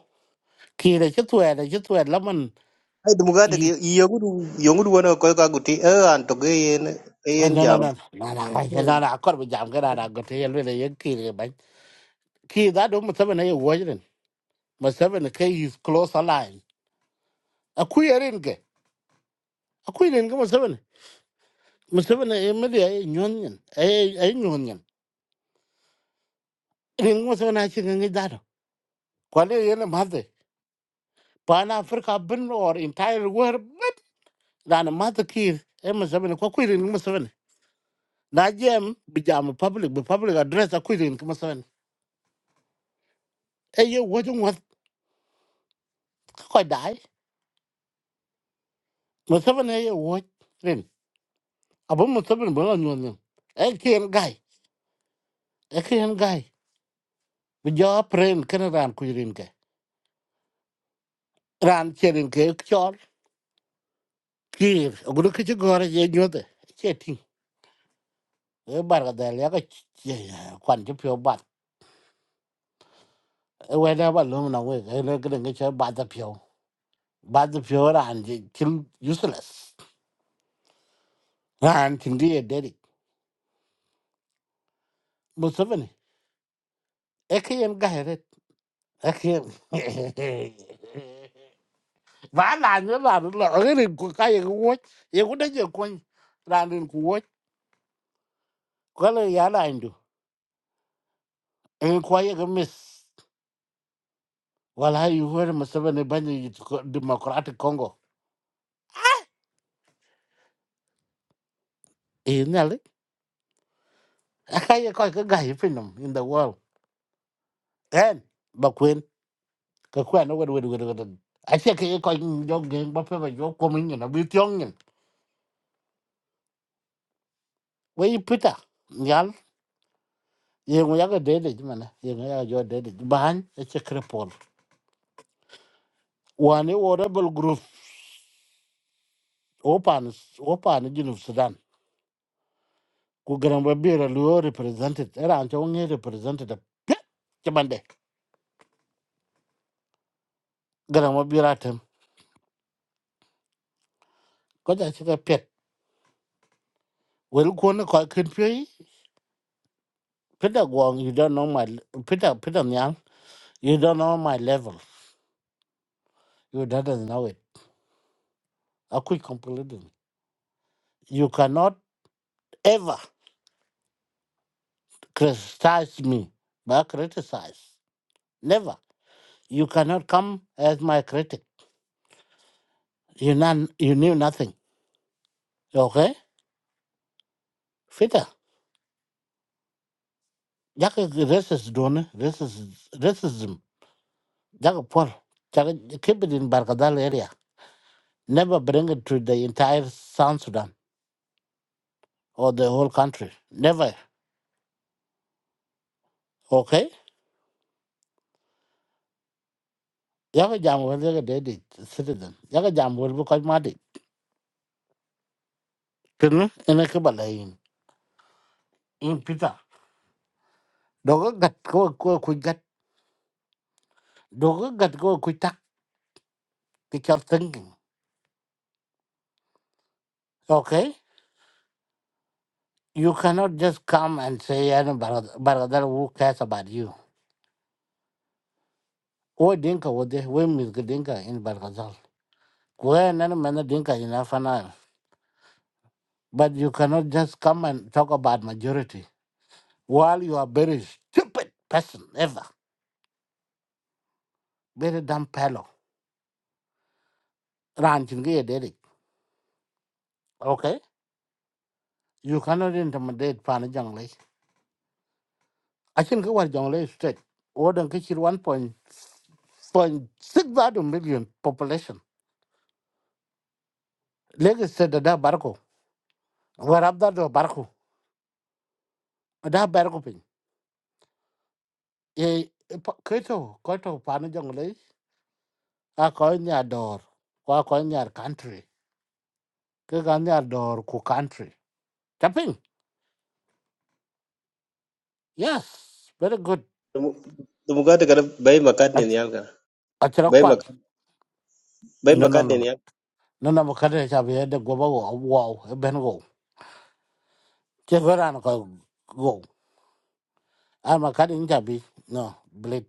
[SPEAKER 10] ki re chu tu re chu tu la man
[SPEAKER 13] ai dum ga te
[SPEAKER 10] i
[SPEAKER 13] yogu du yogu du wono ko ka guti e an to ge yen e
[SPEAKER 10] na
[SPEAKER 13] yen
[SPEAKER 10] na na
[SPEAKER 13] jam
[SPEAKER 10] na na na na na na kor bu jam ga na na go te yel le ye ki re ban ki da do mu sabe na ye wo jren ma ke is close align a ku ye ren ke a ku ren ke ma sabe na ma sabe na e me de ye nyon nyen e e nyon nyen ren ma sabe na chi ngi da do ko le ye na ma de pan africa bin or entire world bin da na ma de ki e ma sabe na ko ku ren ma na jem bi jam public bi public address akuirin kuma seven e ye wojin wat ko dai mo seven e ye woj rin abo mo seven bo lan yon e kien gai e kien gai bi jo pren kana ran kuirin ke ran cherin ke chol kir ogru ke gore ye nyote che tin e bar ga dal ya ga kwan che pyo bat e we na ba lum na we e le gre nge che ba da pyo ba da pyo ran je kin useless ran tin die dedi mo seven ekiyem gayret ekiyem va là ne la la rin cái ka ye wo ye ku de ye ku la rin ku có ko le là anh ndu en ko cái miss, mis wala yêu ho mà se ne bên ye democratic congo e ne le ka ye ko ga ga finum in the world en ba quên ka ku na wo wo wo wo a che ke ko jo ge ba pe ba jo ko min na bi tyong ni we pita yengu yaga dede jimana yengu yaga jo dede bahan eche krepol wani wo rebel group opan opan junub sudan ku garan ba bira luo represented era anto ngi represented jabande garan ba bira tem ko ja che pet wel ko ne ko ken pe peta gwang you don't know my peta peta nyang you don't know my level you don't know it I akui completely you cannot ever criticize me but criticize never You cannot come as my critic. You, non, you knew nothing. Okay? Fita. Jaka racist done. Racist, racism. Jaka Paul. Jaka keep it in Barkadal area. Never bring it to the entire South Sudan or the whole country. Never. Okay? Jaka jam wel jaka dedi citizen. Jaka jam wel bu kaj madi. Kena ina kebalain. In Peter. Doga gat ko ko kuj gat. Doga gat ko kuj tak. Teacher thinking. Okay? You cannot just come and say, "Yeah, "No, Bargaz- Bargazal, who cares about you? Who Dinka, who they, who Miss Dinka in Bargazal? Where none man Dinka in Afanal? But you cannot just come and talk about majority while you are very stupid person ever, very dumb fellow. Ranching here, Derek. Okay, you cannot intimidate Pana Jonglei. I think what Jonglei state, Odin Kitchen one point point six million population. Legacy said that Barco, where up that Barco, that Barco. e ke to ko to pa no jong le a ko nya dor ko ko nya country ke ga nya dor ku country tapin yes very good
[SPEAKER 13] dum ga te ga bay makat ni
[SPEAKER 10] a
[SPEAKER 13] yal ga
[SPEAKER 10] tra
[SPEAKER 13] bay
[SPEAKER 10] kwal
[SPEAKER 13] makat bay
[SPEAKER 10] no no
[SPEAKER 13] makat ni
[SPEAKER 10] no no
[SPEAKER 13] yal
[SPEAKER 10] no ka de cha be de go ba go wow e ben go che go ran ko go a ma ka de nya bi no bleed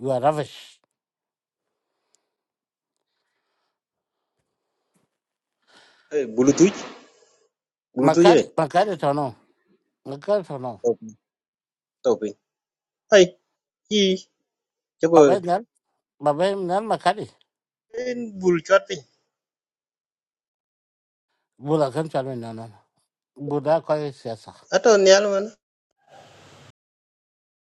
[SPEAKER 10] you are ravish
[SPEAKER 13] e bulutuj
[SPEAKER 10] ma
[SPEAKER 13] bulutuj
[SPEAKER 10] ka
[SPEAKER 13] e
[SPEAKER 10] de ma ka de to no ma ka de to no
[SPEAKER 13] topi topi ai ki chego
[SPEAKER 10] ba ba nya ba ba nya ma ka de
[SPEAKER 13] en bul chat pin
[SPEAKER 10] bula kan cha no no no bula ko e
[SPEAKER 13] ato nyal